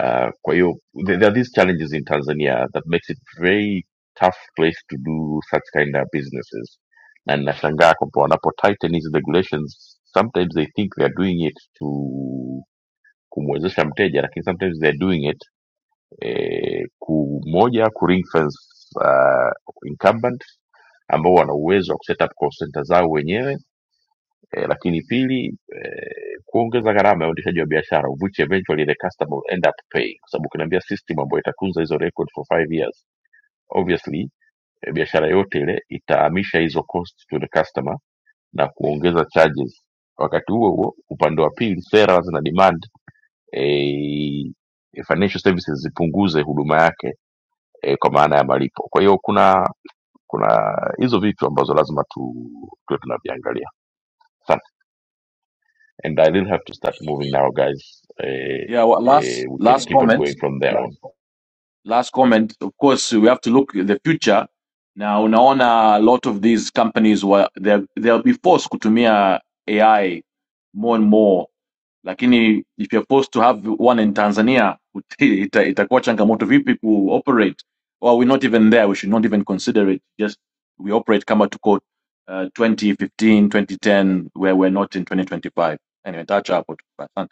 [SPEAKER 1] Uh, kwa hiyo there there are these challenges in Tanzania that makes it very tough place to do such kind of businesses, na ninashangaa kwamba wanapo tighten hizi regulations sometimes they think they are doing it to kumwezesha mteja, lakini sometimes they are doing it eh, ku moja ku ring fence uh, incumbent ambao wana uwezo wa kuset up call center zao wenyewe eh, lakini pili eh, kuongeza gharama ya uendeshaji wa biashara which eventually the customer will end up paying kwa sababu ukiniambia system ambayo itatunza hizo record for five years obviously eh, biashara yote ile itahamisha hizo cost to the customer na kuongeza charges wakati huo huo upande wa pili sera zina demand eh, financial services zipunguze huduma yake eh, kwa maana ya malipo kwa hiyo kuna kuna hizo vitu ambazo lazima tu tuwe tunaviangalia and I will have to start moving now, guys. Uh,
[SPEAKER 7] yeah well,
[SPEAKER 1] uh,
[SPEAKER 7] last
[SPEAKER 1] we can
[SPEAKER 7] last
[SPEAKER 1] keep on going
[SPEAKER 7] comment
[SPEAKER 1] from there.
[SPEAKER 7] last comment of course we have to look at the future Now, unaona a lot of these companies were they'll they'll be forced to kutumia AI more and more lakini if you're supposed to have one in tanzania uti- ita, itakuwa changamoto vipi ku operate. well, we're not even there we should not even consider it just we operate kama tuko uh, 2015 2010 where we're not in 2025 anyway touch hapo tu.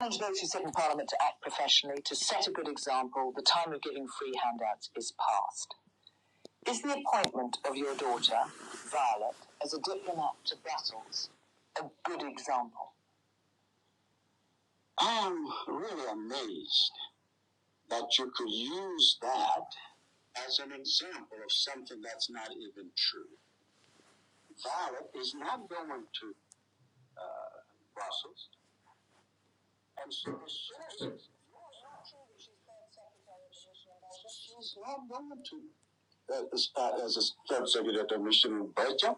[SPEAKER 10] challenge those who sit in Parliament to act professionally, to set a good example. The time of giving free handouts is past. Is the appointment of your daughter, Violet, as a diplomat to Brussels a good example? I'm really amazed that you could use that as an example of something that's not even true. Violet is not going to Brussels, and so the sources. She's not going to that as a subsecretary of mission in Belgium.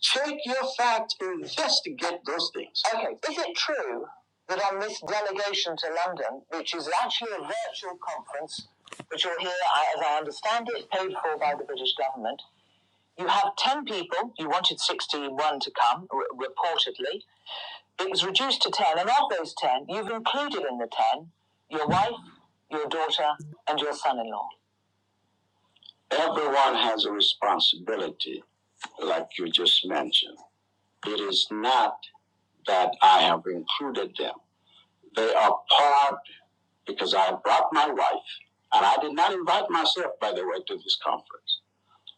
[SPEAKER 10] Check your facts, investigate those things. Okay, is it true that on this delegation to London, which is actually a virtual conference, which you'll hear, as I understand it, paid for by the British government, you have 10 people, you wanted 61 to come, r- reportedly. It was reduced to 10, and of those 10, you've included in the 10 your wife, your daughter, and your son in law. Everyone has a responsibility like you just mentioned. It is not that I have included them. They are part because I brought my wife, and I did not invite myself, by the way, to this conference.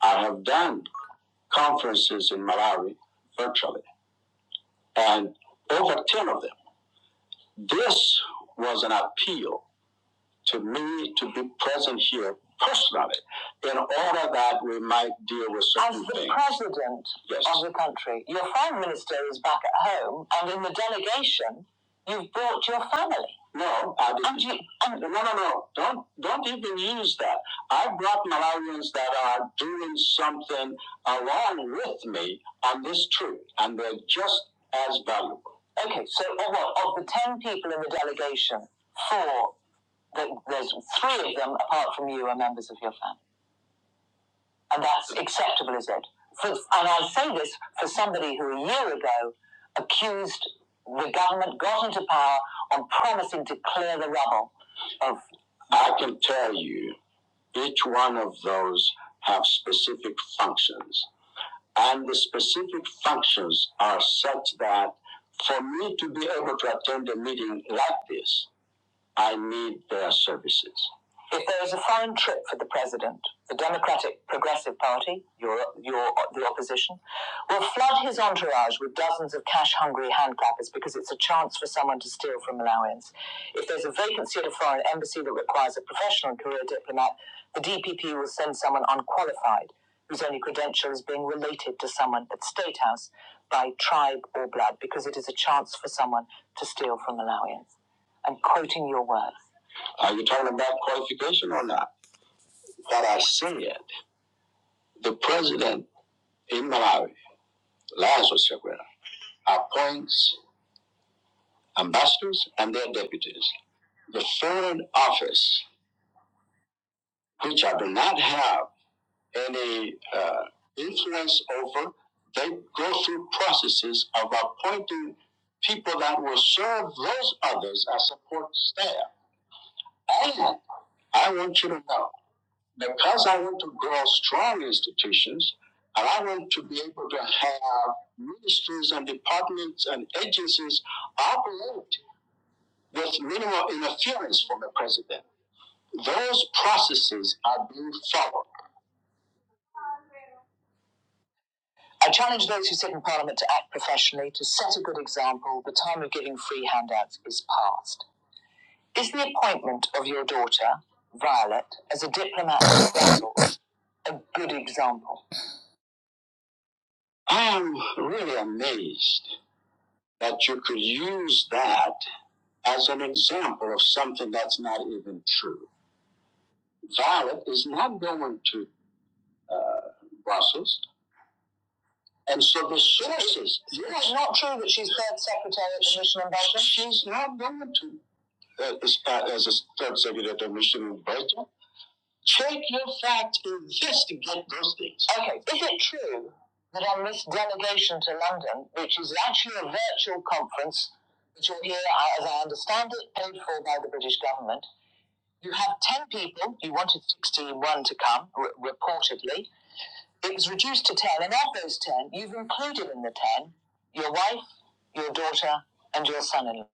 [SPEAKER 10] I have done conferences in Malawi virtually, and over 10 of them. This was an appeal to me to be present here personally in order that we might deal with certain things. As the things. president Yes. of the country, your foreign minister is back at home, and in the delegation, you've brought your family. No, I didn't. And you, and no, no, no. Don't don't even use that. I brought Malawians that are doing something along with me on this trip, and they're just as valuable. Okay, so of, of the ten people in the delegation, four that there's three of them apart from you are members of your family. And that's acceptable, is it? For, and I will say this for somebody who a year ago accused the government, got into power on promising to clear the rubble of. I can tell you, each one of those have specific functions. And the specific functions are such that for me to be able to attend a meeting like this, I need their services. If there is a foreign trip for the president, the Democratic Progressive Party, your, your, the opposition, will flood his entourage with dozens of cash hungry handclappers because it's a chance for someone to steal from Malawians. If there's a vacancy at a foreign embassy that requires a professional career diplomat, the DPP will send someone unqualified whose only credential is being related to someone at State House by tribe or blood because it is a chance for someone to steal from Malawians. I'm quoting your words. Are you talking about qualification or not? That I said, the president in Malawi, Lazarus Chakwera, appoints ambassadors and their deputies. The foreign office, which I do not have any uh, influence over, they go through processes of appointing people that will serve those others as support staff. And I want you to know because I want to grow strong institutions and I want to be able to have ministries and departments and agencies operate with minimal interference from the president. Those processes are being followed. I challenge those who sit in Parliament to act professionally, to set a good example. The time of giving free handouts is past. Is the appointment of your daughter, Violet, as a diplomat to Brussels a good example? I am really amazed that you could use that as an example of something that's not even true. Violet is not going to Brussels. And so the sources. It's not true that she's third secretary of the mission in Belgium. She's not going to. uh, As, as a third secretary of the mission in Belgium. Check your facts, investigate those things. Okay, is it true that on this delegation to London, which is actually a virtual conference, which you're here, as I understand it, paid for by the British government, you have 10 people, you wanted sixteen, one to come, r- reportedly. It was reduced to 10, and of those 10, you've included in the 10 your wife, your daughter, and your son in law.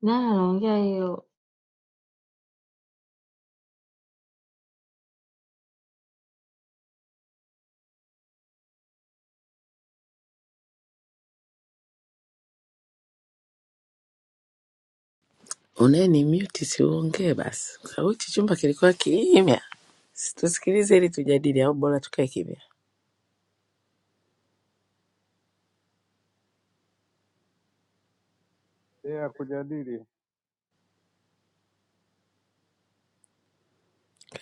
[SPEAKER 11] Na longy.
[SPEAKER 10] Uneni mute siongee basi, sauti chumba kilikuwa kimya. Situsikilize ili tujadili au bora tukae kimya.
[SPEAKER 12] ya kujadili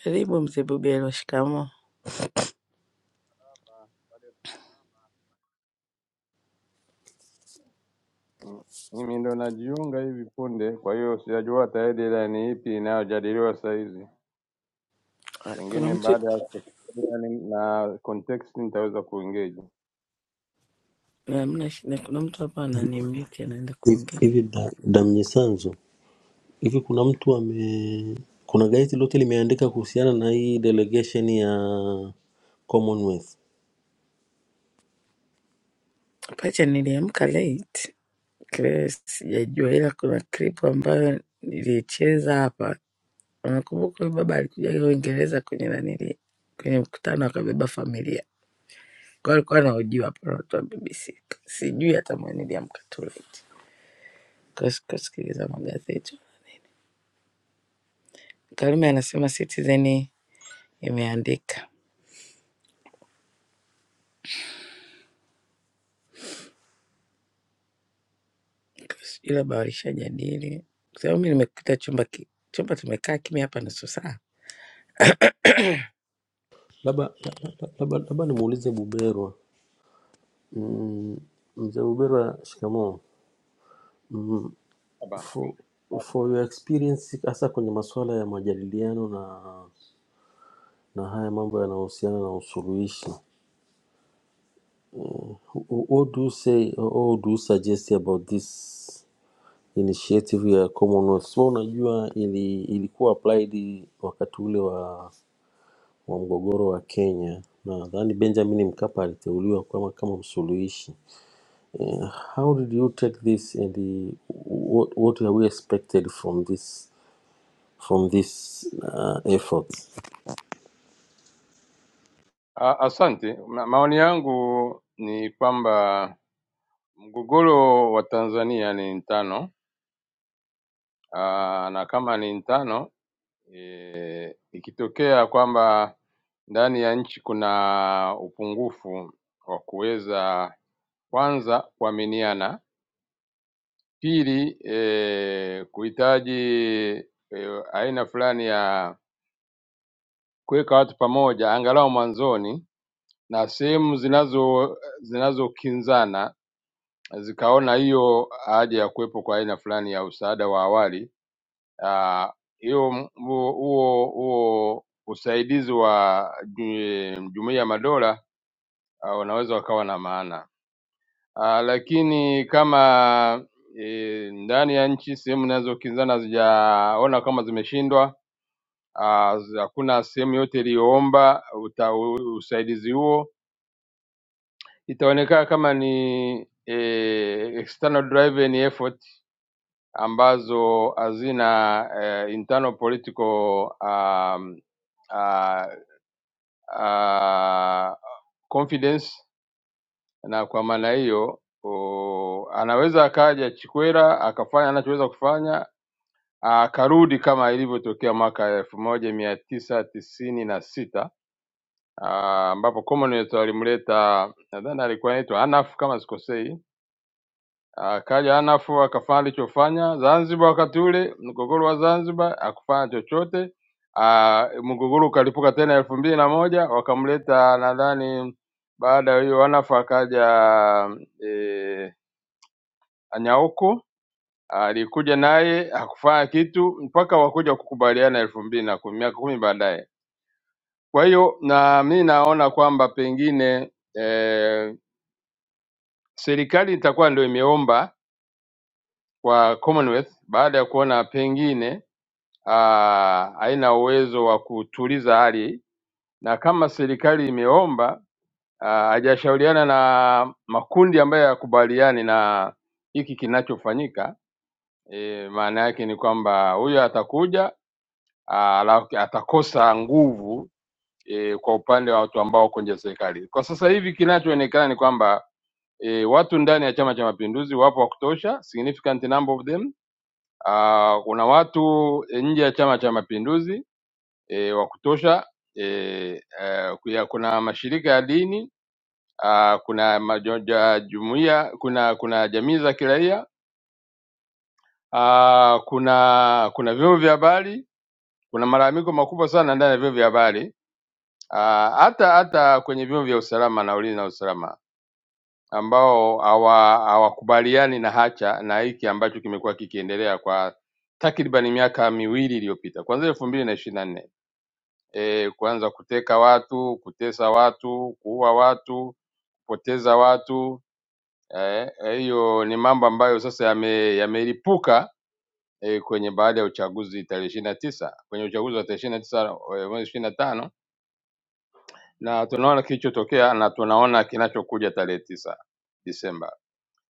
[SPEAKER 10] Karibu mzee Bubelo, shikamoo.
[SPEAKER 12] mimi ndo najiunga hivi punde, kwa hiyo sijajua hata headline ipi inayojadiliwa saa hizi.
[SPEAKER 10] Ah, Kuna
[SPEAKER 12] Pengine
[SPEAKER 10] mtu
[SPEAKER 12] baada ya headline na context nitaweza kuengage.
[SPEAKER 10] hamna shida, kuna mtu hapa ananimiti anaenda
[SPEAKER 13] hivi
[SPEAKER 10] kuongea.
[SPEAKER 13] hivi da, damnyisanzo hivi kuna mtu ame kuna gazeti lote limeandika kuhusiana na hii delegation ya commonwealth
[SPEAKER 10] Pacha, niliamka late Kwa sijajua, ila kuna clip ambayo nilicheza hapa. Unakumbuka huyu baba alikuja Uingereza kwenye nanili kwenye mkutano akabeba familia kwa alikuwa anahojiwa hapa na watu wa BBC. Sijui hata mwenye niliamka tu late kwa sikusikiliza magazeti. Karume anasema Citizen imeandika Ila labda walishajadili, kwa sababu mi nimekuta chumba ki, chumba tumekaa kimya hapa nusu saa.
[SPEAKER 13] labda labda labda labda nimuulize buberwa mm, mzee buberwa shikamoo
[SPEAKER 12] Haba.
[SPEAKER 13] for, for your experience hasa kwenye masuala ya majadiliano na na haya mambo yanayohusiana na usuluhishi wh- wh- what do you say or what do you suggest about this initiative ya Commonwealth. So unajua ili, ilikuwa applied wakati ule wa, wa mgogoro wa Kenya. Nadhani Benjamin Mkapa aliteuliwa kama, kama msuluhishi. Eh, how did you take this and the, what, what are we expected from this from this uh, efforts?
[SPEAKER 12] A- Asante. Ma- Maoni yangu ni kwamba mgogoro wa Tanzania ni mtano, Ah, na kama ni mtano e, ikitokea kwamba ndani ya nchi kuna upungufu wa kuweza kwanza kuaminiana Pili, eh, kuhitaji eh, aina fulani ya kuweka watu pamoja angalau mwanzoni, na sehemu zinazo zinazokinzana zikaona hiyo haja ya kuwepo kwa aina fulani ya msaada wa awali ah, hiyo m- huo huo huo usaidizi wa ju- jumuiya ya madola ah, wanaweza wakawa na maana. Ah, lakini kama e, ndani ya nchi sehemu zinazokinzana hazijaona kama zimeshindwa, ah, zi- hakuna uh, sehemu yote iliyoomba uta- u- usaidizi huo, itaonekana kama ni e, external driven effort ambazo hazina eh, internal political um, ah, ah, confidence na kwa maana hiyo o, anaweza akaja Chikwera akafanya anachoweza kufanya akarudi kama ilivyotokea mwaka elfu moja mia tisa tisini na sita ah, ambapo Commonwealth walimleta nadhani alikuwa anaitwa Anaf kama sikosei. Akaja Anaf akafanya alichofanya Zanzibar wakati ule, mgogoro wa Zanzibar, akufanya chochote. Ah, Mgogoro ukalipuka tena elfu mbili na moja wakamleta nadhani baada ya hiyo Anaf akaja eh, Anyauku alikuja naye hakufanya kitu mpaka wakuja kukubaliana elfu mbili na kumi miaka kumi baadaye. Kwa hiyo na mi naona kwamba pengine eh, serikali itakuwa ndio imeomba kwa Commonwealth baada ya kuona pengine ah, haina uwezo wa kutuliza hali, na kama serikali imeomba ah, hajashauriana na makundi ambayo yakubaliani na hiki kinachofanyika, e, maana yake ni kwamba huyo atakuja Ah, alafu atakosa nguvu e, kwa upande wa watu ambao kwenye serikali. Kwa sasa hivi kinachoonekana ni kwamba e, watu ndani ya Chama cha Mapinduzi wapo wa kutosha, significant number of them. Ah, kuna watu eh, nje ya Chama cha Mapinduzi e, wa kutosha e, eh, kuya- kuna mashirika ya dini ah, kuna majoja, jumuiya, kuna kuna jamii za kiraia ah, kuna kuna vyombo vya habari, kuna malalamiko makubwa sana ndani ya vyombo vya habari Ah, hata hata kwenye vyombo vya usalama na ulinzi na usalama ambao hawa- hawakubaliani na hacha na hiki ambacho kimekuwa kikiendelea kwa takriban miaka miwili iliyopita kuanzia elfu mbili na ishirini na nne e, kuanza kuteka watu, kutesa watu, kuua watu, kupoteza watu eh, eh, hiyo ni mambo ambayo sasa yame- yamelipuka e, kwenye baada ya uchaguzi tarehe ishirini na tisa kwenye uchaguzi wa tarehe ishirini na tisa e, mwezi ishirini na tano na tunaona kilichotokea na tunaona kinachokuja tarehe tisa Disemba.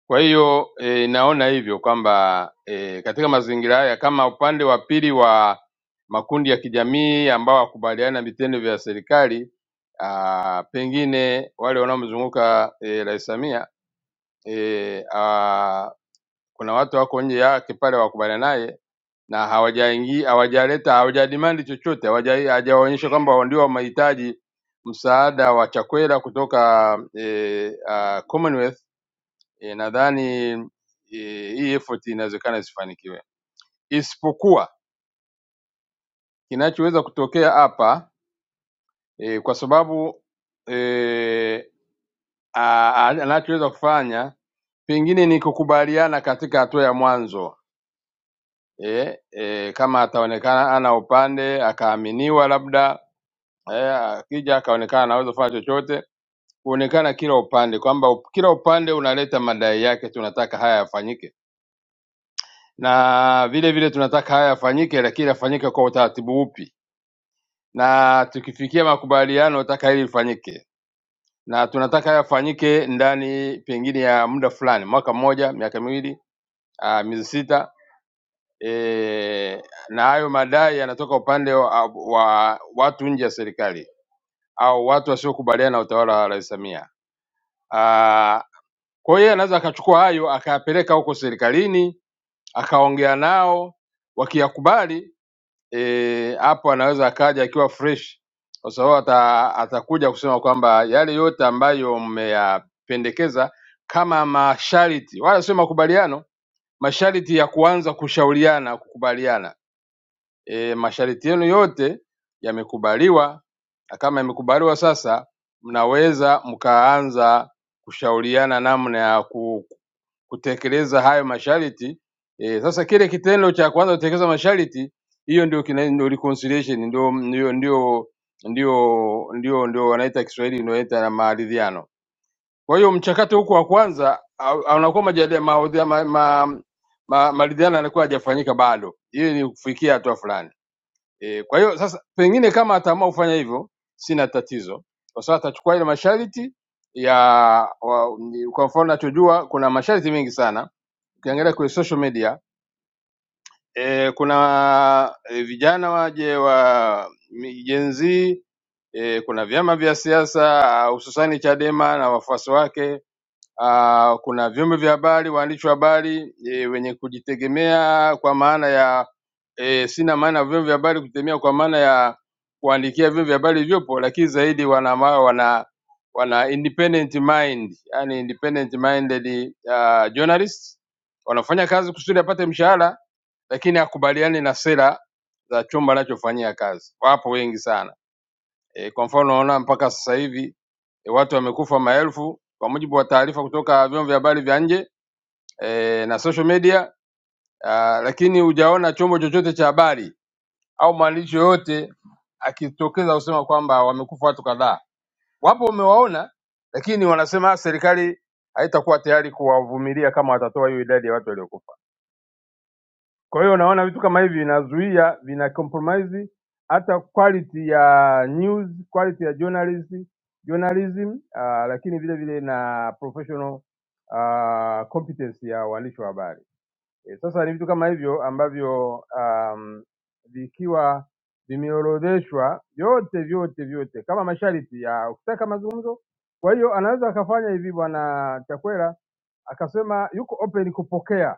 [SPEAKER 12] Kwa hiyo e, naona hivyo kwamba e, katika mazingira haya kama upande wa pili wa makundi ya kijamii ambao wakubaliana na vitendo vya serikali ah, pengine wale wanaomzunguka eh, Rais Samia eh, ah, kuna watu wako nje yake pale wakubaliana naye na hawajaingia hawajaleta hawajadimandi chochote, hawaja- hawajaonyesha kwamba ndio wamehitaji msaada wa chakula kutoka eh, ah, Commonwealth. Eh, nadhani eh, hii effort inawezekana isifanikiwe, isipokuwa kinachoweza kutokea hapa eh, kwa sababu eh, a- a- anachoweza kufanya pengine ni kukubaliana katika hatua ya mwanzo eh, eh, kama ataonekana ana upande akaaminiwa labda eh, akija akaonekana anaweza kufanya chochote, kuonekana kila upande kwamba up- kila upande unaleta madai yake, tunataka haya yafanyike, na vile vile tunataka haya yafanyike, lakini yafanyike kwa utaratibu upi, na tukifikia makubaliano nataka hili lifanyike, na tunataka haya yafanyike ndani pengine ya muda fulani, mwaka mmoja, miaka miwili, ah, miezi sita. E, na hayo madai yanatoka upande wa, wa watu nje ya serikali au watu wasiokubaliana na utawala wa Rais Samia. Ah, Kwa hiyo yeye anaweza akachukua hayo akayapeleka huko serikalini, akaongea nao, wakiyakubali eh, hapo anaweza akaja akiwa fresh, kwa sababu ata, atakuja kusema kwamba yale yote ambayo mmeyapendekeza kama masharti, wala sio makubaliano, masharti ya kuanza kushauriana, kukubaliana. E, masharti yenu yote yamekubaliwa, na kama yamekubaliwa sasa, mnaweza mkaanza kushauriana namna ya ku, kutekeleza hayo masharti e, sasa kile kitendo cha kwanza kutekeleza masharti hiyo ndio kina- ndio reconciliation ndio ndio ndio ndio ndio ndio wanaita Kiswahili unaita na maridhiano. Kwa hiyo mchakato huko wa kwanza au- au unakuwa majadiliano maridhiano ma, ma, ma, maridhiano yanakuwa hajafanyika bado, ili ni kufikia hatua fulani e, kwa hiyo sasa pengine kama ataamua kufanya hivyo, sina tatizo, kwa sababu atachukua ile masharti ya wa, ni- kwa mfano nachojua kuna masharti mengi sana ukiangalia kwenye social media e, kuna e, vijana waje wa mi- Gen Z e, kuna vyama vya siasa hususani Chadema na wafuasi wake Ah, kuna vyombo vya habari, waandishi wa habari e, wenye kujitegemea kwa maana ya e, sina maana ya vyombo vya habari kujitegemea kwa maana ya kuandikia vyombo vya habari vilivyopo, lakini zaidi wana ma- wana wana independent mind, yani independent minded uh, journalists wanafanya kazi kusudi apate mshahara, lakini akubaliane na sera za chombo anachofanyia kazi. Wapo wengi sana. E, kwa mfano unaona mpaka sasa hivi e, watu wamekufa maelfu kwa mujibu wa taarifa kutoka vyombo vya habari vya nje e, na social media a, lakini hujaona chombo chochote cha habari au mwandishi yoyote akitokeza kusema kwamba wamekufa watu kadhaa. Wapo umewaona, lakini wanasema serikali haitakuwa tayari kuwavumilia kama watatoa hiyo idadi ya watu waliokufa. Kwa hiyo unaona vitu kama hivi vinazuia, vina compromise hata quality ya news, quality ya journalism, journalism uh, lakini vile vile na professional uh, competence ya waandishi wa habari. E, sasa ni vitu kama hivyo ambavyo um, vikiwa vimeorodheshwa vyote vyote vyote kama masharti ya kutaka mazungumzo. Kwa hiyo anaweza akafanya hivi bwana Chakwera akasema yuko open kupokea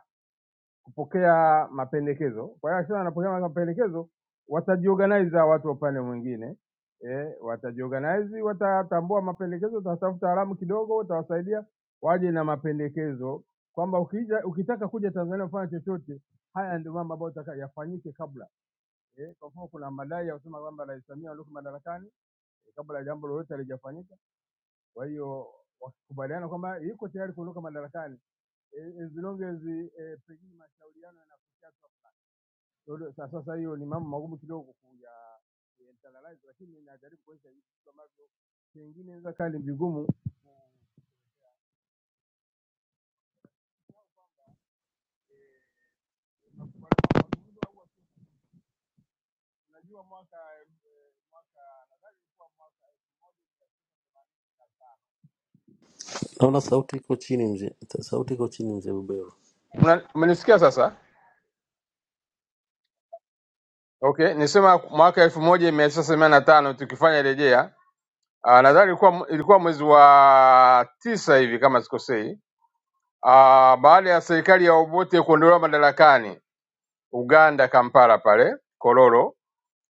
[SPEAKER 12] kupokea mapendekezo. Kwa hiyo akisema anapokea mapendekezo, watajiorganize hawa watu wa upande mwingine eh, watajiorganize, watatambua mapendekezo, watatafuta wataalamu kidogo, watawasaidia waje na mapendekezo kwamba ukija, ukitaka kuja Tanzania kufanya chochote, haya ndio mambo ambayo utaka yafanyike kabla eh. Kwa mfano kuna madai ya kusema kwamba Rais Samia alikuwa madarakani eh, kabla ya jambo lolote halijafanyika. Kwa hiyo wakikubaliana kwamba yuko tayari kuondoka madarakani eh, as long as eh, pengine mashauriano yanafikia ndio, sa- Sasa hiyo ni mambo magumu kidogo kuya kuyainternalize, lakini najaribu kuonyesha hivi vitu ambavyo pengine inaweza kaa ni vigumu. Unajua mwaka
[SPEAKER 13] Naona sauti iko chini mzee, sauti iko chini mzee Bubero.
[SPEAKER 12] Una- umenisikia sasa? Okay, nisema mwaka elfu moja mia tisa themanini na tano tukifanya rejea Ah, nadhani ilikuwa ilikuwa mwezi wa tisa hivi kama sikosei. Ah, baada ya serikali ya Obote kuondolewa madarakani Uganda, Kampala pale Kololo.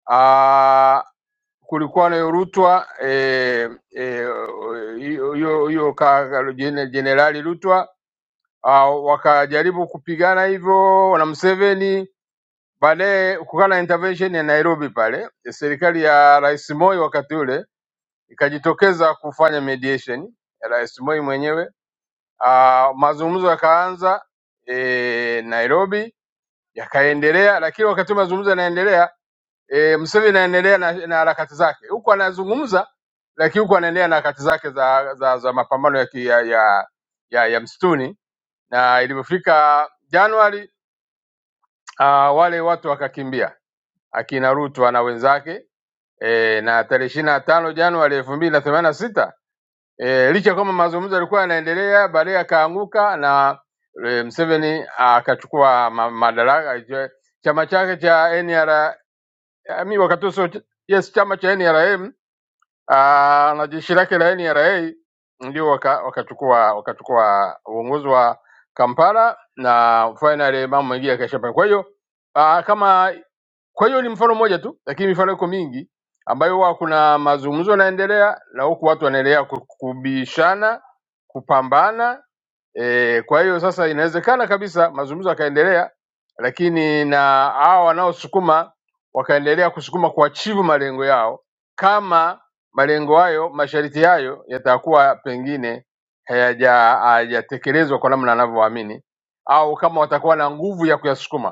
[SPEAKER 12] ah kulikuwa na hiyo Rutwa eh, eh, hiyo hiyo hiyo ka- jene- jenerali Rutwa ah, wakajaribu kupigana hivyo na Museveni, baadaye kukawa na intervention ya Nairobi pale, serikali ya Rais Moi wakati ule ikajitokeza kufanya mediation ya Rais Moi mwenyewe. Ah, mazungumzo yakaanza eh, Nairobi yakaendelea, lakini wakati mazungumzo yanaendelea E, Museveni anaendelea na, na harakati zake huku anazungumza, lakini huku anaendelea na harakati zake za, za, za mapambano ya, ki- ya, ya, ya, ya msituni na ilivyofika Januari uh, wale watu wakakimbia akina Ruto na wenzake e, na tarehe ishirini na tano Januari elfu mbili na themanini na sita e, licha ya kwamba mazungumzo yalikuwa yanaendelea, baadaye akaanguka na e, Museveni akachukua ma, madaraka. Je, Chama chake cha NRM wakati huo sio ch- yes, chama cha NRM Ah, na jeshi lake la NRA ndio waka- wakachukua wakachukua uongozi wa Kampala na finally mambo mengine yakaishia pale. Kwa hiyo ah, kama kwa hiyo ni mfano mmoja tu, lakini mifano iko mingi ambayo huwa kuna mazungumzo yanaendelea na huku watu wanaendelea ku- kubishana kupambana e, kwa hiyo sasa inawezekana kabisa mazungumzo yakaendelea, lakini na hao wanaosukuma wakaendelea kusukuma kuachivu malengo yao, kama malengo hayo, masharti hayo yatakuwa pengine hayaja- hayajatekelezwa kwa namna anavyoamini, au kama watakuwa na nguvu ya kuyasukuma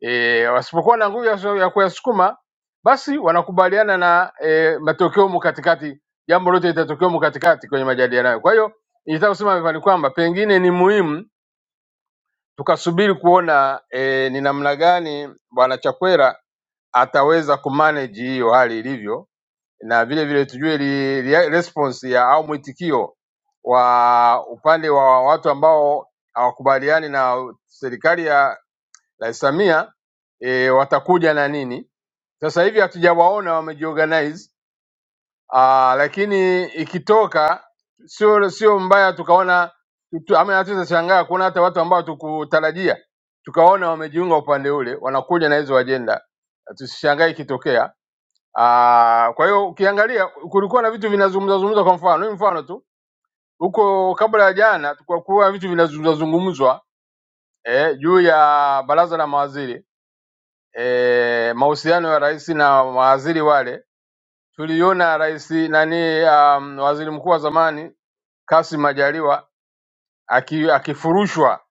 [SPEAKER 12] e, wasipokuwa na nguvu ya ya kuyasukuma basi wanakubaliana na e, matokeo humu katikati, jambo lote litatokea humu katikati kwenye majadiliano hayo. Kwa hiyo nilitaka kusema hivyo ni kwamba pengine ni muhimu tukasubiri kuona e, ni namna gani bwana Chakwera ataweza kumanage hiyo hali ilivyo, na vile vile tujue li, li, response ya au mwitikio wa upande wa watu ambao hawakubaliani na serikali ya Rais Samia e, watakuja na nini. Sasa hivi hatujawaona wamejiorganize, ah, lakini ikitoka sio sio mbaya tukaona tu, ama hatuweza shangaa kuona hata watu ambao tukutarajia tukaona wamejiunga upande ule, wanakuja na hizo ajenda, tusishangae ikitokea. Ah, Kwa hiyo ukiangalia kulikuwa na vitu vinazungumzwa zungumzwa, kwa mfano ni mfano tu huko kabla ya jana tulikuwa vitu vinazungumzwa zungumzwa eh, juu ya baraza la mawaziri e, mahusiano ya rais na mawaziri wale, tuliona rais nani, um, waziri mkuu wa zamani Kassim Majaliwa aki, akifurushwa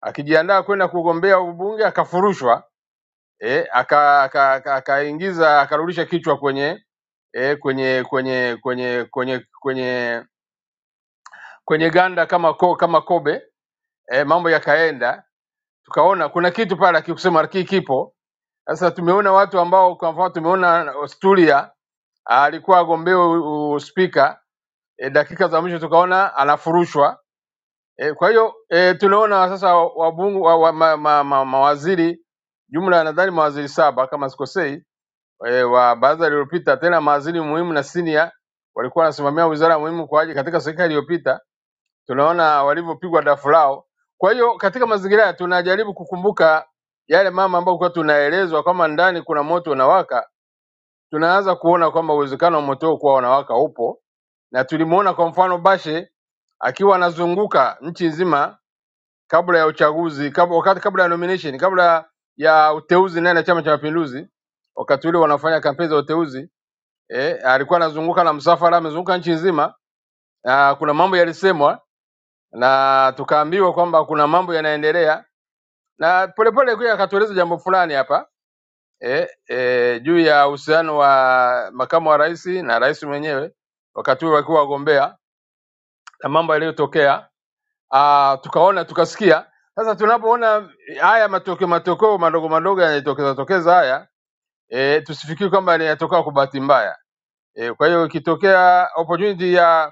[SPEAKER 12] akijiandaa kwenda kugombea ubunge akafurushwa, e, akaingiza aka, aka, aka akaingiza- akarudisha kichwa kwenye e, kwenye kwenye kwenye kwenye kwenye kwenye ganda kama ko, kama kobe e, mambo yakaenda, tukaona kuna kitu pale akikusema lakini kipo sasa. Tumeona watu ambao kwa mfano tumeona Stulia alikuwa agombea u- u- spika e, dakika za mwisho tukaona anafurushwa e, kwa hiyo e, tunaona sasa wabungu, wa, wa, ma, ma, ma, mawaziri jumla nadhani mawaziri saba kama sikosei e, wa baraza lililopita, tena mawaziri muhimu na senior walikuwa wanasimamia wizara muhimu kwa ajili katika serikali iliyopita tunaona walivyopigwa dafu lao. Kwa hiyo katika mazingira haya tunajaribu kukumbuka yale mama ambayo kwa tunaelezwa kwamba ndani kuna moto unawaka, tunaanza kuona kwamba uwezekano wa moto huo kuwa unawaka upo, na tulimuona kwa mfano Bashe akiwa anazunguka nchi nzima kabla ya uchaguzi kabla, wakati kabla ya nomination, kabla ya uteuzi ndani ya Chama cha Mapinduzi, wakati ule wanafanya kampeni za uteuzi eh, alikuwa anazunguka na msafara, amezunguka nchi nzima. Ah, Kuna mambo yalisemwa na tukaambiwa kwamba kuna mambo yanaendelea, na polepole pia akatueleza jambo fulani hapa eh, eh, juu ya uhusiano wa makamu wa rais na rais mwenyewe wakati huo wakiwa wagombea na mambo yaliyotokea, ah, tukaona tukasikia. Sasa tunapoona haya matokeo matokeo madogo madogo yanayotokeza tokeza haya eh, tusifikiri kwamba yanatokea kwa bahati mbaya eh, kwa hiyo ikitokea opportunity ya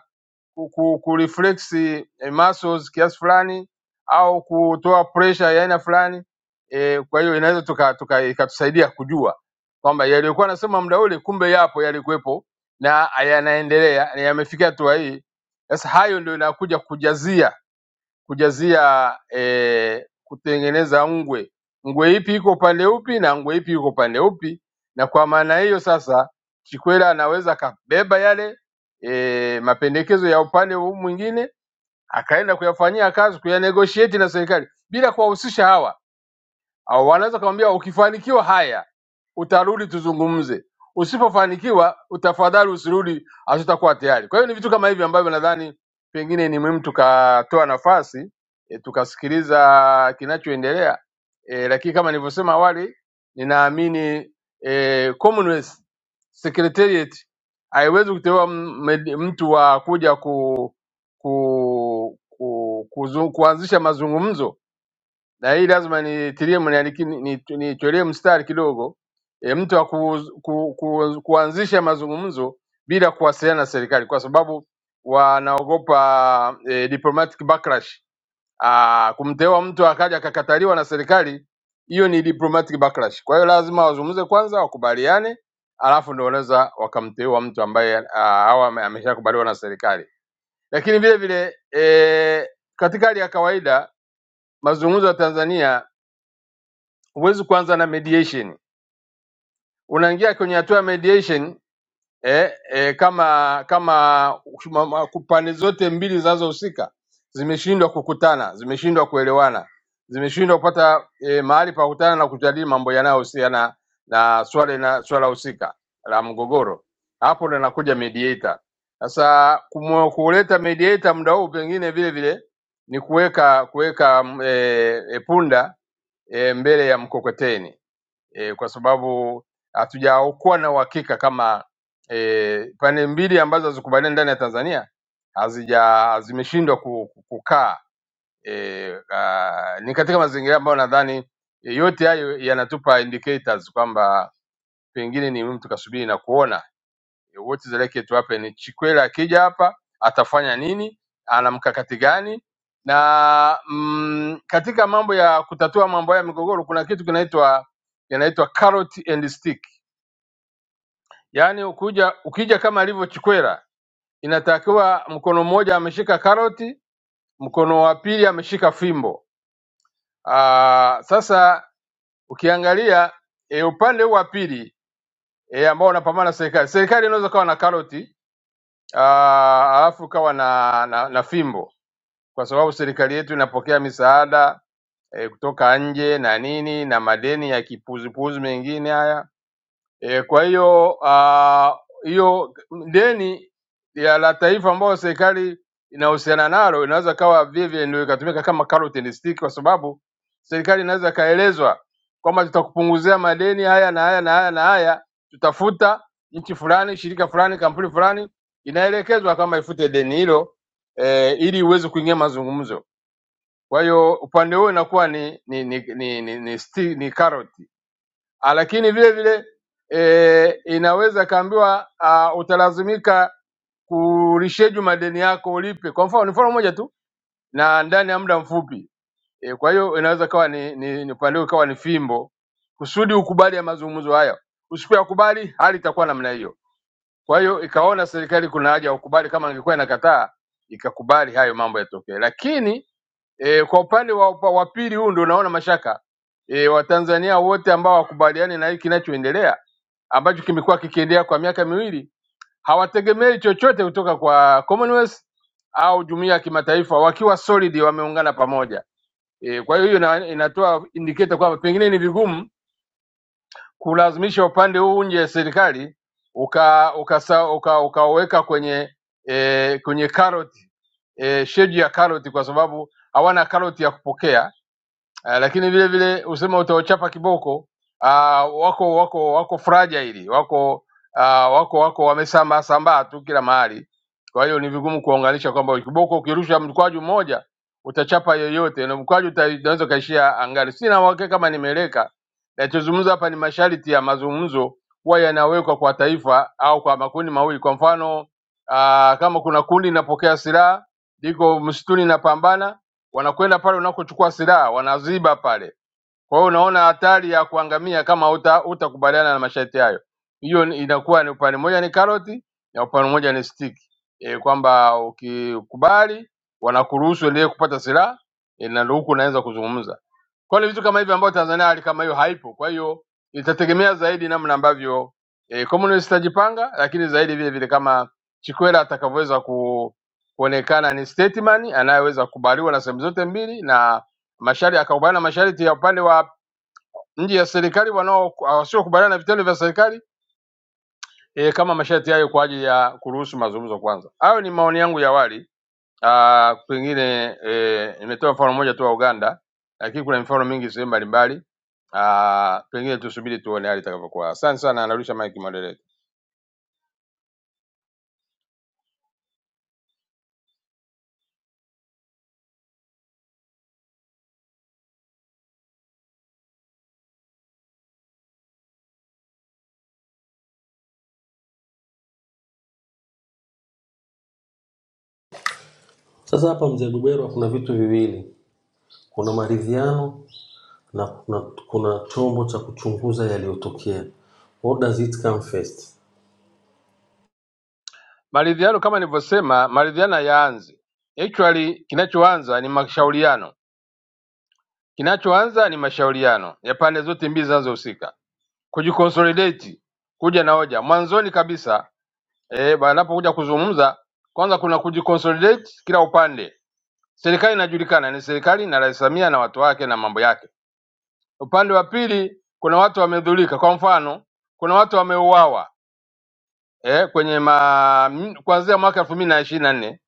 [SPEAKER 12] ku, ku, ku reflex eh, muscles kiasi fulani au kutoa pressure ya aina fulani eh, kwa hiyo inaweza tuka, tuka, ikatusaidia kujua kwamba yaliyokuwa nasema muda ule kumbe yapo yalikuwepo na yanaendelea na yamefikia hatua hii. Sasa hayo ndio inakuja kujazia kujazia eh, kutengeneza ngwe, ngwe ipi iko upande upi na ngwe ipi iko upande upi, na kwa maana hiyo sasa Chikwera anaweza akabeba yale eh, mapendekezo ya upande huu mwingine akaenda kuyafanyia kazi kuyanegotiate na serikali bila kuwahusisha hawa au wanaweza kumwambia ukifanikiwa haya utarudi tuzungumze, usipofanikiwa utafadhali usirudi, hatutakuwa tayari. Kwa hiyo ni vitu kama hivi ambavyo nadhani pengine ni muhimu tukatoa nafasi e, tukasikiliza kinachoendelea e, lakini kama nilivyosema awali, ninaamini e, Commonwealth Secretariat haiwezi kuteua m- med- mtu wa kuja ku, ku, ku, ku, kuanzisha mazungumzo na hii lazima nitilie mniandikie- ni- ni- nitolee mstari kidogo e, mtu wa ku, ku, ku, kuanzisha mazungumzo bila kuwasiliana na serikali kwa sababu wanaogopa e, diplomatic backlash. Ah, kumteua mtu akaja akakataliwa na serikali, hiyo ni diplomatic backlash. Kwa hiyo lazima wazungumze kwanza, wakubaliane, alafu ndio wanaweza wakamteua mtu ambaye ah, au ame- ameshakubaliwa na serikali. Lakini vile vile e, katika hali ya kawaida mazungumzo ya Tanzania huwezi kuanza na mediation. Unaingia kwenye hatua ya mediation eh, eh, kama kama ma- ma- pande zote mbili zinazohusika zimeshindwa kukutana, zimeshindwa kuelewana, zimeshindwa kupata eh, mahali pa kukutana na kujadili mambo yanayohusiana na swala na swala husika la mgogoro. Hapo ndo inakuja mediator. Sasa kumu- kuleta mediator muda huu pengine vile vile ni kuweka kuweka mm, eh, eh, punda eh, mbele ya mkokoteni e, kwa sababu hatujakuwa na uhakika kama e, pande mbili ambazo hazikubaliani ndani ya Tanzania hazija zimeshindwa ku- ku- kukaa e, uh, ni katika mazingira ambayo nadhani e, yote hayo yanatupa indicators kwamba pengine ni muhimu tukasubiri na kuona Eh, What is likely to happen? Chikwera akija hapa atafanya nini? Ana mkakati gani? Na mm, katika mambo ya kutatua mambo ya migogoro kuna kitu kinaitwa kinaitwa carrot and stick. Yaani ukuja ukija kama alivyo Chikwera, inatakiwa mkono mmoja ameshika karoti, mkono wa pili ameshika fimbo. Aa, sasa ukiangalia e, upande huu wa pili e, ambao unapambana na serikali, serikali inaweza kawa na karoti Ah, alafu kawa na, na, na fimbo kwa sababu serikali yetu inapokea misaada e, kutoka nje na nini na madeni ya kipuzupuzu mengine haya E, kwa hiyo ah, hiyo deni ya la taifa ambayo serikali inahusiana nalo inaweza kawa vivyo ndio ikatumika kama carrot and stick, kwa sababu serikali inaweza ikaelezwa kwamba tutakupunguzia madeni haya na haya na haya na haya, tutafuta nchi fulani, shirika fulani, kampuni fulani, inaelekezwa kama ifute deni hilo e, ili iweze kuingia mazungumzo. Kwa hiyo upande huo inakuwa ni ni ni ni, ni, ni, ni, ni carrot Ah, lakini vile vile e, inaweza kaambiwa ah, utalazimika kulisheju madeni yako ulipe. Kwa mfano ni mfano mmoja tu, na ndani ya muda mfupi e, kwa hiyo inaweza kawa ni, ni, ni upande kawa ni fimbo kusudi ukubali ya mazungumzo haya. Usipoyakubali hali itakuwa namna hiyo. Kwa hiyo ikaona serikali kuna haja ya ukubali, kama ingekuwa inakataa ikakubali hayo mambo yatokee, lakini E, kwa upande wa, upa- wa pili huu ndio unaona mashaka e, Watanzania wote ambao wakubaliani na hiki kinachoendelea ambacho kimekuwa kikiendelea kwa miaka miwili hawategemei chochote kutoka kwa Commonwealth au jumuiya ya kimataifa wakiwa solid wameungana pamoja. E, kwa hiyo hiyo ina- inatoa indicator kwamba pengine ni vigumu kulazimisha upande huu nje ya serikali ukaweka uka, uka, uka, ukaweka kwenye e, kwenye karoti e, sheji ya karoti kwa sababu hawana karoti ya kupokea uh, lakini vile vile usema utawachapa kiboko uh, wako wako wako fragile, wako uh, wako wako wamesambaa sambaa tu kila mahali. Kwa hiyo ni vigumu kuwaunganisha kwamba kiboko ukirusha mkwaju mmoja utachapa yoyote na mkwaju uta- unaweza ukaishia angani. Sina uhakika kama nimeeleka. Nachozungumza hapa ni masharti ya mazungumzo huwa yanawekwa kwa taifa au kwa makundi mawili. Kwa mfano uh, kama kuna kundi linapokea silaha liko msituni linapambana wanakwenda pale unakochukua silaha wanaziba pale. Kwa hiyo unaona hatari ya kuangamia kama huta- hutakubaliana na masharti hayo. Hiyo ni- inakuwa ni upande mmoja ni karoti na upande mmoja ni stiki e, kwamba ukikubali wanakuruhusu endelee kupata silaha e, na ndio huku unaweza kuzungumza. Kwa hiyo ni vitu kama hivyo ambavyo Tanzania hali kama hiyo haipo. Kwa hiyo itategemea zaidi namna ambavyo eh, communist itajipanga, lakini zaidi vile vile kama Chikwera atakavyoweza ku, kuonekana ni statesman anayeweza kubaliwa na sehemu zote mbili na masharti akakubaliana na masharti ya upande wa nje ya serikali wanao wasiokubaliana na vitendo vya serikali eh, kama masharti hayo kwa ajili ya kuruhusu mazungumzo kwanza. Hayo ni maoni yangu ya awali. Ah, pengine eh, nimetoa mfano mmoja tu wa Uganda, lakini kuna mifano mingi sehemu mbalimbali. Ah, pengine tusubiri tuone hali itakavyokuwa. Asante sana, anarusha mic moderator.
[SPEAKER 13] Sasa hapa mzee Bubero, kuna vitu viwili, kuna maridhiano na kuna, kuna chombo cha kuchunguza yaliyotokea. What does it come first?
[SPEAKER 12] Maridhiano kama nilivyosema, maridhiano yaanze. Actually kinachoanza ni mashauriano. Kinachoanza ni mashauriano ya pande zote mbili zinazohusika kujiconsolidate, kuja na hoja mwanzoni kabisa. Eh, wanapokuja kuzungumza, kwanza kuna kujiconsolidate kila upande. Serikali inajulikana ni serikali na Rais Samia na watu wake na mambo yake. Upande wa pili kuna watu wamedhulika, kwa mfano kuna watu wameuawa, eh, kwenye ma, m- kuanzia mwaka elfu mbili na ishirini na nne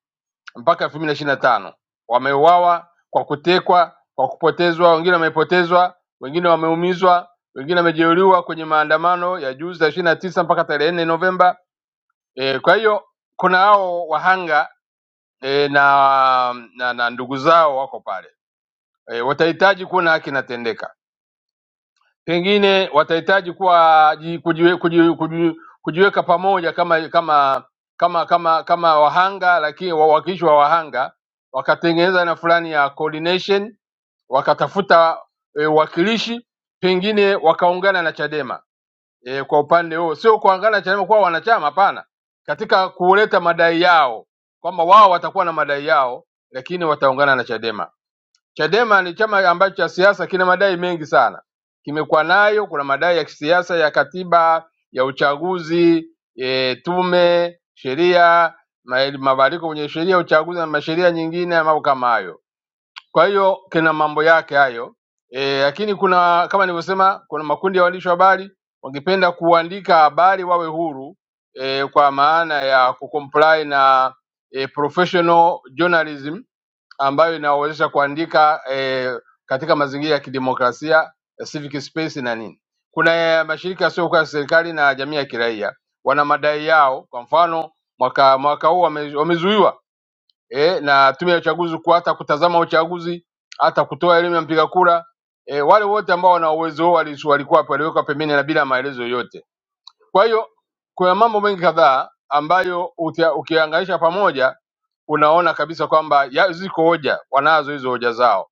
[SPEAKER 12] mpaka elfu mbili na ishirini na tano wameuawa kwa kutekwa, kwa kupotezwa, wengine wamepotezwa, wengine wameumizwa, wengine wamejeruhiwa kwenye maandamano ya juzi ya ishirini na tisa mpaka tarehe nne Novemba. E, kwa hiyo kuna hao wahanga e, na, na, na ndugu zao wako pale e, watahitaji kuona haki inatendeka pengine watahitaji kuwa ji- kujiwe, kuji, kuji, kujiweka pamoja kama kama kama kama kama wahanga, lakini wawakilishi wa wahanga wakatengeneza na fulani ya coordination, wakatafuta e, wakilishi pengine wakaungana na Chadema e, kwa upande huo, sio kuangana na Chadema kuwa wanachama, hapana, katika kuleta madai yao kwamba wao watakuwa na madai yao, lakini wataungana na Chadema. Chadema ni chama ambacho cha siasa kina madai mengi sana, kimekuwa nayo. Kuna madai ya kisiasa ya katiba, ya uchaguzi, e, tume, sheria, ma- mabadiliko kwenye sheria ya uchaguzi na masheria nyingine ya mambo kama hayo. Kwa hiyo kina mambo yake hayo e, lakini kuna kama nilivyosema, kuna makundi ya waandishi wa habari wangependa kuandika habari wawe huru e, kwa maana ya kucomply na e, professional journalism ambayo inawezesha kuandika eh, katika mazingira ya kidemokrasia eh, civic space na nini. Kuna eh, mashirika yasiyokuwa ya serikali na jamii ya kiraia wana madai yao. Kwa mfano mwaka mwaka huu wame, wamezuiwa eh, na tume ya uchaguzi ku- hata kutazama uchaguzi hata kutoa elimu ya mpiga kura eh, wale wote ambao wana uwezo huo wali- walikuwa walikuwa- waliwekwa pembeni na bila maelezo yoyote kwa hiyo kuna mambo mengi kadhaa ambayo utia- ukianganisha pamoja unaona kabisa kwamba ya- ziko hoja, wanazo hizo hoja zao.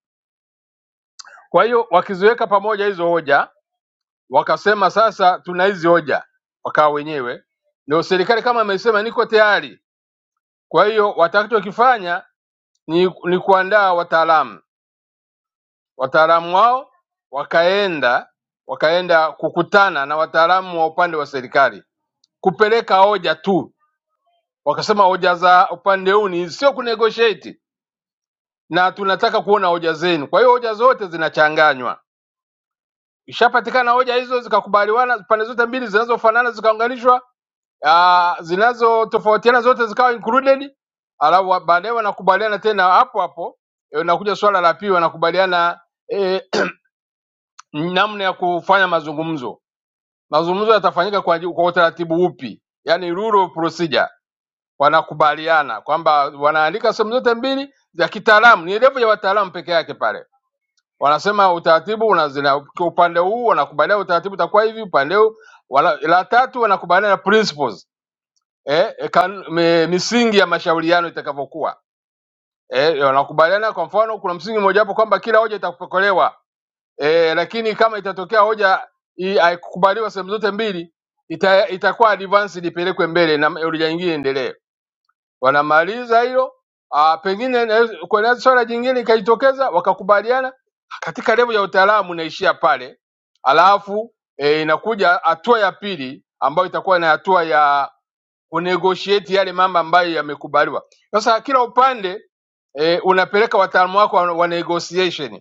[SPEAKER 12] Kwa hiyo wakiziweka pamoja hizo hoja, wakasema sasa tuna hizi hoja, wakawa wenyewe ndio serikali kama imesema niko tayari. Kwa hiyo watakachokifanya ni, ni kuandaa wataalamu, wataalamu wao wakaenda wakaenda kukutana na wataalamu wa upande wa serikali kupeleka hoja tu wakasema hoja za upande huu ni sio kunegotiate na tunataka kuona hoja zenu. Kwa hiyo hoja zote zinachanganywa. Ishapatikana hoja hizo zikakubaliwana, pande zote mbili zinazofanana zikaunganishwa, ah, zinazotofautiana zote zikawa included, alafu wa- baadaye wanakubaliana tena hapo hapo. eh, Inakuja swala la pili, wanakubaliana eh, namna ya kufanya mazungumzo. Mazungumzo yatafanyika kwa, kwa utaratibu upi, yani rule of procedure wanakubaliana kwamba wanaandika sehemu zote mbili za kitaalamu, ni level ya wataalamu peke yake pale. Wanasema utaratibu unazina kwa upande huu wanakubaliana utaratibu utakuwa hivi, upande huu wala, la tatu wanakubaliana na principles eh, eh, kan, me, misingi ya mashauriano itakavyokuwa eh, wanakubaliana. Kwa mfano, kuna msingi mmoja hapo kwamba kila hoja itapokelewa eh, lakini kama itatokea hoja i- haikukubaliwa sehemu zote mbili ita, itakuwa advanced ipelekwe mbele na hoja nyingine iendelee wanamaliza hilo ah, pengine na- kuna swala jingine ikajitokeza wakakubaliana ah, katika levo ya utaalamu inaishia pale alafu eh, inakuja hatua ya pili ambayo itakuwa ni hatua ya unegotiate yale mambo ambayo yamekubaliwa. Sasa kila upande e, unapeleka wataalamu wako wa wa negotiation,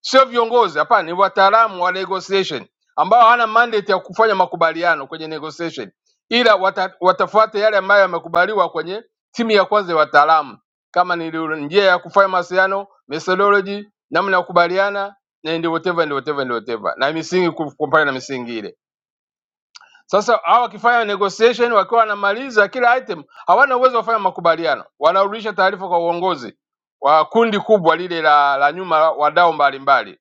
[SPEAKER 12] sio viongozi, hapana, ni wataalamu wa negotiation ambao hawana mandate ya kufanya makubaliano kwenye negotiation, ila wata, watafuata yale ambayo yamekubaliwa kwenye timu ya kwanza ya wataalamu, kama ni lu- njia ya kufanya mawasiliano, methodology, namna ya kukubaliana na ndio whatever, ndio whatever, ndio whatever, na misingi, kufuatana na misingi ile. Sasa hawa wakifanya negotiation, wakiwa wanamaliza kila item, hawana uwezo wa kufanya makubaliano, wanarudisha taarifa kwa uongozi wa kundi kubwa lile la, la nyuma wadau mbalimbali.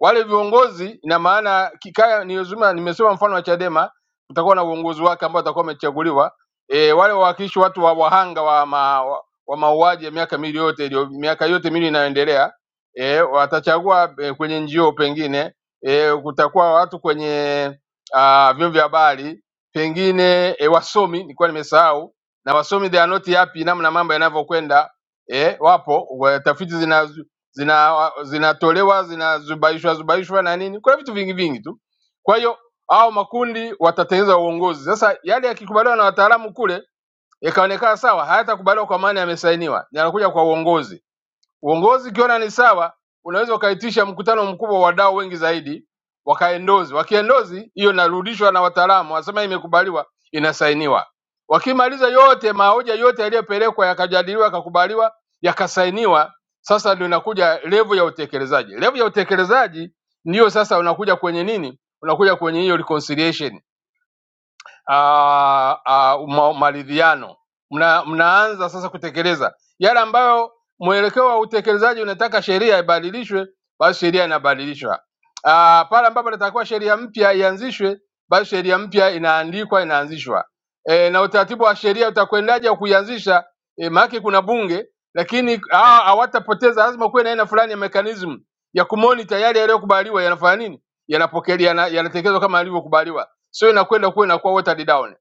[SPEAKER 12] Wale viongozi ina maana kikaya nilizuma, nimesema mfano wa Chadema tutakuwa na uongozi wake ambao atakuwa amechaguliwa. E, wale wawakilishi watu wa wahanga wa, ma, wa, wa mauaji ya miaka miwili yote ilio, miaka yote miwili inayoendelea e, watachagua e, kwenye njio pengine e, kutakuwa watu kwenye ah, vyombo vya habari pengine e, wasomi nilikuwa nimesahau na wasomi they are not happy namna mambo yanavyokwenda eh, wapo wa- tafiti zina zina zinatolewa zinazubaishwa zubaishwa na nini, kuna vitu vingi vingi tu. Kwa hiyo hao makundi watatengeneza uongozi. Sasa yale yakikubaliwa na wataalamu kule yakaonekana sawa, hayatakubaliwa kwa maana yamesainiwa, yanakuja kwa uongozi. Uongozi ukiona ni sawa, unaweza ukaitisha mkutano mkubwa wa wadau wengi zaidi, wakaendozi. Wakiendozi hiyo inarudishwa na wataalamu, wasema imekubaliwa, inasainiwa. Wakimaliza yote, mahoja yote yaliyopelekwa yakajadiliwa, yakakubaliwa, yakasainiwa, sasa ndio inakuja levu ya utekelezaji. Levu ya utekelezaji ndiyo sasa unakuja kwenye nini? Unakuja kwenye hiyo reconciliation ah, ah, ma- maridhiano, mna, mnaanza sasa kutekeleza yale ambayo mwelekeo wa utekelezaji unataka sheria ibadilishwe, basi sheria inabadilishwa. Ah, Pale ambapo inatakiwa sheria mpya ianzishwe, basi sheria mpya inaandikwa, inaanzishwa. E, na utaratibu wa sheria utakwendaje wa kuianzisha? E, maana kuna bunge, lakini hawa hawatapoteza, lazima kuwe na aina fulani ya mechanism ya kumonita yale yaliyokubaliwa yanafanya nini, yanapokelewa, yana- yanatekelezwa kama yalivyokubaliwa sio inakwenda kuwa inakuwa watered down.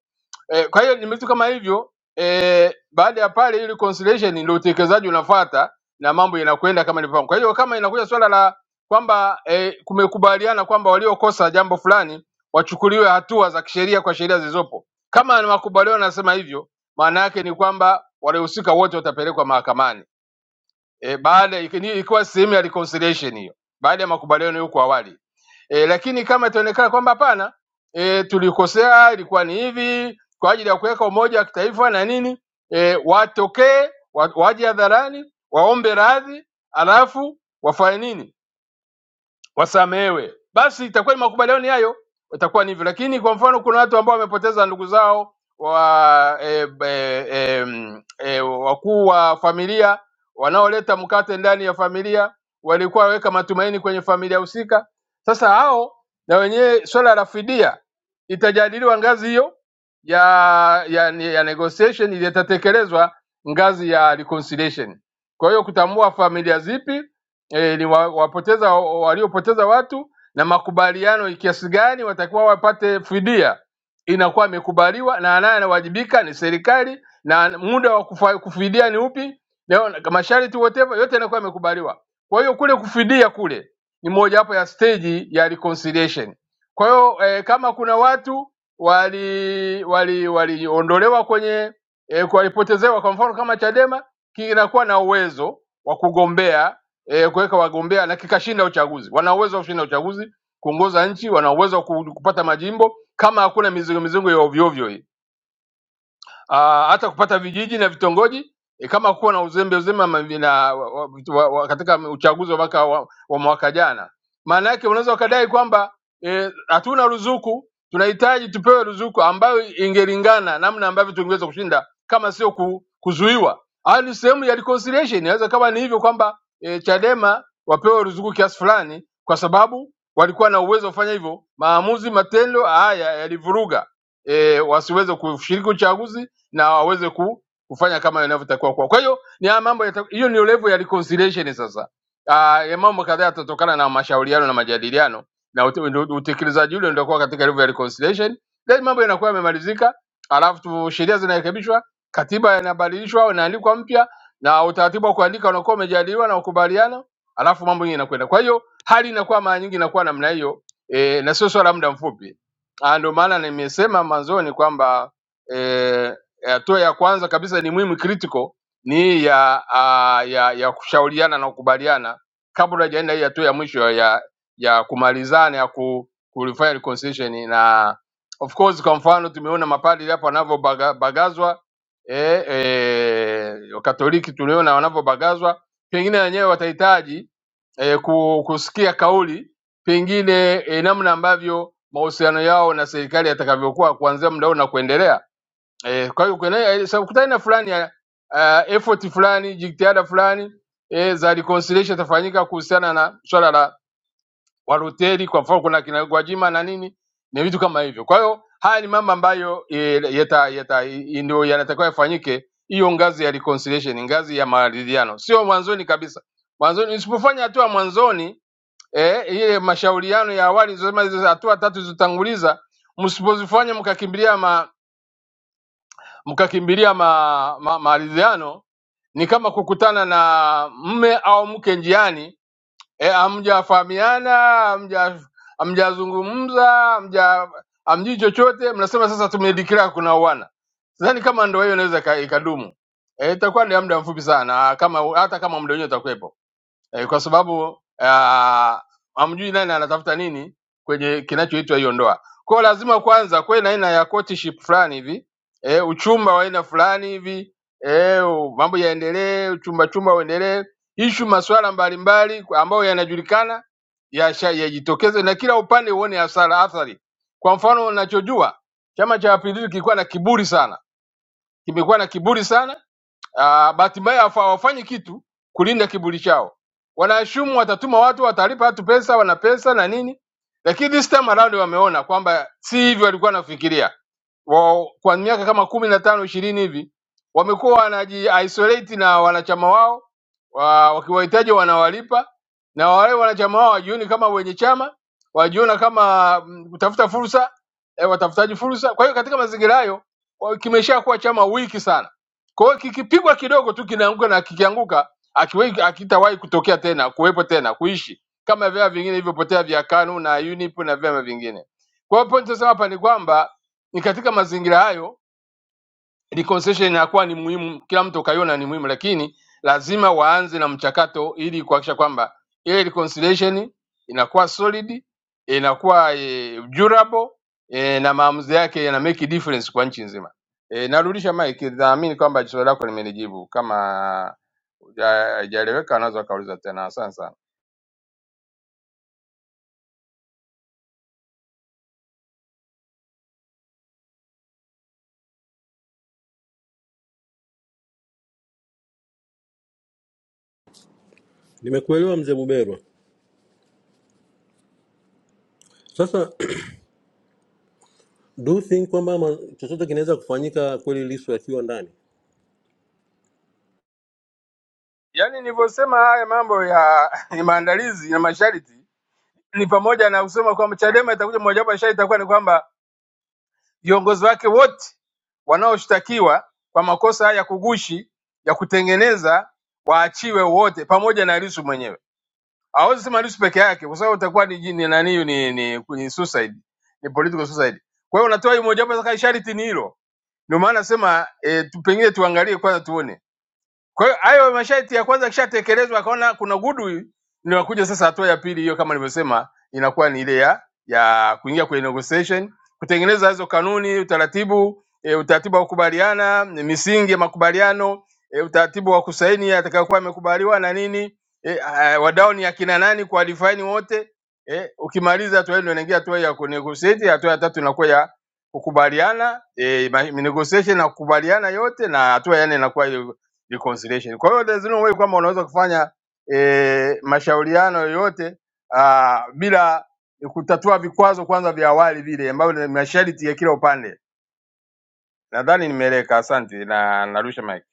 [SPEAKER 12] Eh, kwa hiyo ni vitu kama hivyo eh, baada ya pale ile conciliation ndio utekelezaji unafuata na mambo yanakwenda kama nilivyopanga. Kwa hiyo kama inakuja swala la kwamba eh, kumekubaliana kwamba waliokosa jambo fulani wachukuliwe hatua za kisheria kwa sheria zilizopo, kama ni makubaliano yanasema hivyo, maana yake ni kwamba waliohusika wote watapelekwa mahakamani e, baada ikini- ilikuwa sehemu ya reconciliation hiyo, baada ya makubaliano hiyo kwa awali e, lakini kama itaonekana kwamba hapana, e, tulikosea, ilikuwa ni hivi kwa ajili ya kuweka umoja wa kitaifa na nini, e, watokee wa- waje hadharani waombe radhi, alafu wafanye nini wasamehewe, basi itakuwa ni makubaliano hayo, itakuwa ni hivyo. Lakini kwa mfano, kuna watu ambao wamepoteza ndugu zao wa e, e, e, e, wakuu wa familia wanaoleta mkate ndani ya familia, walikuwa waweka matumaini kwenye familia husika. Sasa hao na wenyewe swala la fidia itajadiliwa ngazi hiyo ya, ya, ya negotiation, itatekelezwa ngazi ya reconciliation. Kwa hiyo kutambua familia zipi e, ni wa, wapoteza waliopoteza watu na makubaliano ni kiasi gani watakiwa wapate fidia inakuwa imekubaliwa na anaye anawajibika ni serikali na muda wa kufa, kufidia ni upi na na masharti whatever yote yanakuwa yamekubaliwa. Kwa hiyo kule kufidia kule ni mojawapo ya stage ya reconciliation. Kwa hiyo eh, kama kuna watu wali wali waliondolewa kwenye eh, kwa- walipotezewa kwa mfano kama Chadema ki- inakuwa na uwezo wa kugombea e, kuweka wagombea na kikashinda uchaguzi. Wana uwezo wa kushinda uchaguzi, kuongoza nchi, wana uwezo wa ku- kupata majimbo kama hakuna mizongo mizongo ya ovyo ovyo hii. Ah, hata kupata vijiji na vitongoji e, kama kuwa na uzembe uzembe ama vina, wa, wa, vitu- wa, wa, katika uchaguzi wa mwaka, wa, wa mwaka jana. Maana yake unaweza ukadai kwamba eh, hatuna ruzuku, tunahitaji tupewe ruzuku ambayo ingelingana namna ambavyo tungeweza kushinda kama sio ku, kuzuiwa. Hayo ni sehemu ya reconciliation. Inaweza kama ni hivyo kwamba eh, Chadema wapewe ruzuku kiasi fulani, kwa sababu walikuwa na uwezo wa kufanya hivyo. Maamuzi, matendo haya yalivuruga eh, wasiweze kushiriki uchaguzi na waweze ku, kufanya kama inavyotakiwa kuwa. Kwa hiyo ni haya mambo yata- hiyo ni level ya reconciliation sasa. Ah, ya mambo kadhaa yatatokana na mashauriano na majadiliano na ute- ndio- utekelezaji ule ndio kwa katika level ya reconciliation, then mambo yanakuwa yamemalizika, alafu tu sheria zinarekebishwa, katiba inabadilishwa au inaandikwa mpya na utaratibu wa kuandika unakuwa umejadiliwa na ukubaliana, alafu mambo yenyewe yanakwenda. Kwa hiyo hali inakuwa mara nyingi inakuwa namna hiyo e, na sio swala la muda mfupi. Ah, Ndio maana nimesema mwanzoni kwamba e, Hatua ya kwanza kabisa ni muhimu critical ni hii ya, ah, ya ya kushauriana na kukubaliana kabla hajaenda hii hatua ya mwisho ya ya kumalizana ya ku, kulifanya reconciliation na of course, kwa mfano tumeona mapadri hapa wanavyobagazwa eh, eh, Wakatoliki tuliona wanavyobagazwa, pengine wenyewe watahitaji eh, ku- kusikia kauli pengine eh, namna ambavyo mahusiano yao na serikali yatakavyokuwa kuanzia muda huu na kuendelea Eh, kwa hiyo kuelewa so, kutana na fulani uh, effort fulani jitihada fulani eh, za reconciliation itafanyika kuhusiana na swala la waluteri, kwa mfano kuna kina Gwajima na nini, ni vitu kama hivyo. Kwa hiyo haya ni mambo ambayo eh, yata, yata, i- ndio yanatakiwa yafanyike, hiyo ngazi ya reconciliation, ngazi ya maridhiano, sio mwanzoni kabisa. Mwanzoni usipofanya hatua mwanzoni eh, ile mashauriano ya awali, nilizosema hizo hatua tatu zilizotanguliza, msipozifanya mkakimbilia ma, mkakimbilia ma, ma, maridhiano ni kama kukutana na mme au mke njiani e, hamjafahamiana hamja- hamjazungumza hamja hamjui chochote, mnasema sasa tumedeclare kuna uwana. Sidhani kama ndoa hiyo inaweza ika- ikadumu. Eh, itakuwa ni ya muda mfupi sana, kama hata kama muda wenyewe utakuwepo eh, kwa sababu uh, hamjui nani anatafuta nini kwenye kinachoitwa hiyo ndoa. Kwa hiyo lazima kwanza kuwe na aina ya courtship fulani hivi eh, uchumba wa aina fulani hivi eh, u- mambo yaendelee, uchumba chumba uendelee, ishu masuala mbalimbali kwa- ambayo yanajulikana yasha- yajitokeze na kila upande uone hasara athari. Kwa mfano, unachojua chama cha mapinduzi kilikuwa na kiburi sana, kimekuwa na kiburi sana Ah, bahati mbaya hawa- hawafanyi kitu kulinda kiburi chao. Wanaashumu watatuma watu, watalipa watu pesa, wana pesa na nini, lakini this time around wameona kwamba si hivyo walikuwa wanafikiria wao. Kwa miaka kama kumi na tano ishirini hivi wamekuwa wanaji isolate na wanachama wao wa, wakiwahitaji wanawalipa, na wale wanachama wao wajioni kama wenye chama, wajiona kama mm, kutafuta fursa eh, watafutaji fursa. Kwa hiyo katika mazingira hayo wa- kimeshakuwa chama wiki sana kwa hiyo kikipigwa kidogo tu kinaanguka, na kikianguka akiwe- hakitawahi kutokea tena, kuwepo tena, kuishi kama vyama vingine vilivyopotea vya KANU na UNIP na vyama vingine. Kwa hiyo point nasema hapa ni kwamba ni katika mazingira hayo reconciliation inakuwa ni muhimu, kila mtu ukaiona ni muhimu, lakini lazima waanze na mchakato ili kuhakikisha kwamba ile reconciliation inakuwa solid, inakuwa eh, durable eh, na maamuzi yake yana make difference kwa nchi nzima. Eh, narudisha mic, naamini kwamba swali lako nimelijibu. Kama huja- haijaeleweka, wanaweza wakauliza tena. Asante sana.
[SPEAKER 13] Nimekuelewa mzee Buberwa. Sasa do you think kwamba ma- chochote kinaweza kufanyika kweli Lissu akiwa ndani?
[SPEAKER 12] Yaani nilivyosema haya mambo ya ya maandalizi na masharti ni pamoja na kusema kwamba Chadema itakuja, mojawapo ya sharti itakuwa ni kwamba Viongozi wake wote wanaoshtakiwa kwa makosa haya ya kughushi, ya kutengeneza waachiwe wote pamoja na Lissu mwenyewe. Hawezi sema Lissu peke yake kwa sababu itakuwa ni jini na niyo ni, ni, ni suicide, ni political suicide. Kwa hiyo unatoa hii mojawapo sasa sharti ni hilo. Ndio maana nasema eh, tu pengine tuangalie kwanza tuone. Kwa hiyo hayo masharti ya kwanza kishatekelezwa, akaona kuna goodwill, ndio wakuja sasa hatua ya pili hiyo, kama nilivyosema, inakuwa ni ile ya ya kuingia kwenye negotiation, kutengeneza hizo kanuni, utaratibu e, utaratibu wa kukubaliana, e, misingi ya makubaliano e, utaratibu wa kusaini atakayokuwa amekubaliwa na nini e, a, wadau ni akina nani kwa define wote e, ukimaliza hatua hiyo, ndio inaingia hatua ya kunegotiate. Hatua ya tatu inakuwa ya kukubaliana e, ma- negotiation na kukubaliana yote, na hatua ya nne inakuwa reconciliation. Kwa hiyo there's no way kwamba unaweza kufanya e, mashauriano yoyote ah, bila kutatua vikwazo kwanza vya awali vile ambavyo ni masharti ya kila upande. Nadhani nimeeleka, asante na narusha mic.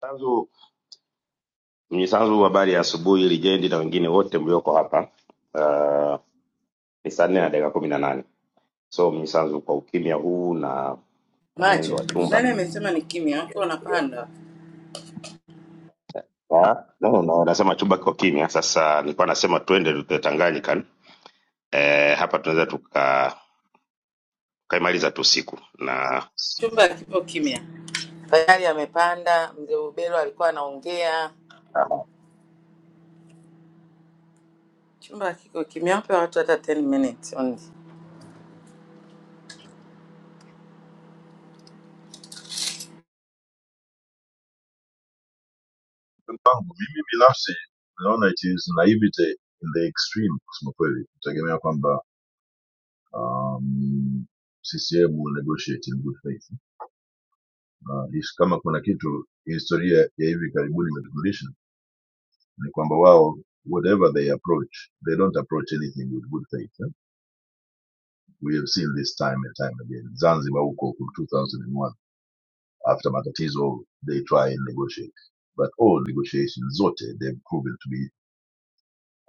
[SPEAKER 14] Sanzu, Mnyisanzu, habari ya asubuhi Lijendi na wengine wote mlioko hapa. Uh, ni saa nne na dakika kumi na nane. So Mnyisanzu, kwa ukimya huu na mwenendo
[SPEAKER 10] Macho,
[SPEAKER 14] wa chumba
[SPEAKER 10] nani amesema ni kimya? Watu wanapanda,
[SPEAKER 14] Ah, no, no, nasema chumba kiko kimya. Sasa nilikuwa nasema twende the Tanganyika. Eh, hapa tunaweza tuka tukaimaliza tu siku na
[SPEAKER 10] chumba kipo kimya. Tayari amepanda, mzee Bubelo alikuwa anaongea,
[SPEAKER 14] Aha.
[SPEAKER 10] chumba kiko kimya, wape watu hata 10 minutes only.
[SPEAKER 15] kwangu mimi binafsi naona it is naivete in the extreme kusema kweli kutegemea kwamba um, CCM will negotiate in good faith uh, is- kama kuna kitu historia ya hivi karibuni imetufundisha ni kwamba wao whatever they approach they don't approach anything with good faith eh? we have seen this time and time again zanzibar huko from 2001 after matatizo they try and negotiate but all negotiations zote they've proven to be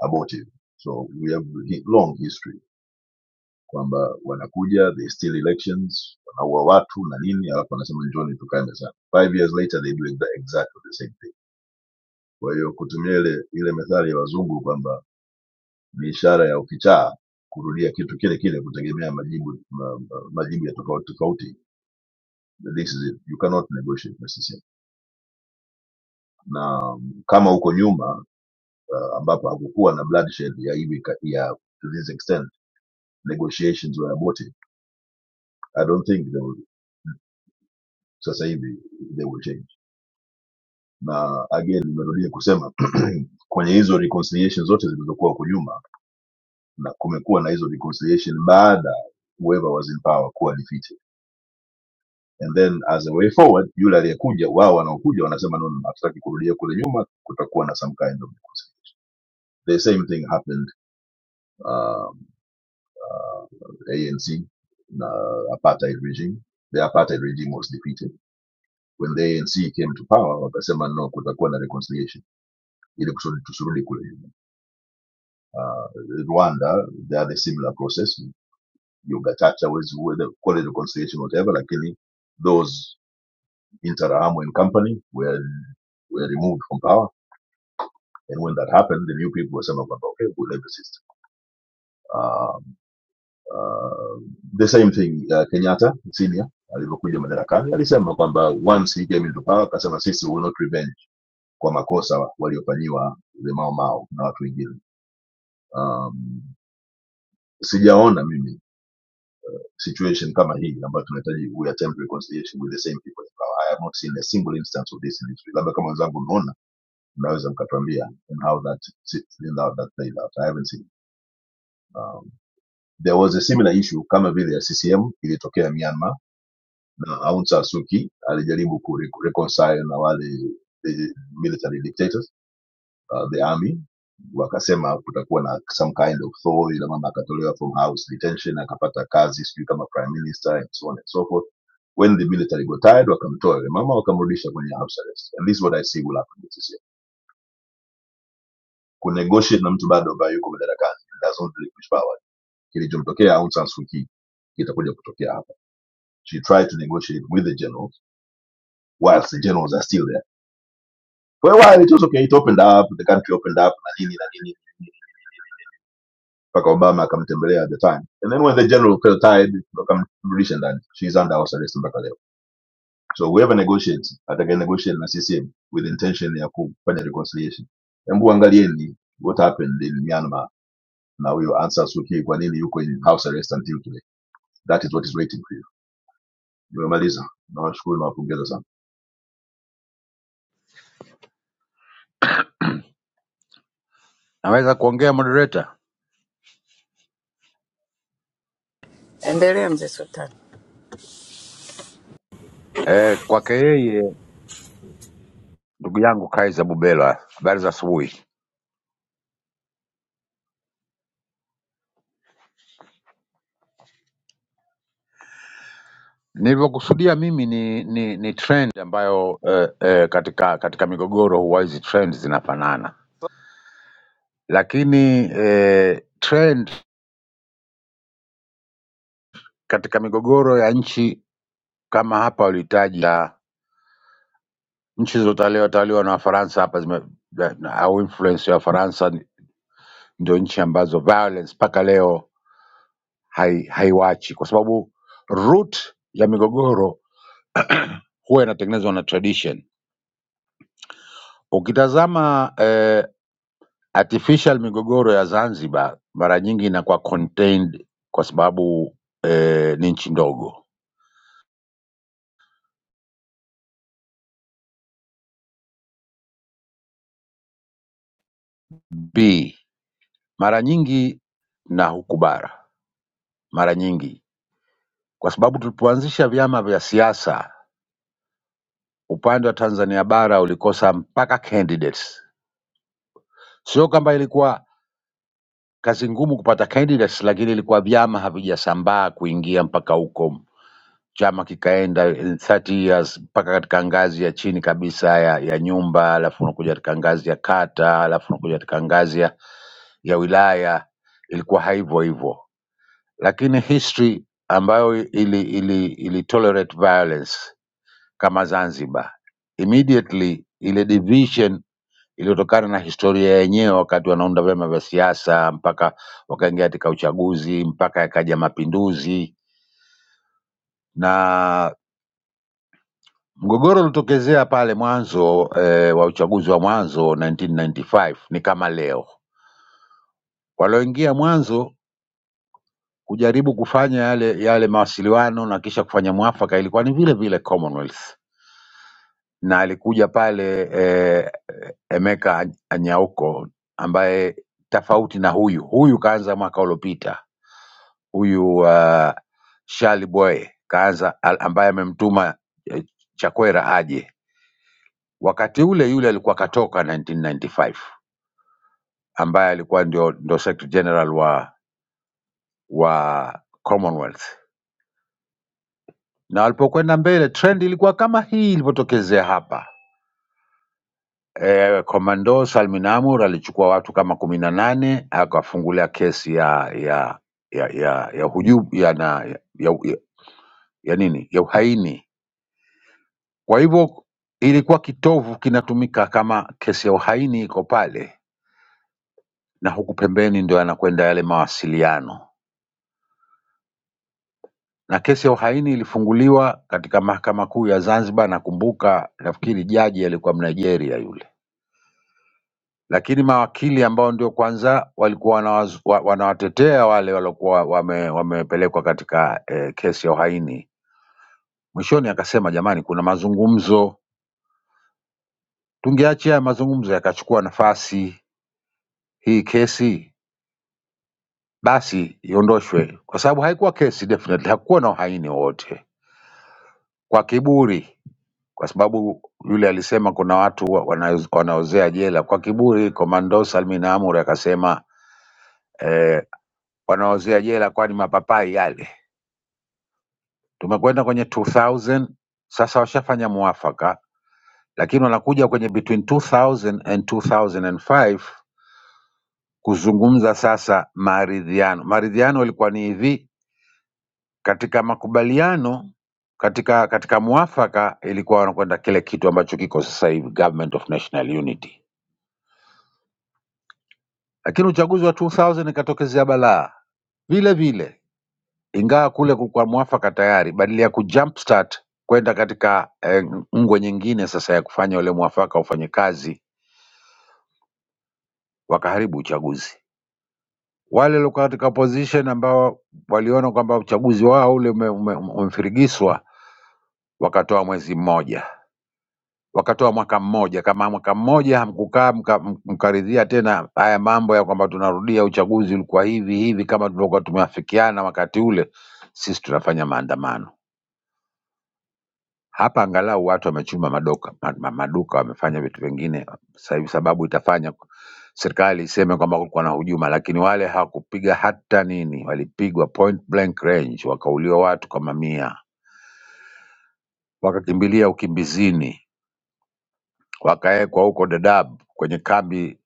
[SPEAKER 15] about it. So we have hi- long history kwamba wanakuja they steal elections, wanaua watu na nini, alafu wanasema njoni tukae mezani. Five years later they doing the exactly the same thing. Kwa hiyo kutumia ile ile methali ya wazungu kwamba ni ishara ya ukichaa kurudia kitu kile kile kutegemea majibu ma, ma- majibu ya tofauti tofauti. This is it. You cannot negotiate na CCM. Na kama huko nyuma uh, ambapo hakukuwa na bloodshed ya hivi ka- ya to this extent negotiations were aborted I don't think they will, sasa hivi they will change. Na again nimerudia kusema kwenye hizo reconciliation zote zilizokuwa huko nyuma, na kumekuwa na hizo reconciliation baada whoever was in power kuwa defeated. And then as a way forward, yule aliyekuja, wao wanaokuja wanasema no, no, no, hatutaki kurudia kule nyuma, kutakuwa na some kind of reconciliation. The same thing happened um, ANC na apartheid regime. The apartheid regime was defeated. When the ANC came to power, wakasema no, kutakuwa na reconciliation ile kusudi- tusurudi kule nyuma. Uh, Rwanda they are the similar process. Ugachacha was where the call it reconciliation whatever, lakini those inter Amwe and company were were removed from power. And when that happened, the new people were saying, okay, we'll leave the system. Uh, uh, the same thing uh, Kenyatta senior alivyokuja madarakani alisema kwamba once he came into power, akasema sisi will not revenge kwa makosa waliofanyiwa the Mau Mau na watu wengine. Um, sijaona mimi situation kama hii ambayo tunahitaji we attempt reconciliation with the same people in power. I have not seen a single instance of this in history labda kama wenzangu mmeona mnaweza mkatuambia in how that sits- in how that played out I haven't seen um, there was a similar issue kama vile ya CCM ilitokea Myanmar na Aung San Suu Kyi alijaribu ku reconcile na wale the military dictators uh, the army wakasema kutakuwa na some kind of thaw ila mama akatolewa from house detention akapata kazi sijui kama prime minister and so on and so forth when the military got tired wakamtoa yule mama wakamrudisha kwenye house arrest and this is what i see will happen with this year kunegotiate na mtu bado ambaye yuko madarakani does not really push power kilichomtokea Aung San Suu Kyi kitakuja kutokea hapa she tried to negotiate with the generals whilst the generals are still there for a while it was okay it opened up the country opened up na nini na nini mpaka obama akamtembelea at the time and then when the general felt tired wakamrudisha ndani she's under house arrest mpaka leo so whoever negotiates atakaye negotiate na ccm with intention ya kufanya reconciliation hebu angalieni what happened in myanmar na huyo answer suki kwa nini yuko in house arrest until today that is what is waiting for you nimemaliza nawashukuru na wapongeza sana
[SPEAKER 16] Naweza kuongea moderator?
[SPEAKER 10] Endelea mzee Sultani.
[SPEAKER 16] Eh, kwake yeye ndugu yangu Kaiza Bubela, habari za asubuhi. Nilivyokusudia mimi ni, ni, ni trend ambayo eh, eh, katika katika migogoro huwa hizi trend zinafanana, lakini eh, trend katika migogoro ya nchi kama hapa walihitaji ya nchi zilizotawaliwa tawaliwa na Wafaransa hapa zime, na- au influence ya Wafaransa ni- ndio nchi ambazo violence mpaka leo hai- haiwachi kwa sababu root ya migogoro huwa inatengenezwa na tradition. Ukitazama eh, artificial migogoro ya Zanzibar mara nyingi inakuwa contained kwa sababu eh, ni nchi ndogo. B mara nyingi na huku bara mara nyingi, kwa sababu tulipoanzisha vyama vya siasa upande wa Tanzania bara ulikosa mpaka candidates. Sio kwamba ilikuwa kazi ngumu kupata candidates, lakini ilikuwa vyama havijasambaa kuingia mpaka huko chama kikaenda in 30 years mpaka katika ngazi ya chini kabisa ya, ya nyumba, alafu unakuja katika ngazi ya kata, alafu unakuja katika ngazi ya, ya wilaya. Ilikuwa hivyo hivyo, lakini history ambayo ili, ili, ili tolerate violence kama Zanzibar, immediately ile division iliyotokana na historia yenyewe, wakati wanaunda vyama vya siasa mpaka wakaingia katika uchaguzi mpaka yakaja mapinduzi na Mgogoro ulitokezea pale mwanzo eh, wa uchaguzi wa mwanzo 1995 ni kama leo. Walioingia mwanzo kujaribu kufanya yale yale mawasiliano na kisha kufanya mwafaka ilikuwa ni vile vile Commonwealth, na alikuja pale eh, Emeka Anyauko ambaye tofauti na huyu huyu kaanza mwaka uliopita, huyu uh, Shali Boy kaanza al- ambaye amemtuma eh, Chakwera aje Wakati ule yule alikuwa katoka 1995 ambaye alikuwa ndio, ndio Secretary General wa wa Commonwealth, na walipokwenda mbele trend ilikuwa kama hii ilivyotokezea hapa. E, Komando Salmin Amur alichukua watu kama kumi na nane akafungulia kesi ya ya ya ya, ya hujubu ya, na, ya, ya, ya, ya nini ya uhaini. Kwa hivyo ilikuwa kitovu kinatumika kama kesi ya uhaini iko pale, na huku pembeni ndio yanakwenda yale mawasiliano na kesi ya uhaini ilifunguliwa katika mahakama kuu ya Zanzibar. Nakumbuka nafikiri jaji alikuwa Mnigeria yule, lakini mawakili ambao ndio kwanza walikuwa wanawaz, wa, wanawatetea wale waliokuwa wame, wamepelekwa katika eh, kesi ya uhaini, mwishoni akasema jamani, kuna mazungumzo, tungeachia haya mazungumzo yakachukua nafasi hii kesi basi iondoshwe, kwa sababu haikuwa kesi, definitely hakukuwa na uhaini wowote, kwa kiburi kwa sababu yule alisema kuna watu wa- wana- wanaozea jela kwa kiburi. Komando Salmin Amur akasema eh, wanaozea jela kwani mapapai yale. Tumekwenda kwenye 2000 sasa, washafanya muafaka, lakini wanakuja kwenye between 2000 and 2005 kuzungumza sasa maridhiano. Maridhiano ilikuwa ni hivi, katika makubaliano katika katika muafaka ilikuwa wanakwenda kile kitu ambacho kiko sasa hivi, Government of National Unity lakini uchaguzi wa 2000 ikatokezea balaa vile vile, ingawa kule kulikuwa mwafaka tayari, badala ya kujumpstart kwenda katika eh, ngwe nyingine sasa ya kufanya ule mwafaka ufanye kazi, wakaharibu uchaguzi. Wale waliokuwa katika position ambao waliona kwamba uchaguzi wao ule umefirigiswa ume, ume umefirigiswa, wakatoa mwezi mmoja wakatoa mwaka mmoja. Kama mwaka mmoja hamkukaa mka- m- mkaridhia tena haya mambo ya kwamba tunarudia uchaguzi ulikuwa hivi hivi kama tulivyokuwa tumeafikiana wakati ule, sisi tunafanya maandamano hapa. Angalau watu wamechuma madoka, ma- ma- maduka wamefanya vitu vingine. Sasa hivi sababu itafanya serikali iseme kwamba kulikuwa na hujuma, lakini wale hawakupiga hata nini, walipigwa point blank range, wakauliwa watu kwa mamia, wakakimbilia ukimbizini wakawekwa huko Dadaab kwenye kambi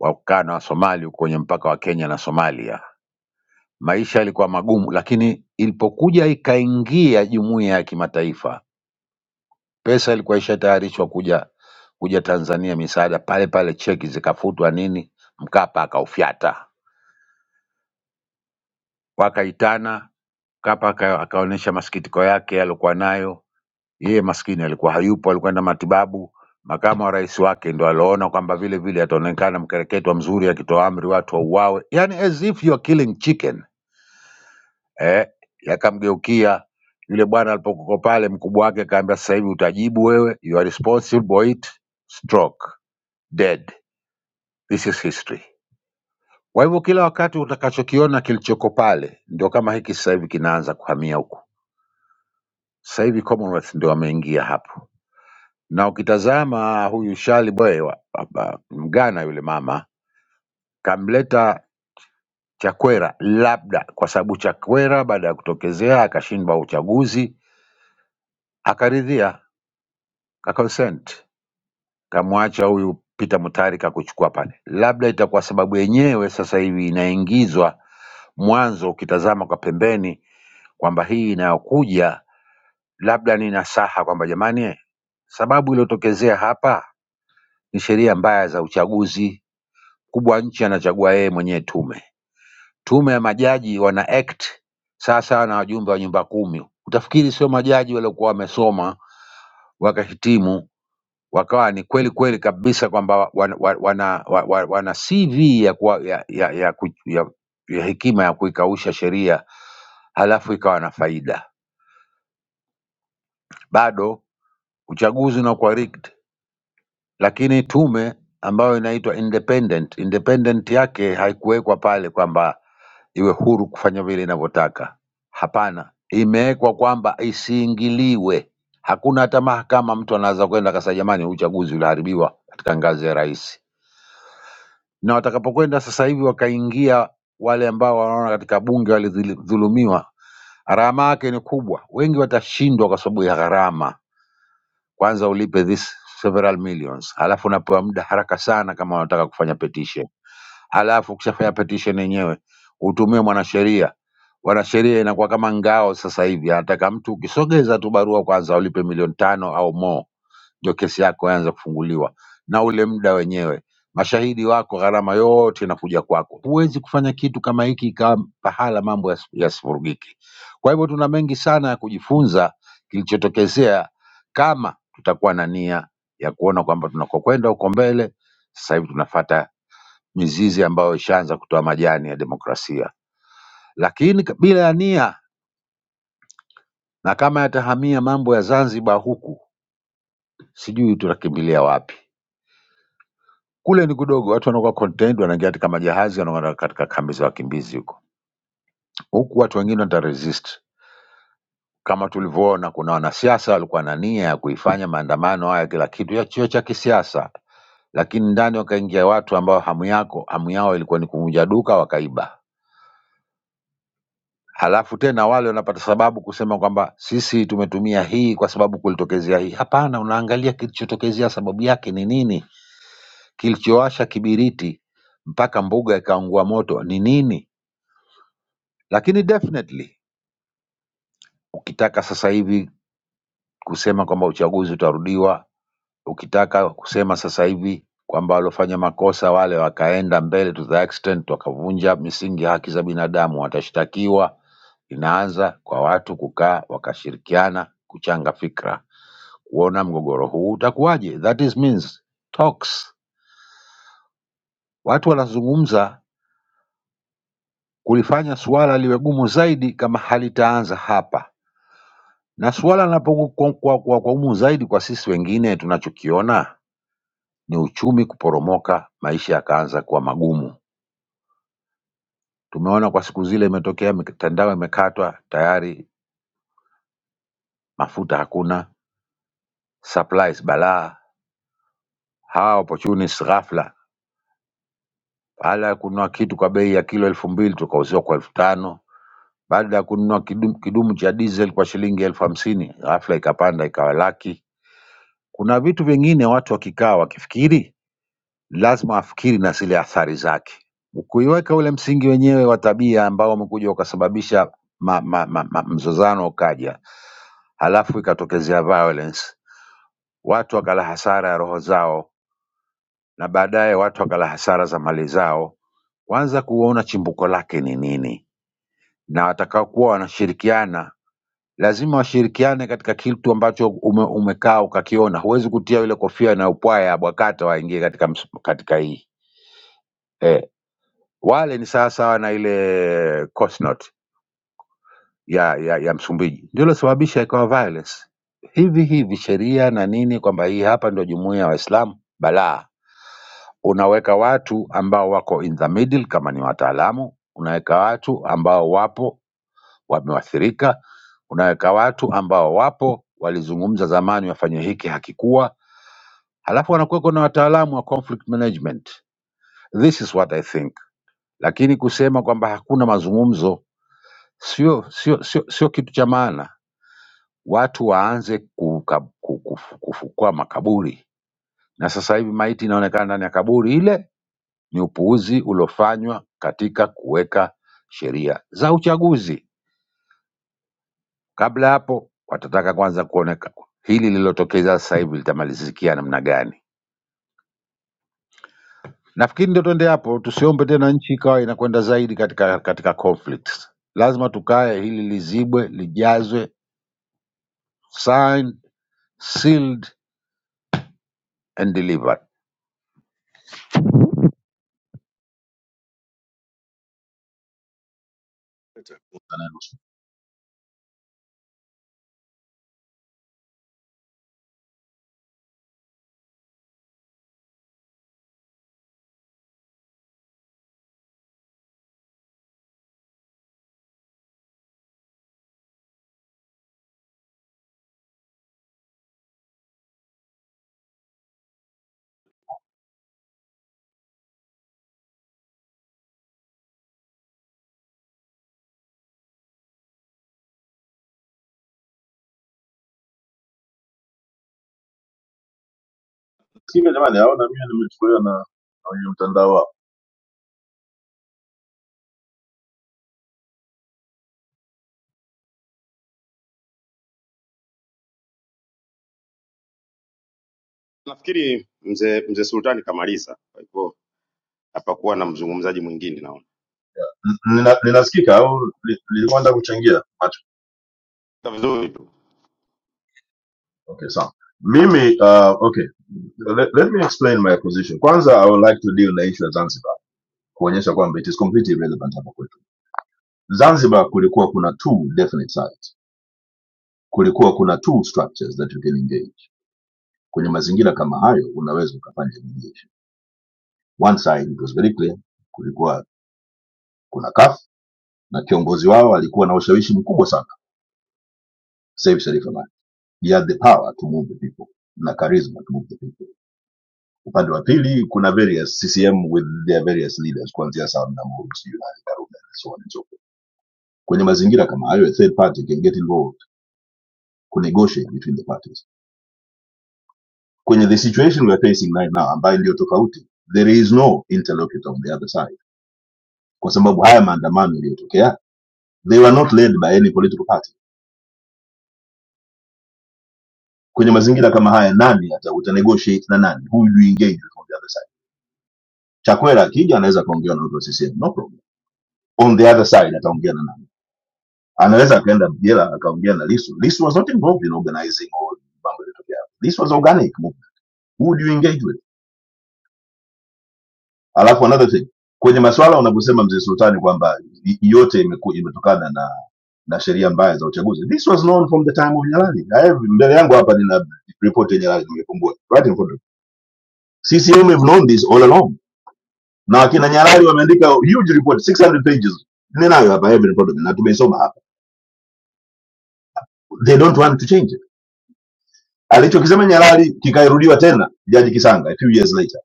[SPEAKER 16] wakakaa na Wasomali huko kwenye mpaka wa Kenya na Somalia. Maisha yalikuwa magumu, lakini ilipokuja ikaingia jumuiya ya kimataifa, pesa ilikuwa ishatayarishwa kuja kuja Tanzania misaada, pale pale cheki zikafutwa nini, Mkapa akaufyata, wakaitana. Mkapa aka- akaonyesha masikitiko yake aliyokuwa nayo, Yeye maskini alikuwa hayupo, alikwenda matibabu. Makamu wa rais wake ndo aliona kwamba vile vile ataonekana mkereketwa mzuri, akitoa amri watu wauawe, yani as if you are killing chicken eh. Yakamgeukia yule bwana alipokuwa pale, mkubwa wake akaambia, sasa hivi utajibu wewe, you are responsible for it, stroke, dead, this is history. Kwa hivyo kila wakati utakachokiona kilichoko pale, ndio kama hiki sasa hivi kinaanza kuhamia huku. Sasa hivi Commonwealth ndio wameingia hapo na ukitazama huyu Shali Boy wa- hapa Mgana yule mama kamleta Chakwera, labda kwa sababu Chakwera baada ya kutokezea akashindwa uchaguzi akaridhia akakonsent, kamwacha huyu Peter Mutharika kuchukua pale, labda itakuwa sababu yenyewe sasa hivi inaingizwa mwanzo, ukitazama kwa pembeni kwamba hii inayokuja labda ni nasaha kwamba jamani, eh, sababu iliyotokezea hapa ni sheria mbaya za uchaguzi mkubwa wa nchi anachagua yeye mwenyewe tume. Tume ya majaji wana act sasa na wajumbe wa nyumba kumi, utafikiri sio majaji waliokuwa wamesoma wakahitimu wakawa ni kweli kweli kabisa kwamba wana, wana, wana, wana CV ya, kuwa, ya, ya, ya, ku- ya, ya hekima ya kuikausha sheria halafu ikawa na faida. Bado uchaguzi unakuwa rigged, lakini tume ambayo inaitwa independent, independent yake haikuwekwa pale kwamba iwe huru kufanya vile inavyotaka. Hapana, imewekwa kwamba isiingiliwe. Hakuna hata mahakama mtu anaweza kwenda akasema jamani, uchaguzi uliharibiwa katika ngazi ya rais. Na watakapokwenda sasa hivi wakaingia wale ambao wanaona katika bunge walidhulumiwa, gharama yake ni kubwa. Wengi watashindwa kwa sababu ya gharama. Kwanza ulipe this several millions, halafu unapewa muda haraka sana kama wanataka kufanya petition halafu ukishafanya petition yenyewe utumie mwanasheria. Wanasheria inakuwa kama ngao sasa hivi, anataka mtu ukisogeza tu barua kwanza ulipe milioni tano au more, ndio kesi yako yaanza kufunguliwa, na ule muda wenyewe mashahidi wako, gharama yote inakuja kwako. Huwezi kufanya kitu kama hiki ikawa pahala mambo yasi- yasivurugiki. Kwa hivyo tuna mengi sana ya kujifunza kilichotokezea, kama tutakuwa na nia ya kuona kwamba tunakokwenda huko mbele. Sasa hivi tunafata mizizi ambayo ishaanza kutoa majani ya demokrasia, lakini k- bila ya nia na kama yatahamia mambo ya Zanzibar huku, sijui tutakimbilia wapi. Kule ni kudogo, watu wanakuwa contained, wanaingia katika majahazi, wanaenda katika kambi za wakimbizi huko. Huku watu wengine wataresist, kama tulivyoona, kuna wanasiasa walikuwa na nia ya kuifanya maandamano haya kila kitu ya chio cha kisiasa, lakini ndani wakaingia watu ambao hamu yako hamu yao ilikuwa ni kuvunja duka, wakaiba. halafu tena wale wanapata sababu kusema kwamba sisi tumetumia hii kwa sababu kulitokezea hii. Hapana, unaangalia kilichotokezea, sababu yake ni nini, kilichowasha kibiriti mpaka mbuga ikaungua moto ni nini. Lakini definitely ukitaka sasa hivi kusema kwamba uchaguzi utarudiwa Ukitaka kusema sasa hivi kwamba waliofanya makosa wale wakaenda mbele to the extent wakavunja misingi ya haki za binadamu watashtakiwa. Inaanza kwa watu kukaa wakashirikiana kuchanga fikra kuona mgogoro huu utakuwaje. That is means talks. Watu wanazungumza kulifanya suala liwe gumu zaidi kama halitaanza hapa, na suala linapokuwa kwa, kwa, kwa, kwa gumu zaidi kwa sisi wengine, tunachokiona ni uchumi kuporomoka, maisha yakaanza kuwa magumu Tumeona kwa siku zile imetokea mitandao imekatwa tayari, mafuta hakuna, supplies balaa, hawa opportunists ghafla, baada ya kununua kitu kwa bei ya kilo elfu mbili tukauziwa kwa elfu tano baada ya kununua kidumu, kidumu cha diesel kwa shilingi elfu hamsini ghafla ikapanda ikawa laki. Kuna vitu vingine watu wakikaa wakifikiri, lazima wafikiri na zile athari zake. Kuiweka ule msingi wenyewe wa tabia ambao umekuja ukasababisha ma, ma, ma, ma, mzozano ukaja, halafu ikatokezea violence watu wakala hasara ya roho zao na baadaye watu wakala hasara za mali zao, kwanza kuona chimbuko lake ni nini, na watakaokuwa wanashirikiana lazima washirikiane katika kitu ambacho ume, umekaa ukakiona. Huwezi kutia ile kofia na upwaya ya Bwakata waingie katika, ms- katika hii eh. Wale ni sawasawa na ile Coast Note ya, ya, ya Msumbiji, ndio ilosababisha ikawa violence hivi hivi sheria na nini, kwamba hii hapa ndio jumuiya ya Waislamu balaa Unaweka watu ambao wako in the middle kama ni wataalamu, unaweka watu ambao wapo wameathirika, unaweka watu ambao wapo walizungumza zamani wafanye hiki hakikuwa, halafu wanakuweko na wataalamu wa conflict management. This is what I think. Lakini kusema kwamba hakuna mazungumzo sio sio sio, sio kitu cha maana. Watu waanze kuka- ku- kufu- kufukua makaburi, na sasa hivi maiti inaonekana ndani ya kaburi ile ni upuuzi uliofanywa katika kuweka sheria za uchaguzi. Kabla hapo watataka kwanza kuoneka hili lililotokeza sasa hivi litamalizikia namna gani. Nafikiri ndio tuende hapo, tusiombe tena nchi ikawa inakwenda zaidi katika katika conflicts. Lazima tukae, hili lizibwe, lijazwe, signed, sealed and delivered.
[SPEAKER 15] Nani nusu. hivyo jamani aona mimi nimechukuliwa na na wenye mtandao wao
[SPEAKER 14] nafikiri mzee mzee Sultani kamaliza, kwa hivyo hapakuwa na mzungumzaji mwingine naona.
[SPEAKER 15] Nina- ninasikika au nilikuwa nataka kuchangia
[SPEAKER 14] Iko Vizuri tu.
[SPEAKER 15] Okay, sawa. Mimi uh, okay. Let, let me explain my position. Kwanza I would like to deal na issue ya Zanzibar kuonyesha kwamba it is completely irrelevant hapa kwetu. Zanzibar kulikuwa kuna two definite sides. Kulikuwa kuna two structures that you can engage. Kwenye mazingira kama hayo unaweza ukafanya mediation. One side it was very clear. Kulikuwa kuna CAF na kiongozi wao alikuwa na ushawishi mkubwa sana. Saif Sharif Hamad. He had the power to move the people na charisma to move the people upande wa pili kuna various CCM with their various leaders kuanzia Sam Namuru sijui nani Karume and so on and so forth. Kwenye mazingira kama hayo a third party can get involved ku negotiate between the parties. Kwenye the situation we are facing right now ambayo ndio tofauti, there is no interlocutor on the other side, kwa sababu haya maandamano yaliyotokea they were not led by any political party. Kwenye mazingira kama haya, nani hata uta negotiate na nani? Who will you engage with on the other side? Chakwera akija anaweza akaongea na watu wa CCM, no problem. On the other side ataongea na nani? anaweza akaenda jela akaongea na Lisu. Lisu was not involved in organizing all mambo yaliyotokea. This was organic movement. Who do you engage with? Alafu another thing, kwenye maswala unaposema mzee Sultani kwamba i- yote imeku, imetokana na na sheria mbaya za uchaguzi. This was known from the time of Nyalali. Na hivi mbele yangu hapa nina report ya Nyalali nimefungua. Right in front of me. CCM have known this all along. Na wakina Nyalali wameandika huge report 600 pages. Ninayo hapa hivi in front of me na tumeisoma hapa. They don't want to change it alichokisema Nyalali kikarudiwa tena Jaji Kisanga a few years later.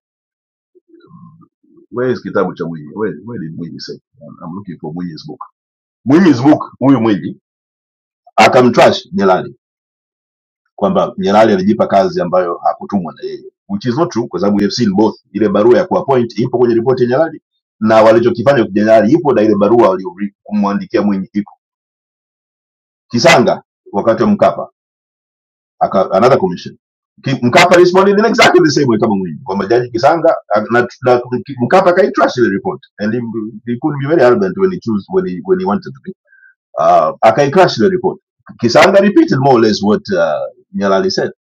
[SPEAKER 15] Where is kitabu cha Mwinyi? Where, where did Mwinyi say? I'm I'm looking for Mwinyi's book. Mwinyi's book, huyu Mwinyi akamtrash Nyalali kwamba Nyalali alijipa kazi ambayo hakutumwa na yeye, which is not true kwa sababu we have seen both. Ile barua ya kuappoint ipo kwenye ripoti ya Nyalali na walichokifanya kwa Nyalali ipo, na ile barua waliomwandikia Mwinyi iko. Kisanga wakati wa Mkapa aka another commission Ki- mkapa responded in exactly the same way kama mwinyi kwamba jaji kisanga a- na, na, Ki- mkapa akaitrash ile report and he, he couldn't be very arrogant when he chose when he, when he wanted to be uh, akaitrash ile report kisanga repeated more or less what uh, nyalali said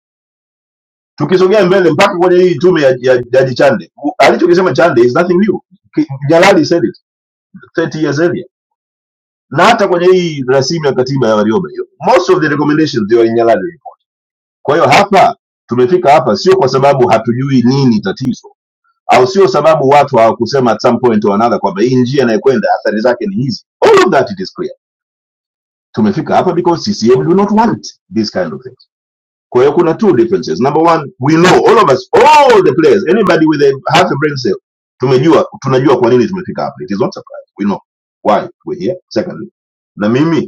[SPEAKER 15] tukisogea mbele mpaka kwenye hii tume ya, ya jaji chande U- alichokisema chande is nothing new Ki- nyalali said it 30 years earlier na hata kwenye hii rasimu ya katiba ya warioba hiyo most of the recommendations they were in nyalali Kwa hiyo hapa tumefika hapa sio kwa sababu hatujui nini tatizo, au sio sababu watu hawakusema at some point or another kwamba hii njia inayokwenda athari zake ni hizi. All of that it is clear. Tumefika hapa because CCM do not want these kind of things. Kwa hiyo kuna two differences. Number one, we know all of us, all the players, anybody with a half a brain cell, tumejua tunajua kwa nini tumefika hapa. It is not surprise. We know why we're here. Secondly, na mimi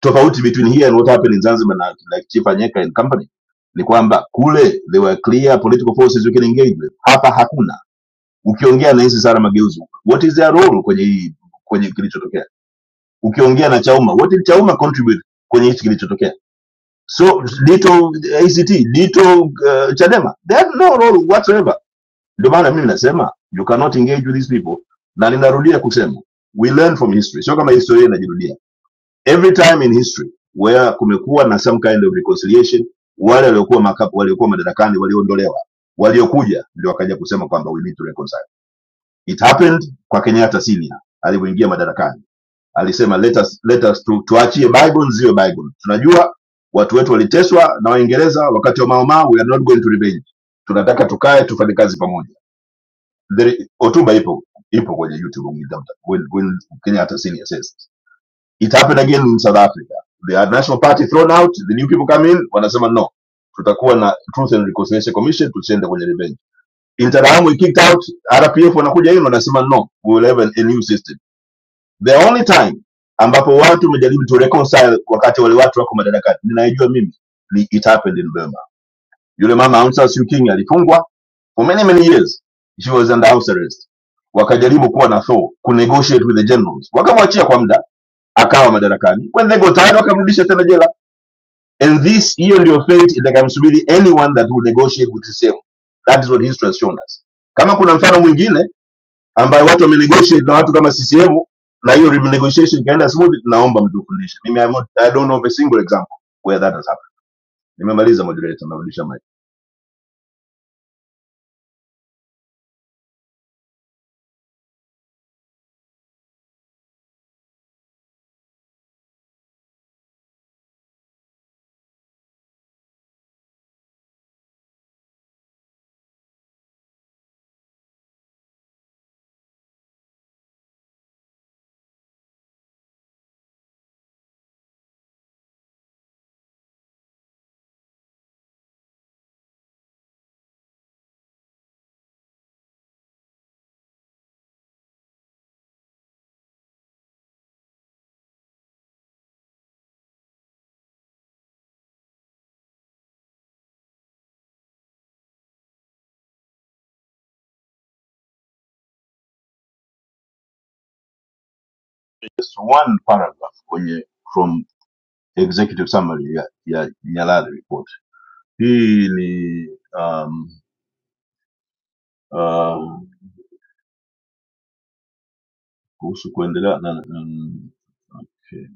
[SPEAKER 15] tofauti between here and what happened in Zanzibar na like Chief Anyeka and company ni kwamba kule there were clear political forces we can engage with, hapa hakuna. Ukiongea na hizi Sara Mageuzi, what is their role kwenye hii kwenye kilichotokea? Ukiongea na Chauma, what did Chauma contribute kwenye hichi kilichotokea? So dito ACT dito uh, Chadema they have no role whatsoever. Ndio maana mimi nasema you cannot engage with these people, na ninarudia kusema we learn from history, sio kama historia inajirudia every time in history where kumekuwa na some kind of reconciliation wale waliokuwa makapu waliokuwa madarakani walioondolewa waliokuja ndio wakaja kusema kwamba we need to reconcile it happened kwa kenyatta senior alivyoingia madarakani alisema let us, let us tu, tuachie bygone ziwe bygone tunajua watu wetu waliteswa na waingereza wakati wa maomaa we are not going to revenge tunataka tukae tufanye kazi pamoja There- hotuba ipo ipo kwenye youtube ukitafuta, when- when kenyatta senior says It happened again in South Africa. The National Party thrown out, the new people come in, wanasema no, tutakuwa na Truth and Reconciliation Commission, tusiende kwenye revenge. Interahamwe we kicked out, RPF wanakuja in, wanasema no, we will have a, a new system. The only time ambapo watu wamejaribu to reconcile wakati wale watu wako madarakani, ninaijua mimi, ni it happened in Burma. Yule mama Aung San Suu Kyi alifungwa for many many years, she was under house arrest. Wakajaribu kuwa na thaw, kunegotiate with the generals, wakamwachia kwa muda akawa madarakani when they got tired wakamrudisha tena jela and this hiyo ndio fate itakamsubiri anyone that will negotiate with CCM that is what history has shown us kama kuna mfano mwingine ambaye watu wamenegotiate na watu kama CCM na hiyo renegotiation ikaenda smooth naomba mtukundishe mimi I, won't- I don't know of a single example where that has happened nimemaliza moderator narudisha mic just one paragraph kwenye from executive summary ya, ya Nyalali report hii ni um, uh, kuhusu kuendelea na, mm, okay.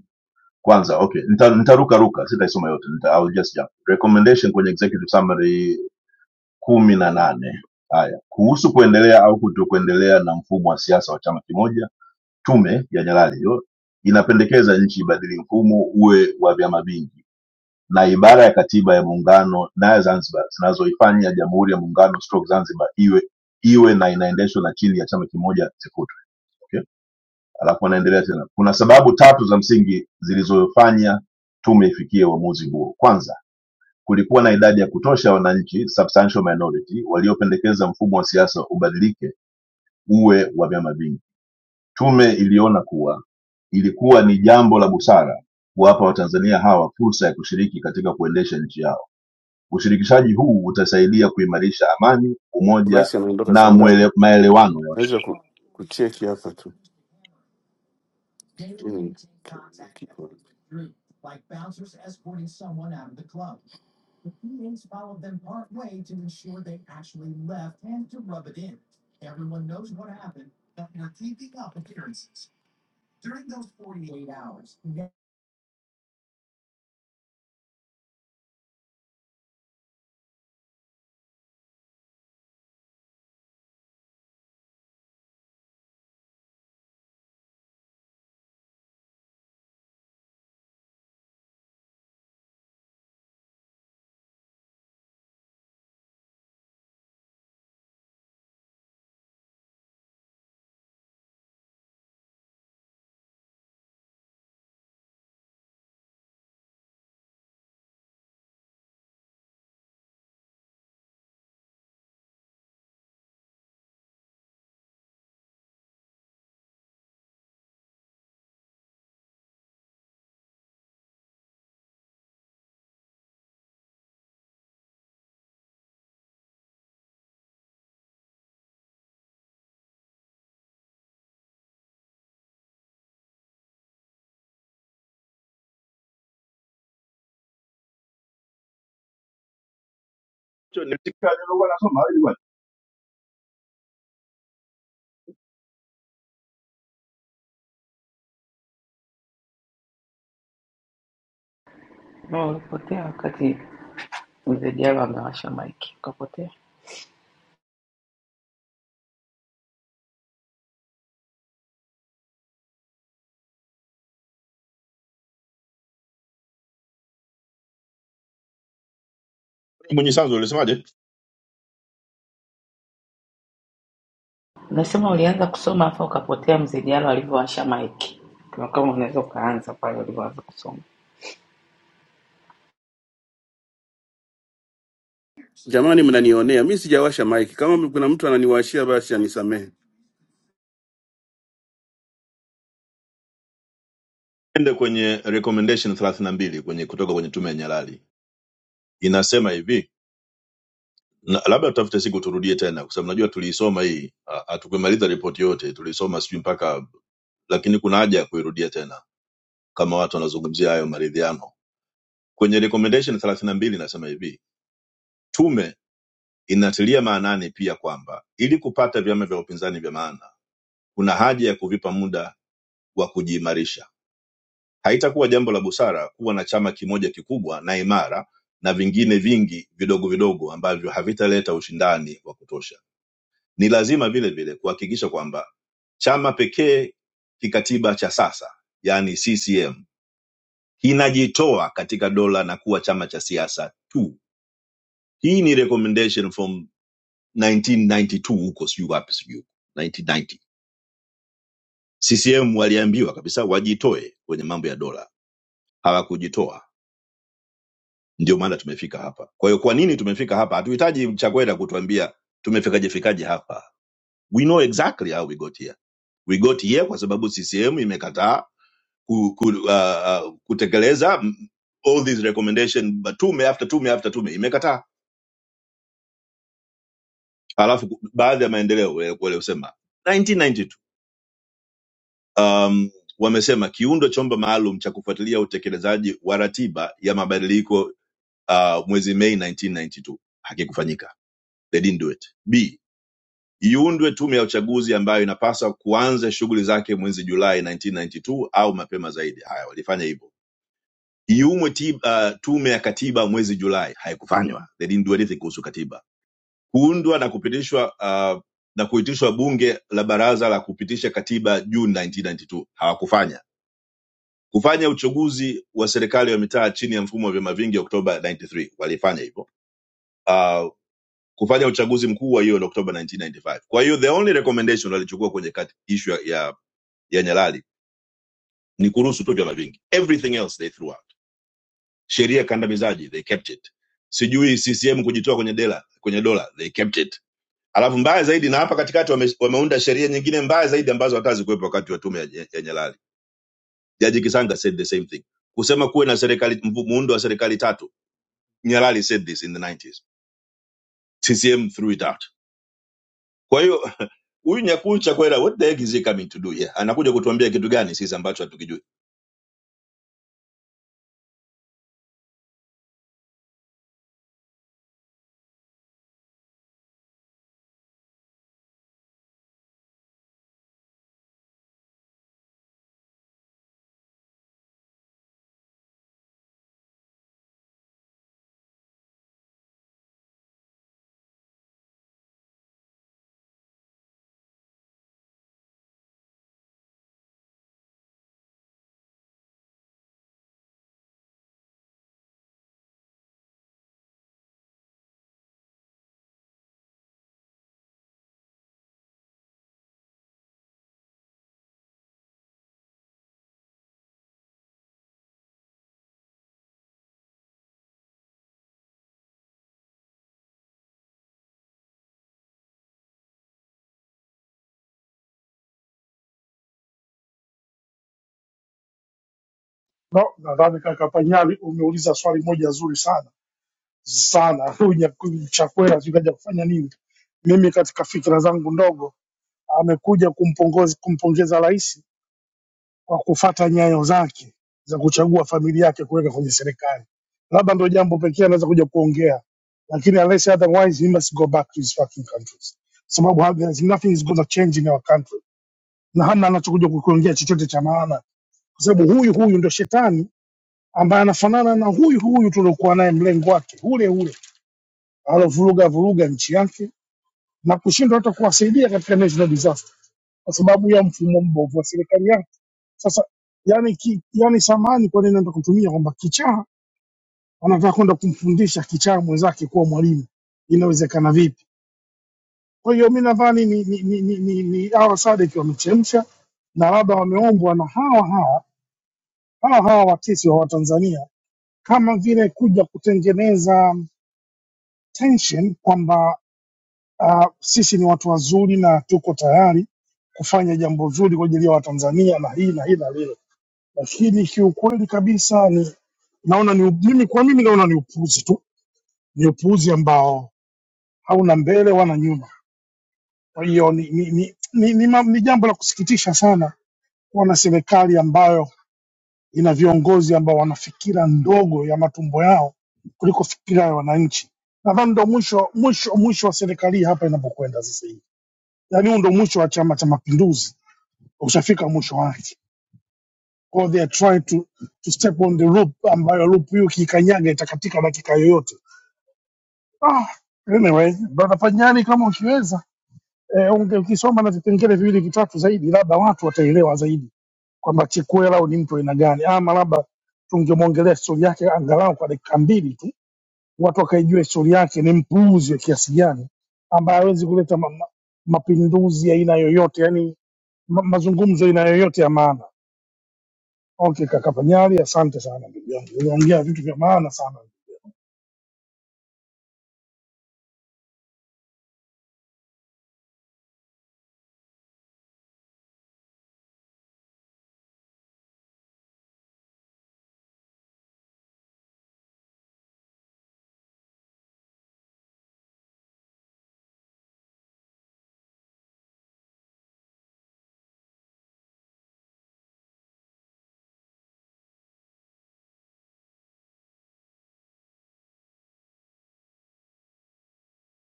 [SPEAKER 15] kwanza okay nita- nitarukaruka sitaisoma yote nita, I'll just jump. recommendation kwenye executive summary kumi na nane haya kuhusu kuendelea au kutokuendelea na mfumo wa siasa wa chama kimoja tume ya nyalali hiyo inapendekeza nchi ibadili mfumo uwe wa vyama vingi na ibara ya katiba ya muungano na ya zanzibar zinazoifanya jamhuri ya muungano stroke zanzibar iwe iwe na inaendeshwa na chini ya chama kimoja zifutwe Okay? alafu anaendelea tena kuna sababu tatu za msingi zilizofanya tume ifikie uamuzi huo kwanza kulikuwa na idadi ya kutosha ya wananchi substantial minority waliopendekeza mfumo wa siasa ubadilike uwe wa vyama vingi tume iliona kuwa ilikuwa ni jambo la busara kuwapa watanzania hawa fursa ya kushiriki katika kuendesha nchi yao ushirikishaji huu utasaidia kuimarisha amani umoja
[SPEAKER 17] Basi anaondoka saa
[SPEAKER 15] na
[SPEAKER 17] ngapi?
[SPEAKER 15] mwele, maelewano ya
[SPEAKER 17] Naweza ku, kucheki hapa tu. Lakini-
[SPEAKER 15] Cho, nimesikia alivyokuwa anasoma, wewe bwana.
[SPEAKER 10] No, ulipotea wakati mzee Diallo amewasha maiki, ukapotea.
[SPEAKER 15] Mwenye sanzo ulisemaje?
[SPEAKER 10] Unasema ulianza kusoma afa ukapotea mzee Diallo alivyowasha maiki, kwa kama unaweza ukaanza pale ulivyoanza kusoma.
[SPEAKER 17] Jamani mnanionea. Mimi sijawasha mic. Kama kuna mtu ananiwashia basi anisamehe.
[SPEAKER 15] Ende kwenye recommendation 32 mbili kwenye kutoka kwenye tume ya Nyalali inasema hivi na, labda tutafute siku turudie tena, kwa sababu najua tuliisoma hii, ha- hatukumaliza ripoti yote, tuliisoma sijui mpaka, lakini kuna haja ya kuirudia tena kama watu wanazungumzia hayo maridhiano. Kwenye recommendation 32 mbili inasema hivi, tume inatilia maanani pia kwamba ili kupata vyama vya upinzani vya maana, kuna haja ya kuvipa muda wa kujiimarisha Haitakuwa jambo la busara kuwa na chama kimoja kikubwa na imara na vingine vingi vidogo vidogo ambavyo havitaleta ushindani wa kutosha. Ni lazima vile vile kuhakikisha kwamba chama pekee kikatiba cha sasa, yaani CCM, kinajitoa katika dola na kuwa chama cha siasa tu. Hii ni recommendation from 1992 huko sijui wapi sijui 1990. CCM waliambiwa kabisa wajitoe kwenye mambo ya dola, hawakujitoa ndio maana tumefika hapa. Kwa hiyo kwa nini tumefika hapa? Hatuhitaji Chakwera kutuambia tumefikaje fikaje hapa. We know exactly how we got here. We got here kwa sababu CCM imekataa ku, ku, uh, uh, kutekeleza mm, all these recommendation but tume after tume after tume imekataa. Alafu ku- baadhi ya maendeleo eh, wale- waliosema 1992 um, wamesema kiundo chombo maalum cha kufuatilia utekelezaji wa ratiba ya mabadiliko uh, mwezi Mei 1992 hakikufanyika. They didn't do it. B iundwe tume ya uchaguzi ambayo inapaswa kuanza shughuli zake mwezi Julai 1992 au mapema zaidi. Haya, walifanya hivyo. Iumwe ti- uh, tume ya katiba mwezi Julai, haikufanywa. They didn't do anything kuhusu katiba. Kuundwa na kupitishwa uh, na kuitishwa bunge la baraza la kupitisha katiba Juni 1992, hawakufanya. Kufanya uchaguzi wa serikali wa mitaa chini ya mfumo wa vyama vingi Oktoba 93, walifanya hivyo. Uh, kufanya uchaguzi mkuu wa hiyo Oktoba 1995. Kwa hiyo the only recommendation walichukua kwenye kati issue ya ya Nyalali ni kuruhusu tu vyama vingi. Everything else they threw out. Sheria kandamizaji they kept it. Sijui CCM kujitoa kwenye dela, kwenye dola they kept it. Alafu mbaya zaidi na hapa katikati wame, wameunda sheria nyingine mbaya zaidi ambazo hata hazikuwepo wakati wa tume ya, ya Nyalali. Jaji Kisanga said the same thing. Kusema kuwe na serikali mvu- muundo wa serikali tatu. Nyalali said this in the 90s. CCM threw it out. Kwa hiyo huyu Nyakucha kwela, what the heck is he coming to do here? Anakuja kutuambia kitu gani sisi ambacho hatukijui?
[SPEAKER 18] No, nadhani kaka Panyali umeuliza swali moja zuri sana sana. Huyu nya- Chakwera sijui kaja kufanya nini? Mimi katika fikira zangu ndogo, amekuja kumpongozi kumpongeza rais kwa kufata nyayo zake za kuchagua familia yake kuweka kwenye serikali, labda ndio jambo pekee anaweza kuja kuongea, lakini unless otherwise he must go back to his fucking countries, sababu ha- there's nothing is going to change in our country, na hana anachokuja kukiongea chochote cha maana, kwa sababu huyu huyu ndio shetani ambaye anafanana na huyu huyu tuliokuwa naye mlengo wake ule ule alovuruga vuruga nchi yake na kushindwa hata kuwasaidia katika national disaster kwa sababu ya mfumo mbovu wa serikali yake. Sasa yani, ki, yani samani kwa nini nataka kutumia kwamba kichaa anataka kwenda kumfundisha kichaa mwenzake kuwa mwalimu, inawezekana vipi? Kwa hiyo mi nadhani ni, ni, ni, ni, ni, ni hawa Sadek wamechemsha na labda wameombwa na hawa hawa hawa hawa watesi wa Watanzania kama vile kuja kutengeneza tension kwamba uh, sisi ni watu wazuri na tuko tayari kufanya jambo zuri kwa ajili ya Watanzania na hii na hii na lile, lakini kiukweli kabisa ni naona ni mimi, kwa mimi naona ni upuuzi tu, ni upuuzi ambao hauna mbele wala nyuma. Kwa hiyo ni, ni, ni, ni, ni, ma- ni jambo la kusikitisha sana kuwa na serikali ambayo ina viongozi ambao wana fikira ndogo ya matumbo yao kuliko fikira ya wananchi. Nadhani ndo mwisho mwisho mwisho wa serikali hapa inapokwenda sasa hivi. yani huu ndo mwisho wa Chama cha Mapinduzi, ushafika mwisho wake. Kwa hiyo they are trying to, to step on the loop ambayo loop hiyo ukiikanyaga itakatika dakika yoyote. Ah, anyway, brother Panyani, kama ukiweza eh, unge- ukisoma na vipengele viwili vitatu zaidi, labda watu wataelewa zaidi kwamba Chikwera ni mtu wa aina gani, ama labda tungemwongelea historia yake angalau kwa dakika mbili tu, watu wakaijua historia yake, ni mpuuzi wa kiasi gani ambaye hawezi kuleta ma ma- mapinduzi ya aina yoyote, yani ma, mazungumzo ina yoyote ya maana. Okay, kaka Panyali, asante sana ndugu yangu, uliongea vitu vya maana sana.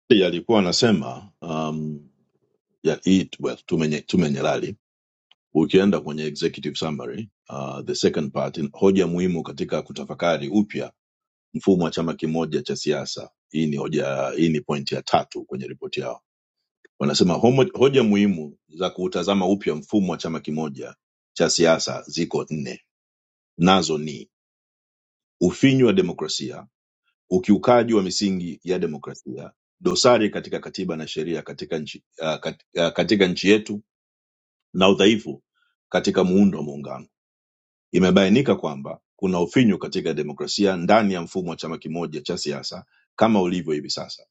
[SPEAKER 15] Yalikuwa anasema um yeah, it well tumenye, tumenyerali ukienda kwenye executive summary uh, the second part in, hoja muhimu katika kutafakari upya mfumo wa chama kimoja cha siasa hii ni hoja hii ni point ya tatu kwenye ripoti yao wanasema homo, hoja muhimu za kuutazama upya mfumo wa chama kimoja cha siasa ziko nne nazo ni ufinyu wa demokrasia ukiukaji wa misingi ya demokrasia dosari katika katiba na sheria katika nchi, uh, kat, uh, katika nchi yetu na udhaifu katika muundo wa muungano. Imebainika kwamba kuna ufinyu katika demokrasia ndani ya mfumo wa chama kimoja cha siasa kama ulivyo hivi sasa.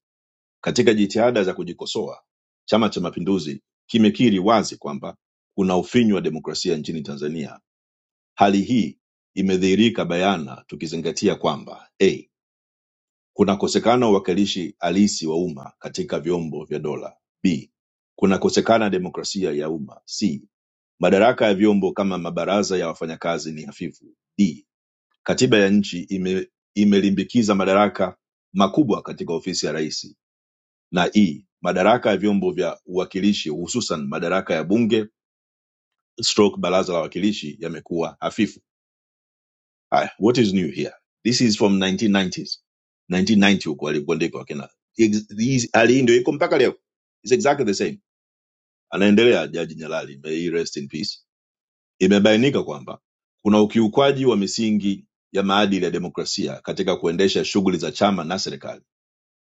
[SPEAKER 15] Katika jitihada za kujikosoa, Chama cha Mapinduzi kimekiri wazi kwamba kuna ufinyu wa demokrasia nchini Tanzania. Hali hii imedhihirika bayana tukizingatia kwamba a Kunakosekana uwakilishi halisi wa umma katika vyombo vya dola; b. Kunakosekana demokrasia ya umma; c. Madaraka ya vyombo kama mabaraza ya wafanyakazi ni hafifu; d. Katiba ya nchi ime, imelimbikiza madaraka makubwa katika ofisi ya rais; na e. Madaraka ya vyombo vya uwakilishi hususan madaraka ya bunge stroke baraza la wawakilishi yamekuwa hafifu. Haya, what is new here? This is from 1990s. 1990 huko alipondeka wakina. Ex- these- Hali hii ndio iko mpaka leo. It's exactly the same. Anaendelea Jaji Nyalali, may he rest in peace. Imebainika kwamba kuna ukiukwaji wa misingi ya maadili ya demokrasia katika kuendesha shughuli za chama na serikali.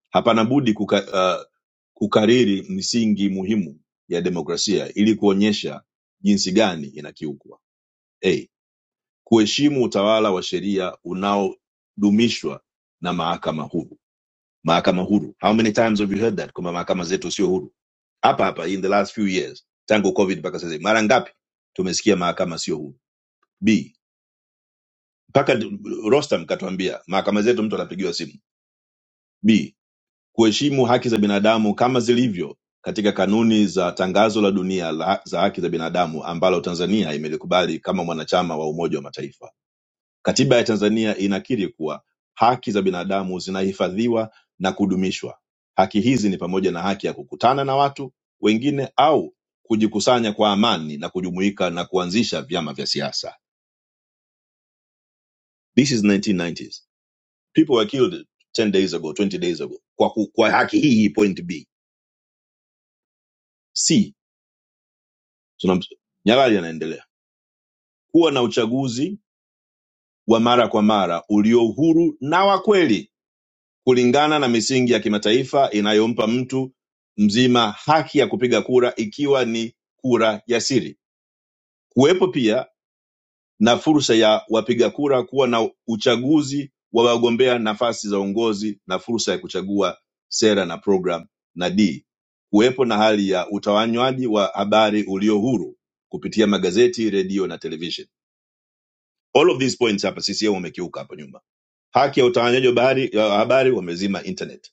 [SPEAKER 15] Hapana budi kuka, uh, kukariri misingi muhimu ya demokrasia ili kuonyesha jinsi gani inakiukwa. A kuheshimu utawala wa sheria unaodumishwa na mahakama huru mahakama huru how many times have you heard that kwamba mahakama zetu sio huru hapa hapa in the last few years tangu covid mpaka sasa hivi. mara ngapi tumesikia mahakama sio huru b mpaka d- rostam katuambia mahakama zetu mtu anapigiwa simu b kuheshimu haki za binadamu kama zilivyo katika kanuni za tangazo la dunia la, za haki za binadamu ambalo tanzania imelikubali kama mwanachama wa umoja wa mataifa Katiba ya Tanzania inakiri kuwa haki za binadamu zinahifadhiwa na kudumishwa. Haki hizi ni pamoja na haki ya kukutana na watu wengine au kujikusanya kwa amani na kujumuika na kuanzisha vyama vya siasa. This is 1990s. People were killed 10 days ago, 20 days ago. Kwa, ku, kwa haki hii hii point B. C. Tunam, Nyalali anaendelea. Kuwa na uchaguzi wa mara kwa mara ulio huru na wa kweli kulingana na misingi ya kimataifa inayompa mtu mzima haki ya kupiga kura ikiwa ni kura ya siri. Kuwepo pia na fursa ya wapiga kura kuwa na uchaguzi wa wagombea nafasi za uongozi na fursa ya kuchagua sera na program, na D, kuwepo na hali ya utawanywaji wa habari ulio huru kupitia magazeti, redio na television. All of these points hapa CCM wamekiuka hapo nyuma. Haki ya utawanywaji wa habari, ya habari wamezima internet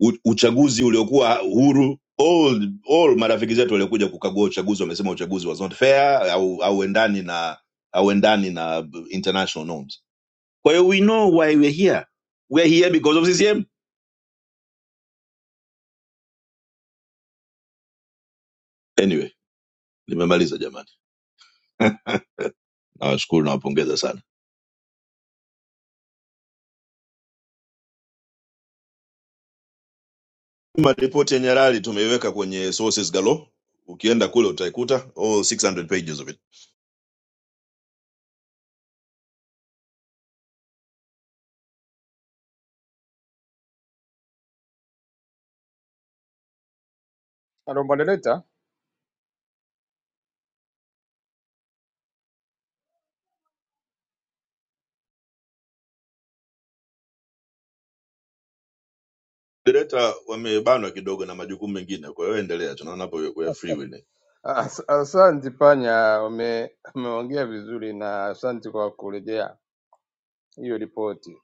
[SPEAKER 15] u- uchaguzi uliokuwa huru all, all marafiki zetu waliokuja kukagua uchaguzi wamesema uchaguzi was not fair au hauendani na hauendani na international norms kwa hiyo we know why we're here we're here because of ccm anyway nimemaliza jamani nawashukuru nawapongeza sana maripoti yenye rali tumeiweka kwenye sources galo ukienda kule utaikuta all 600 pages of it
[SPEAKER 12] Alo moderator.
[SPEAKER 15] Direta wamebanwa kidogo na majukumu mengine kwa hiyo endelea tunaona hapo ya free will
[SPEAKER 12] As- Asante Panya, ume- umeongea vizuri na asante kwa kurejea hiyo ripoti,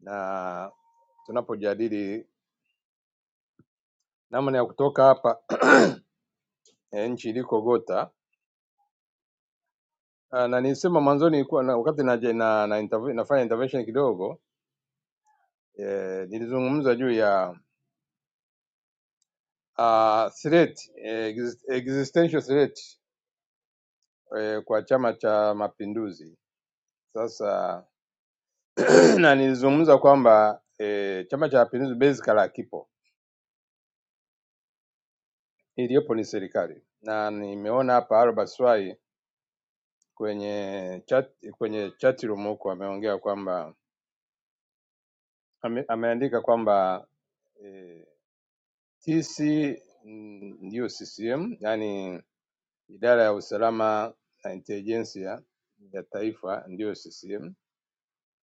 [SPEAKER 12] na tunapojadili namna ya kutoka hapa eh, nchi ilikogota Ah, na nilisema mwanzoni ilikuwa na, wakati na, na, na interview, nafanya intervention kidogo eh, nilizungumza juu ya uh, threat eh, exist- existential threat eh, kwa Chama cha Mapinduzi. Sasa na nilizungumza kwamba eh, Chama cha Mapinduzi basically hakipo, iliyopo ni serikali, na nimeona hapa Albert Swai kwenye chat, kwenye chat room huko ameongea kwamba ame, ameandika kwamba eh, TC mm, ndiyo CCM, yani idara ya usalama na intelijensia ya taifa ndiyo CCM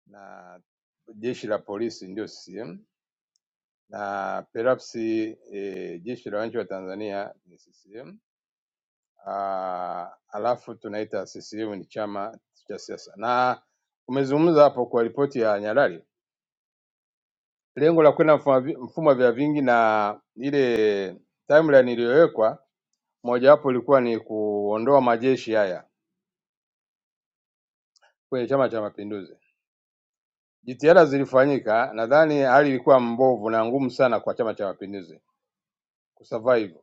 [SPEAKER 12] na jeshi la polisi ndiyo CCM na perhaps eh, jeshi la wananchi wa Tanzania ni CCM. Ah, alafu tunaita CCM ni chama cha siasa, na umezungumza hapo kwa ripoti ya Nyalali lengo la kwenda mfumo wa vi- mfumo wa vya vingi na ile timeline iliyowekwa, mojawapo ilikuwa ni kuondoa majeshi haya kwenye Chama cha Mapinduzi. Jitihada zilifanyika, nadhani hali ilikuwa mbovu na ngumu sana kwa Chama cha Mapinduzi kusurvive,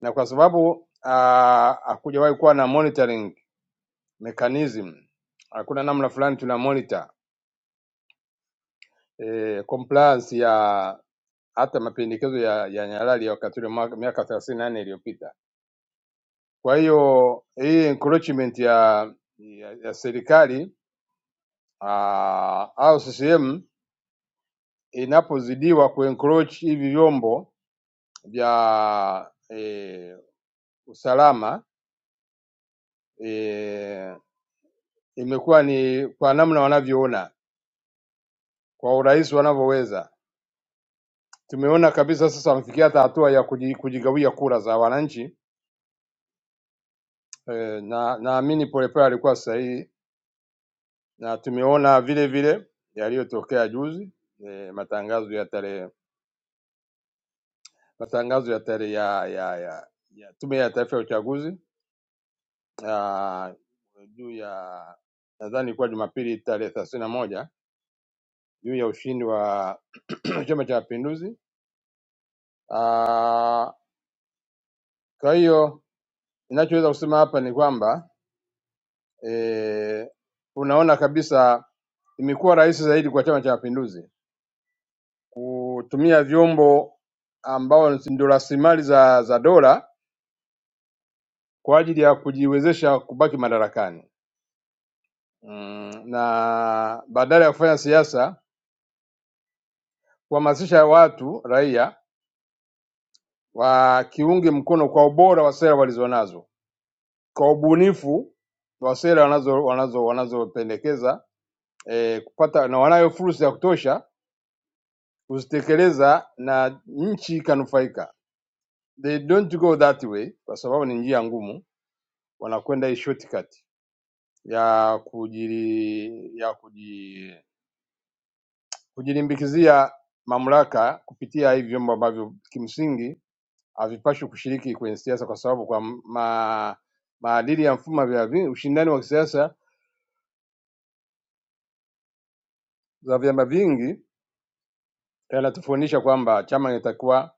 [SPEAKER 12] na kwa sababu ah, hakujawahi kuwa na monitoring mechanism, hakuna namna fulani tuna monitor eh, compliance ya hata mapendekezo ya, ya Nyalali ya wakati ule mwaka- miaka 38 iliyopita Kwa hiyo hii encroachment ya, ya, ya serikali aa, au CCM inapozidiwa kuencroach hivi vyombo vya e, usalama e, imekuwa ni kwa namna wanavyoona kwa urahisi wanavyoweza. Tumeona kabisa sasa wamefikia hata hatua ya kuji- kujigawia kura za wananchi eh, na naamini Polepole alikuwa sahihi na tumeona vile vile yaliyotokea juzi eh, matangazo ya tarehe matangazo ya tarehe ya, ya, ya, ya Tume ya Taifa ya Uchaguzi ah, juu ya nadhani ilikuwa Jumapili tarehe thelathini na moja juu ya ushindi wa Chama cha Mapinduzi. Ah, Kwa hiyo ninachoweza kusema hapa ni kwamba eh, unaona kabisa imekuwa rahisi zaidi kwa Chama cha Mapinduzi kutumia vyombo ambao ndio rasilimali za za dola kwa ajili ya kujiwezesha kubaki madarakani mm, na badala ya kufanya siasa kuhamasisha watu raia wakiunge mkono kwa ubora wa sera walizonazo, kwa ubunifu wa sera wanazo wanazo wanazopendekeza eh, kupata na wanayo fursa ya kutosha kuzitekeleza na nchi ikanufaika. They don't go that way, kwa sababu ni njia ngumu, wanakwenda hii shortcut. ya kujiri, ya kuji, kujilimbikizia mamlaka kupitia hivi vyombo ambavyo kimsingi havipaswi kushiriki kwenye siasa kwa sababu kwa ma, maadili ya mfumo vya vi- ushindani wa kisiasa za vyama vingi yanatufundisha kwamba chama kinatakiwa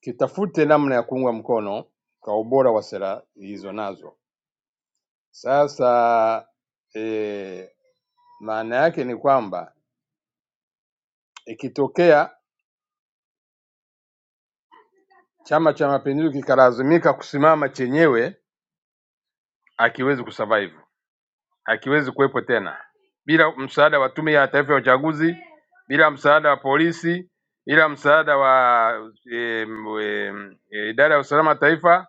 [SPEAKER 12] kitafute namna ya kuungwa mkono kwa ubora wa sera hizo nazo. Sasa e, maana yake ni kwamba ikitokea Chama cha mapinduzi kikalazimika kusimama chenyewe hakiwezi kusurvive, hakiwezi kuwepo tena bila msaada wa Tume ya Taifa ya Uchaguzi, bila msaada wa polisi, bila msaada wa em, em, eh, idara ya usalama taifa,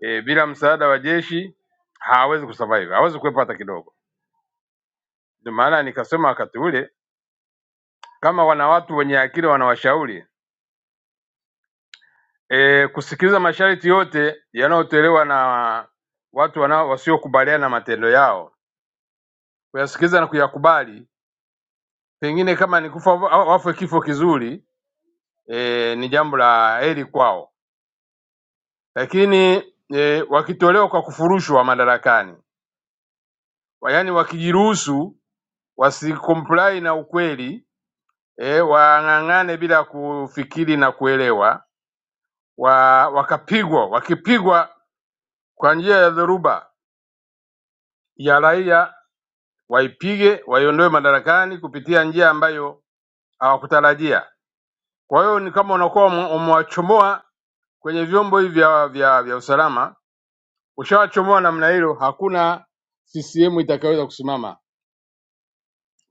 [SPEAKER 12] eh, bila msaada wa jeshi hawezi kusurvive, hawezi kuwepo hata kidogo. Ndio maana nikasema wakati ule kama wana watu wenye akili wanawashauri e, kusikiliza masharti yote yanayotolewa na watu wanao wasiokubaliana na matendo yao kuyasikiliza na kuyakubali, pengine kama ni kufa wa- wafe kifo kizuri e, ni jambo la heri kwao, lakini e, wakitolewa kwa kufurushwa madarakani, Wa- yaani wakijiruhusu wasikomplai na ukweli e, wang'ang'ane bila kufikiri na kuelewa wa, wakapigwa wakipigwa kwa njia ya dhoruba ya raia, waipige waiondoe madarakani kupitia njia ambayo hawakutarajia. Kwa hiyo ni kama unakuwa ume- umewachomoa kwenye vyombo hivi vya, vya, vya usalama ushawachomoa namna hilo, hakuna CCM itakayoweza kusimama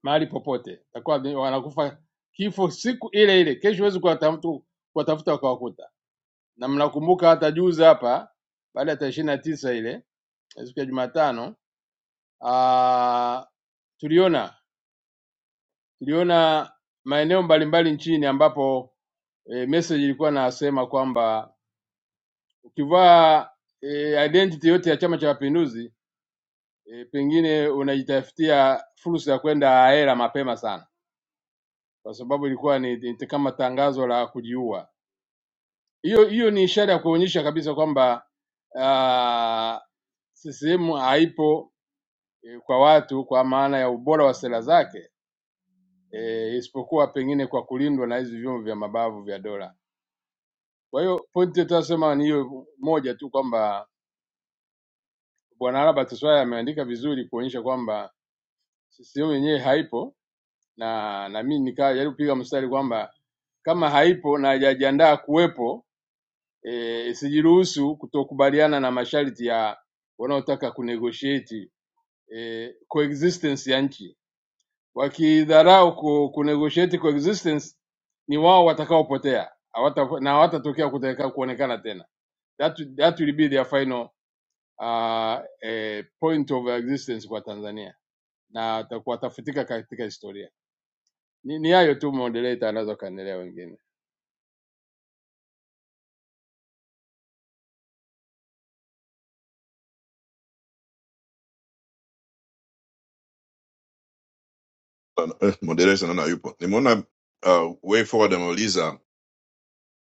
[SPEAKER 12] mahali popote, itakuwa ni- wanakufa kifo siku ile ile. Kesho huwezi kuwatafuta kuwatafuta wakawakuta. Na mnakumbuka hata juzi hapa, baada ya tarehe ishirini na tisa ile eh, siku ya Jumatano, ah, tuliona tuliona maeneo mbalimbali nchini ambapo e, message ilikuwa nasema kwamba ukivaa e, identity yote ya Chama cha Mapinduzi e, pengine unajitafutia fursa ya kwenda hela mapema sana, kwa sababu ilikuwa ni, ni kama tangazo la kujiua. Hiyo hiyo ni ishara ya kuonyesha kabisa kwamba ah, CCM haipo eh, kwa watu kwa maana ya ubora wa sera zake eh, isipokuwa pengine kwa kulindwa na hizi vyombo vya mabavu vya dola. Kwa hiyo pointi tunasema ni hiyo moja tu kwamba Bwana Albert Swai ameandika vizuri kuonyesha kwamba CCM yenyewe haipo na na mimi nikajaribu kupiga mstari kwamba kama haipo na hajajiandaa kuwepo eh, isijiruhusu kutokubaliana na masharti ya wanaotaka kunegotiate eh, coexistence ya nchi. Wakidharau ku, kunegotiate coexistence, ni wao watakaopotea hawata, na hawatatokea kutaka kuonekana tena. That, that will be their final uh, eh, point of existence kwa Tanzania na watakuwa watafutika katika historia. Ni, ni hayo tu moderator, anaweza kaendelea wengine.
[SPEAKER 15] Eh, moderation naona yupo. Nimeona uh, way forward ameuliza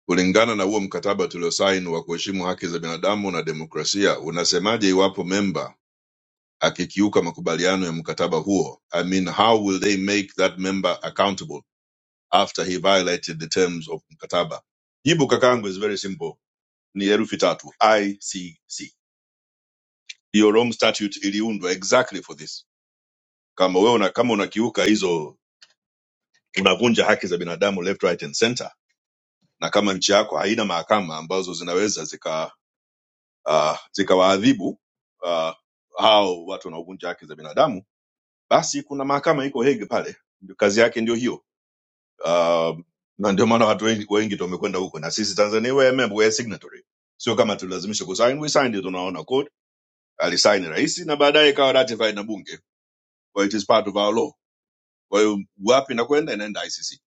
[SPEAKER 15] kulingana na huo mkataba tuliosaini wa kuheshimu haki za binadamu na demokrasia, unasemaje iwapo memba akikiuka makubaliano ya mkataba huo? I mean, how will they make that member accountable after he violated the terms of mkataba? Jibu kakaangu is very simple, ni herufi tatu, ICC. Hiyo Rome statute iliundwa exactly for this. Kama wewe una, kama unakiuka hizo, unavunja haki za binadamu left, right and center na kama nchi yako haina mahakama ambazo zinaweza zika uh, zikawaadhibu uh, hao watu wanaovunja haki za binadamu basi kuna mahakama iko hege pale Ndio kazi yake ndio hiyo uh, na ndio maana watu wengi, wengi tu wamekwenda huko na sisi tanzania we remember, we are signatory sio kama tulazimisha kusign we signed it unaona code alisign rais na baadaye ikawa ratified na bunge well, it is part of our law kwa hiyo wapi inakwenda inaenda icc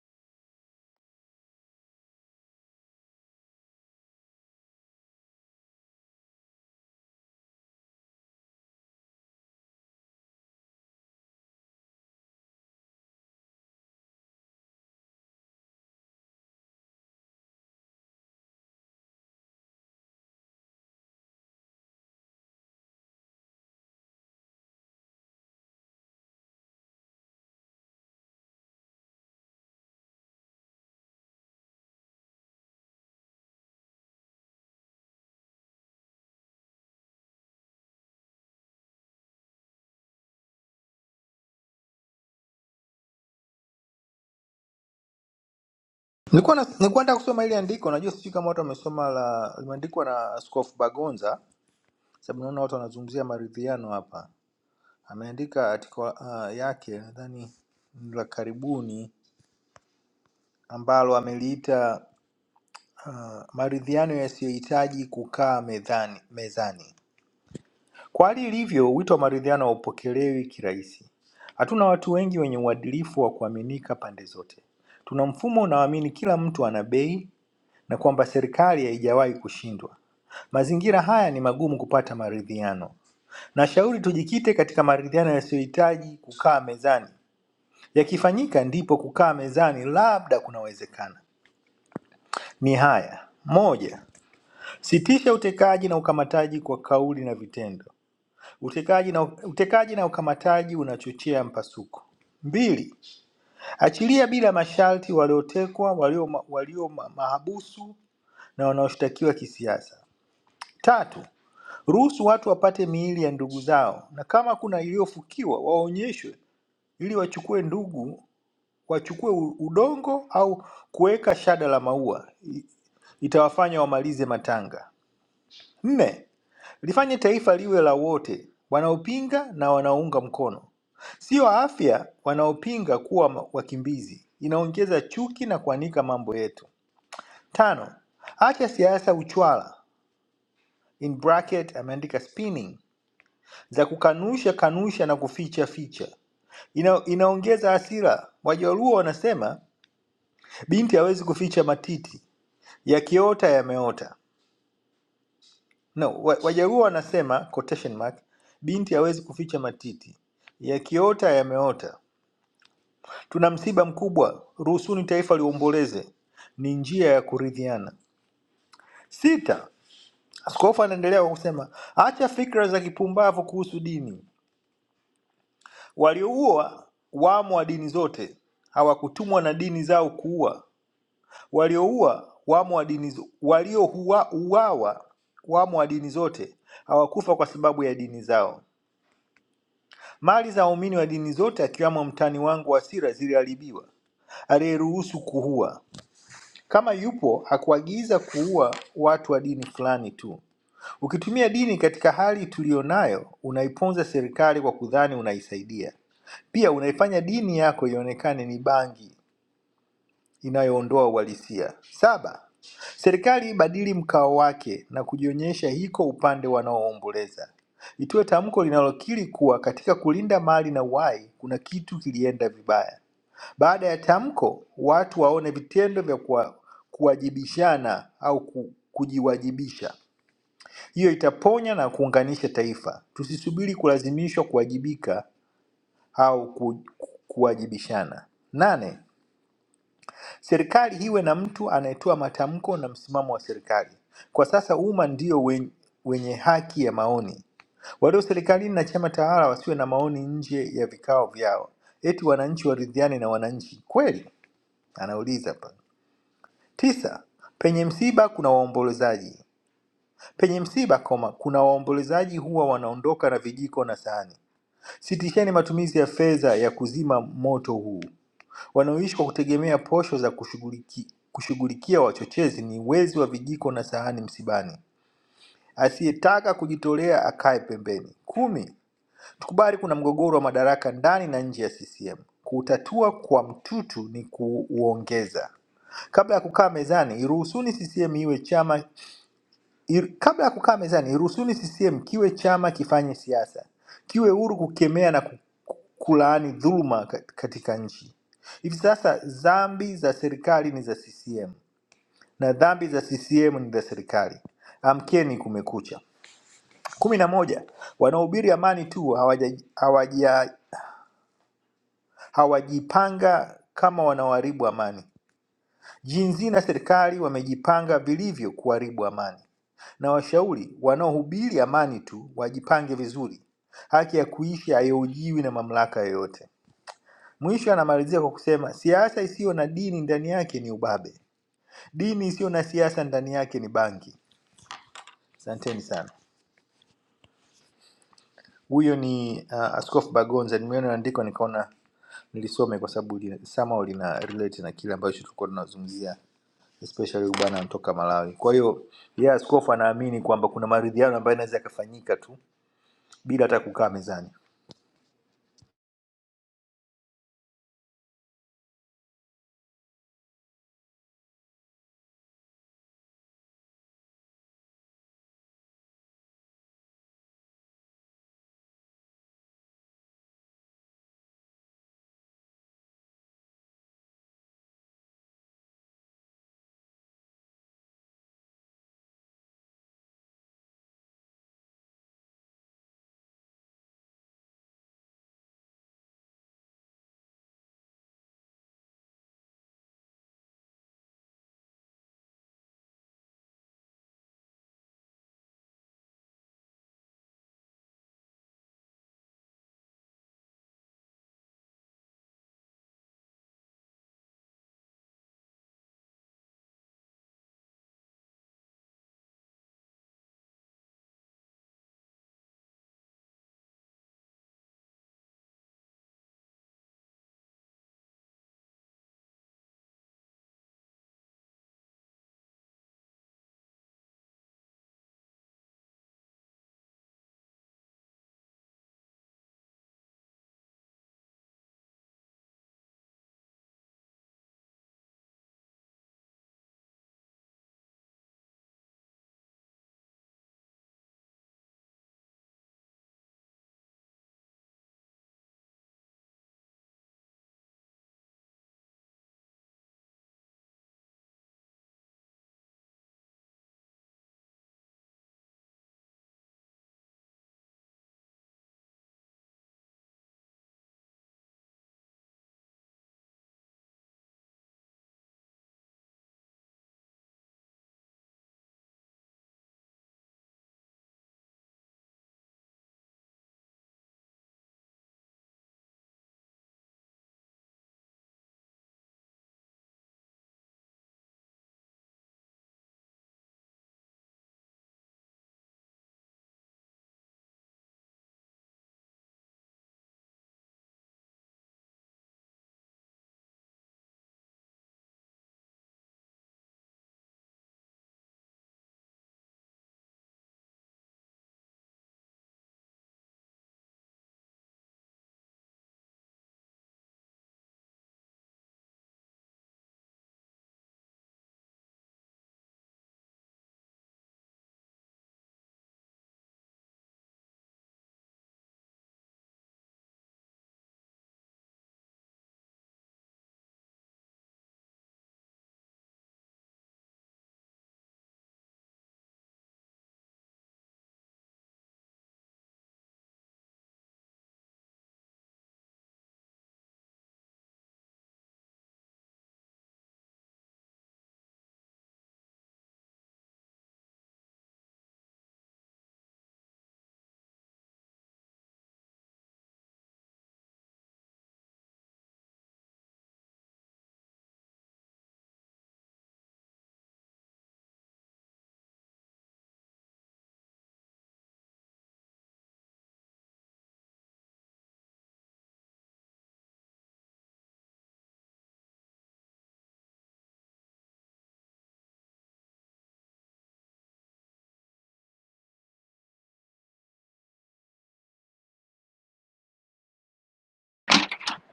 [SPEAKER 19] Nilikuwa na- nilikuwa nataka kusoma ile andiko, najua sijui kama watu wamesoma, la limeandikwa na Askofu Bagonza, sababu naona watu wanazungumzia maridhiano hapa. Ameandika article uh, yake nadhani ni la karibuni ambalo ameliita uh, maridhiano yasiyohitaji kukaa mezani, mezani. Kwa hali ilivyo, wito wa maridhiano haupokelewi kirahisi. Hatuna watu wengi wenye uadilifu wa kuaminika pande zote. Tuna mfumo unaoamini kila mtu ana bei na kwamba serikali haijawahi kushindwa. Mazingira haya ni magumu kupata maridhiano. Nashauri tujikite katika maridhiano yasiyohitaji kukaa mezani. Yakifanyika ndipo kukaa mezani labda kunawezekana. Ni haya: moja, sitisha utekaji na ukamataji kwa kauli na vitendo. Utekaji na, utekaji na ukamataji unachochea mpasuko. Mbili, achilia bila masharti waliotekwa, walio, ma- walio ma- mahabusu na wanaoshtakiwa kisiasa. Tatu, Ruhusu watu wapate miili ya ndugu zao, na kama kuna iliyofukiwa waonyeshwe, ili wachukue ndugu, wachukue u- udongo au kuweka shada la maua, I- itawafanya wamalize matanga. Nne, lifanye taifa liwe la wote, wanaopinga na wanaounga mkono, sio afya wanaopinga kuwa ma- wakimbizi. Inaongeza chuki na kuanika mambo yetu. Tano, acha siasa uchwala in bracket, ameandika spinning za kukanusha kanusha na kuficha ficha. Ina, inaongeza hasira. Wajaluo wanasema binti hawezi kuficha matiti, yakiota yameota. No, wa- Wajaluo wanasema quotation mark, binti hawezi kuficha matiti, yakiota yameota. Tuna msiba mkubwa, ruhusuni taifa liomboleze, ni njia ya kuridhiana. Sita, askofu anaendelea kwa kusema acha fikra za kipumbavu kuhusu dini, Walioua wamo wa dini zote, hawakutumwa na dini zao kuua. Walioua wamo wa dini zo- waliouawa wamo wa dini zote, hawakufa kwa sababu ya dini zao. Mali za waumini wa dini zote, akiwamo mtani wangu wa Sira, ziliharibiwa aliyeruhusu kuua. Kama yupo hakuagiza kuua watu wa dini fulani tu. Ukitumia dini katika hali tuliyonayo, unaiponza serikali kwa kudhani unaisaidia. Pia unaifanya dini yako ionekane ni bangi inayoondoa uhalisia. Saba, serikali ibadili mkao wake na kujionyesha iko upande wanaoomboleza. Itoe tamko linalokiri kuwa katika kulinda mali na uhai kuna kitu kilienda vibaya. Baada ya tamko, watu waone vitendo vya kuwa, kuwajibishana au ku, kujiwajibisha. Hiyo itaponya na kuunganisha taifa. Tusisubiri kulazimishwa kuwajibika au ku- kuwajibishana. Nane, serikali iwe na mtu anayetoa matamko na msimamo wa serikali. Kwa sasa umma ndio wenye, wenye haki ya maoni. Walio serikalini na chama tawala wasiwe na maoni nje ya vikao vyao, eti wananchi waridhiane na wananchi kweli? Anauliza hapa. Tisa, penye msiba kuna waombolezaji. Penye msiba koma, kuna waombolezaji huwa wanaondoka na vijiko na sahani. Sitisheni matumizi ya fedha ya kuzima moto huu. wanaoishi kwa kutegemea posho za kushughuliki- kushughulikia wachochezi ni wezi wa vijiko na sahani msibani. Asiyetaka kujitolea akae pembeni. kumi. Tukubali kuna mgogoro wa madaraka ndani na nje ya CCM. Kuutatua kwa mtutu ni kuuongeza. Kabla ya kukaa mezani, iruhusuni CCM iwe chama Ir- Kabla ya kukaa mezani, iruhusuni CCM kiwe chama kifanye siasa, kiwe huru kukemea na ku- ku- kulaani dhuluma kat- katika nchi. Hivi sasa dhambi za serikali ni za CCM na dhambi za CCM ni za serikali. Amkeni, kumekucha. kumi na moja. Wanaohubiri amani tu hawaja, hawaja, hawajipanga kama wanaoharibu amani. Jinsi na serikali wamejipanga vilivyo kuharibu amani. na washauri wanaohubiri amani tu wajipange vizuri. Haki ya kuishi haihojiwi na mamlaka yoyote. Mwisho anamalizia kwa kusema, siasa isiyo na dini ndani yake ni ubabe, dini isiyo na siasa ndani yake ni bangi. Asanteni sana. Huyo ni uh, Askofu Bagonza. Nimeona andiko nikaona nilisome kwa sababu lina- somehow lina relate na kile ambacho tulikuwa tunazungumzia especially huyu bwana anatoka Malawi. Kwa hiyo yeye askofu anaamini kwamba kuna maridhiano ambayo inaweza yakafanyika tu bila hata kukaa mezani.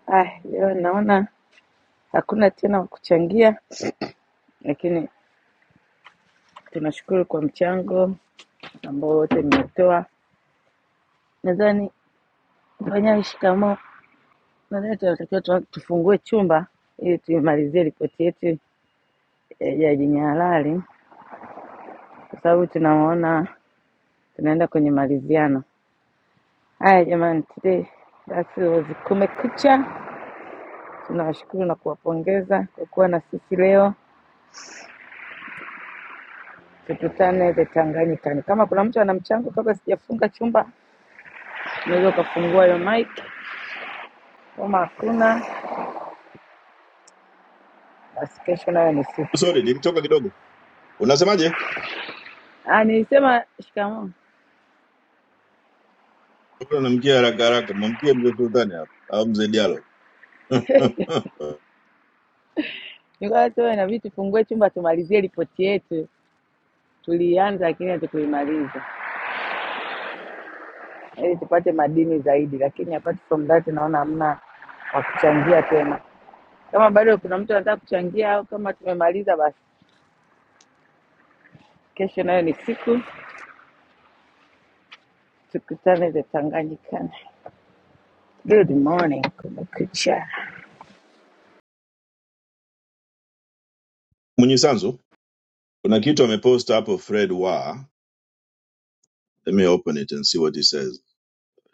[SPEAKER 10] Ah, jamani, naona Hakuna tena kuchangia, lakini tunashukuru kwa mchango ambao wote mmetoa. Nadhani Panyari, shikamoo. Nadhani tunatakiwa tufungue chumba ili tuimalizie ripoti yetu e, ya Jaji Nyalali, kwa sababu tunaona tunaenda kwenye maliziano. Haya jamani, today that's it was Kumekucha. Tunawashukuru na kuwapongeza kwa kuwa na sisi leo. Tukutane the Tanganyikani. Kama kuna mtu ana mchango, kabla sijafunga chumba, unaweza ukafungua hiyo mic. Kama hakuna kesho nayo
[SPEAKER 15] sorry nilitoka kidogo unasemaje
[SPEAKER 10] Ah, nilisema shikamoo,
[SPEAKER 15] Mbona namkia haraka haraka mamkie mzee sultani hapa au mzee Diallo?
[SPEAKER 10] nikawa tuwe na vitu, fungue chumba tumalizie ripoti yetu. Tulianza lakini hatukuimaliza ili tupate madini zaidi, lakini apart from that naona hamna wa kuchangia tena. Kama bado kuna mtu anataka kuchangia au kama tumemaliza, basi kesho nayo ni siku, tukutane the Tanganyika. Good morning, kumekucha.
[SPEAKER 15] Mwenye sanzu, kuna kitu amepost hapo Fred wa. Let me open it and see what he says.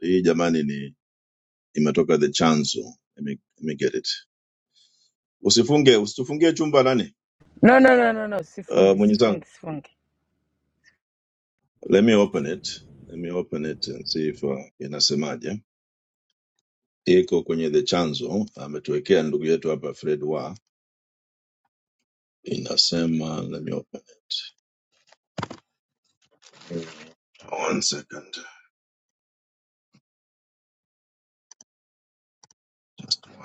[SPEAKER 15] Hii jamani ni imetoka the chanzo. Let me, let me get it. Usifunge, usitufungie chumba nani?
[SPEAKER 10] No, no, no, no, no,
[SPEAKER 15] Uh,
[SPEAKER 10] sifungi,
[SPEAKER 15] mwenye
[SPEAKER 10] sifungi,
[SPEAKER 15] sanzu.
[SPEAKER 10] sifungi.
[SPEAKER 15] Let me open it. Let me open it and see if uh, inasemaje. Iko kwenye the chanzo. Ametuwekea ndugu yetu hapa Fred wa. Inasema, let me open it. One second.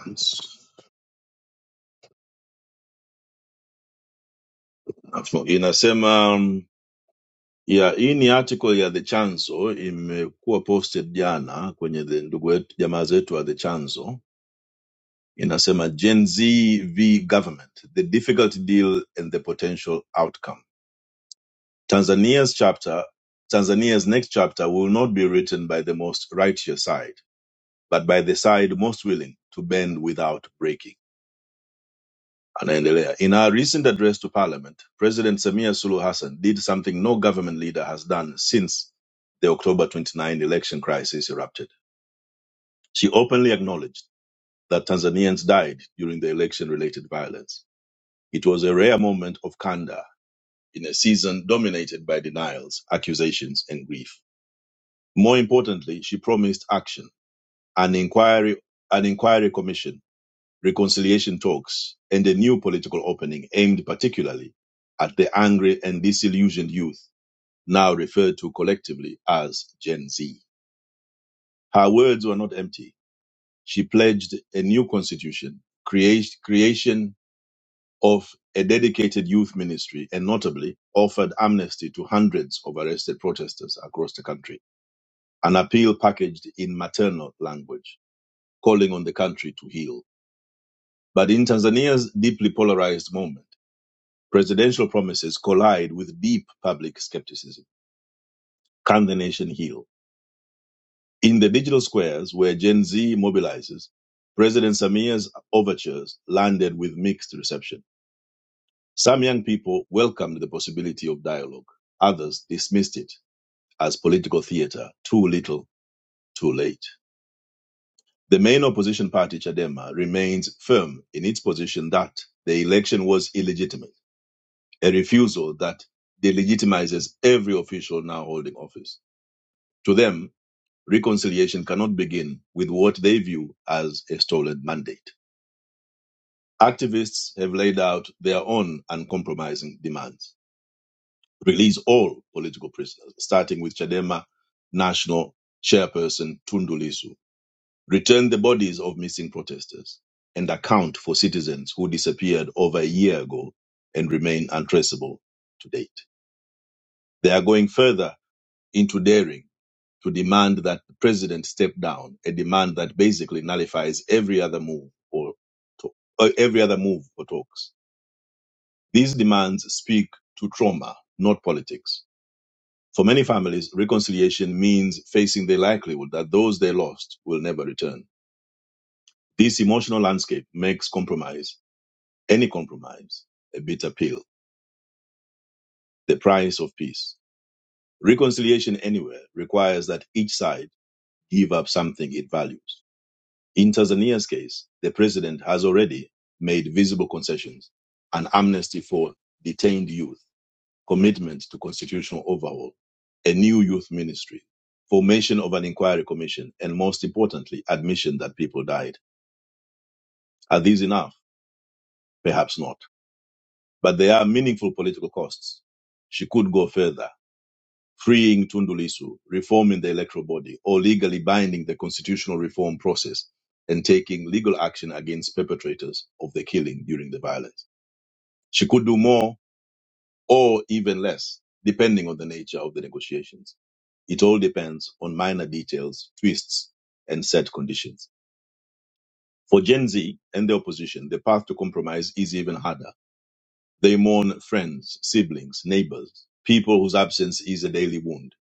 [SPEAKER 15] Once. Afu- Inasema um, Yeah, hii ni article ya The Chanzo imekuwa posted jana kwenye the ndugu wetu jamaa zetu wa The Chanzo. Inasema Gen Z v government, the difficult deal and the potential outcome. Tanzania's chapter, Tanzania's next chapter will not be written by the most righteous side, but by the side most willing to bend without breaking. Anaendelea. In her recent address to parliament, President Samia Suluhu Hassan did something no government leader has done since the October 29 election crisis erupted. She openly acknowledged that Tanzanians died during the election-related violence. It was a rare moment of candor in a season dominated by denials, accusations, and grief. More importantly, she promised action, an inquiry, an inquiry commission reconciliation talks, and a new political opening aimed particularly at the angry and disillusioned youth, now referred to collectively as Gen Z. Her words were not empty. She pledged a new constitution, create, creation of a dedicated youth ministry, and notably offered amnesty to hundreds of arrested protesters across the country. An appeal packaged in maternal language, calling on the country to heal. But in Tanzania's deeply polarized moment, Presidential promises collide with deep public skepticism. Can the nation heal? In the digital squares where Gen Z mobilizes, President Samir's overtures landed with mixed reception. Some young people welcomed the possibility of dialogue. Others dismissed it as political theater, too little, too late. The main opposition party, Chadema, remains firm in its position that the election was illegitimate, a refusal that delegitimizes every official now holding office. To them, reconciliation cannot begin with what they view as a stolen mandate. Activists have laid out their own uncompromising demands. Release all political prisoners, starting with Chadema national chairperson Tundu Lissu. Return the bodies of missing protesters and account for citizens who disappeared over a year ago and remain untraceable to date. They are going further into daring to demand that the president step down, a demand that basically nullifies every other move or to, uh, every other move or talks. These demands speak to trauma, not politics. For many families, reconciliation means facing the likelihood that those they lost will never return. This emotional landscape makes compromise, any compromise, a bitter pill, the price of peace. Reconciliation anywhere requires that each side give up something it values In Tanzania's case, the president has already made visible concessions an amnesty for detained youth, commitment to constitutional overhaul, a new youth ministry, formation of an inquiry commission, and most importantly, admission that people died. Are these enough? Perhaps not. But there are meaningful political costs. She could go further freeing Tundulisu, reforming the electoral body, or legally binding the constitutional reform process and taking legal action against perpetrators of the killing during the violence. She could do more or even less, depending on the nature of the negotiations. It all depends on minor details, twists, and set conditions. For Gen Z and the opposition, the path to compromise is even harder They mourn friends, siblings, neighbors, people whose absence is a daily wound.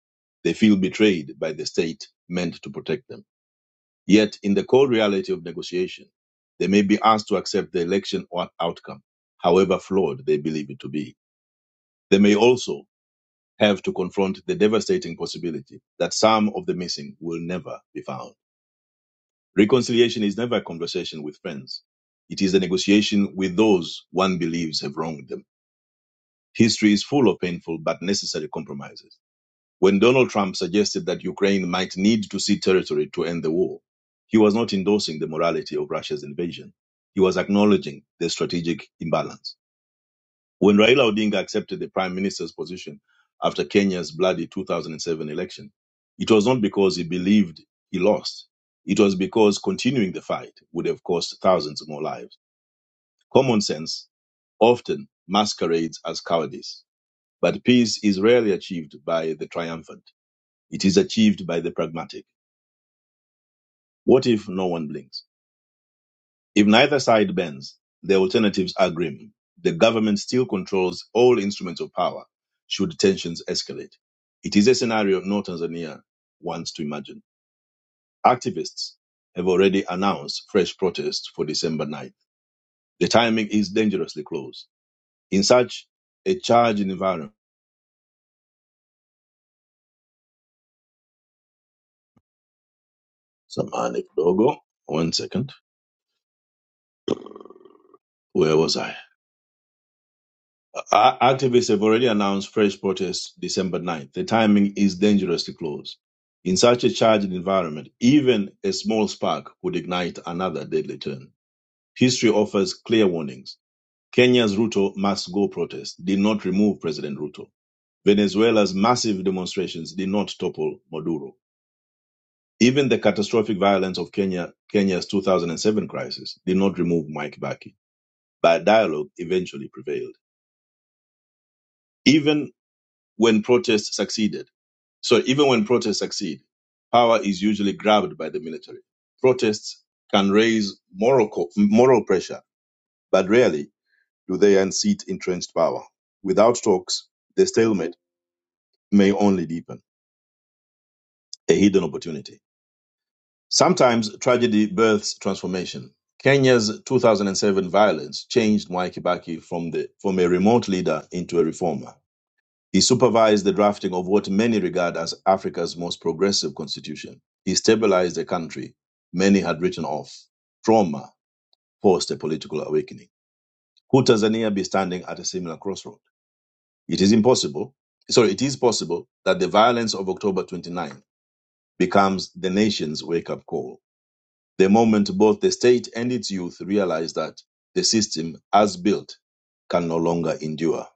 [SPEAKER 15] They feel betrayed by the state meant to protect them. Yet, in the cold reality of negotiation, they may be asked to accept the election or outcome, however flawed they believe it to be. They may also have to confront the devastating possibility that some of the missing will never be found. Reconciliation is never a conversation with friends. It is a negotiation with those one believes have wronged them History is full of painful but necessary compromises. When Donald Trump suggested that Ukraine might need to cede territory to end the war, he was not endorsing the morality of Russia's invasion. He was acknowledging the strategic imbalance. When Raila Odinga accepted the prime minister's position after Kenya's bloody 2007 election, it was not because he believed he lost. It was because continuing the fight would have cost thousands more lives. Common sense often masquerades as cowardice but peace is rarely achieved by the triumphant. It is achieved by the pragmatic. What if no one blinks? If neither side bends, the alternatives are grim. The government still controls all instruments of power should tensions escalate. It is a scenario no Tanzania wants to imagine. Activists have already announced fresh protests for December 9th. The timing is dangerously close. In such a charged environment, Samani Dogo, one second, where was I? Uh, activists have already announced fresh protests December 9th. The timing is dangerously close. In such a charged environment, even a small spark would ignite another deadly turn. History offers clear warnings. Kenya's Ruto must go protest did not remove President Ruto. Venezuela's massive demonstrations did not topple Maduro. Even the catastrophic violence of Kenya, Kenya's 2007 crisis did not remove Mike Baki. But dialogue eventually prevailed. Even. when protests succeeded. So even when protests succeed, power is usually grabbed by the military. Protests can raise moral, co- moral pressure, but rarely do they unseat entrenched power. Without talks, the stalemate may only deepen, a hidden opportunity. Sometimes tragedy births transformation. Kenya's 2007 violence changed Mwai Kibaki from, the, from a remote leader into a reformer He supervised the drafting of what many regard as Africa's most progressive constitution. He stabilized a country many had written off. Trauma forced a political awakening. Could Tanzania be standing at a similar crossroad? It is impossible. Sorry, it is possible that the violence of October 29 becomes the nation's wake up call. The moment both the state and its youth realize that the system, as built, can no longer endure.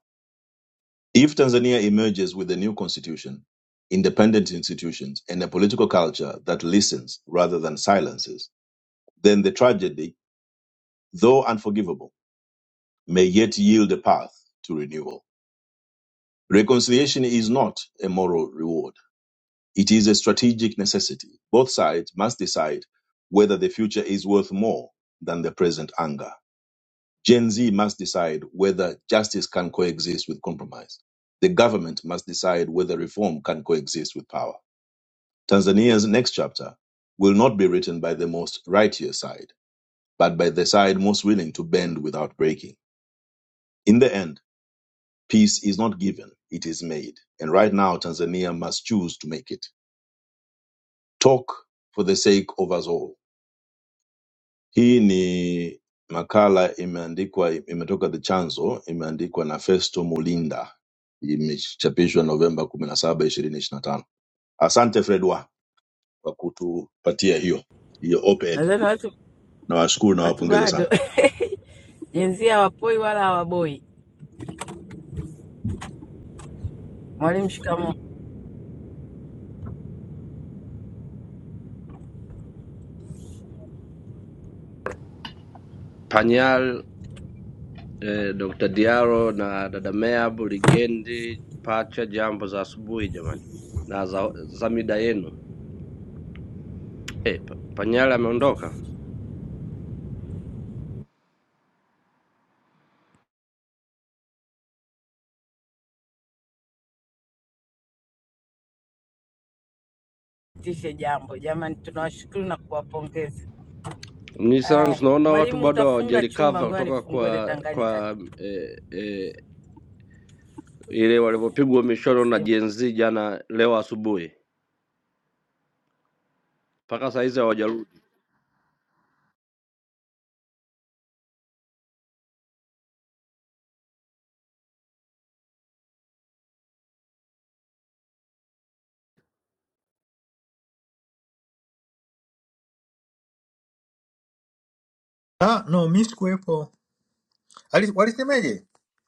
[SPEAKER 15] If Tanzania emerges with a new constitution, independent institutions, and a political culture that listens rather than silences, then the tragedy, though unforgivable, may yet yield a path to renewal. Reconciliation is not a moral reward, it is a strategic necessity. Both sides must decide whether the future is worth more than the present anger. Gen Z must decide whether justice can coexist with compromise. The government must decide whether reform can coexist with power Tanzania's next chapter will not be written by the most righteous side, but by the side most willing to bend without breaking. In the end, peace is not given, it is made. And right now, Tanzania must choose to make it. Talk for the sake of us all. Hii ni makala imeandikwa, imetoka The Chanzo, imeandikwa na Festo Mulinda, imechapishwa Novemba 17, 2025. Asante Fredwa kwa kutupatia hiyo hiyo op-ed.
[SPEAKER 10] Nadhani watu
[SPEAKER 15] nawashukuru
[SPEAKER 10] watu
[SPEAKER 15] nawapongeza
[SPEAKER 10] bado
[SPEAKER 15] sana
[SPEAKER 10] jinsia wapoi wala hawaboi. Mwalimu, shikamoo.
[SPEAKER 20] Panyal, eh, Dr. Diaro na dada Meab, Ligendi, Pacha, jambo za asubuhi jamani, na za, za mida yenu. Eh, Pa- Panyal ameondoka
[SPEAKER 10] Tishe jambo jamani, tunawashukuru na kuwapongeza.
[SPEAKER 20] Nissan,
[SPEAKER 10] Aya,
[SPEAKER 20] tunaona watu
[SPEAKER 10] mwalimu
[SPEAKER 20] bado
[SPEAKER 10] utafunga chumba,
[SPEAKER 20] hawajarecover
[SPEAKER 10] ngoja
[SPEAKER 20] kutoka
[SPEAKER 10] nifungue the
[SPEAKER 20] kwa
[SPEAKER 10] Tanganyika.
[SPEAKER 20] kwa eh, eh, ile walivyopigwa mishono na Gen Z jana leo asubuhi mpaka saa hizi hawajarudi.
[SPEAKER 19] Ah, no, mi sikuwepo. Ali- Walisemaje?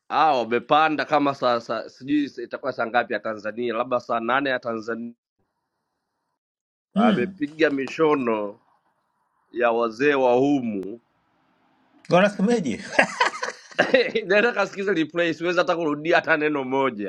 [SPEAKER 20] Ah, wamepanda kama saa, saa sijui itakuwa saa ngapi ya Tanzania, labda saa nane ya Tanzania.
[SPEAKER 19] Hmm,
[SPEAKER 20] Wamepiga mishono ya wazee wa humu
[SPEAKER 19] wanasemaje?
[SPEAKER 20] Nataka sikiza replay, siwezi hata kurudia hata neno moja.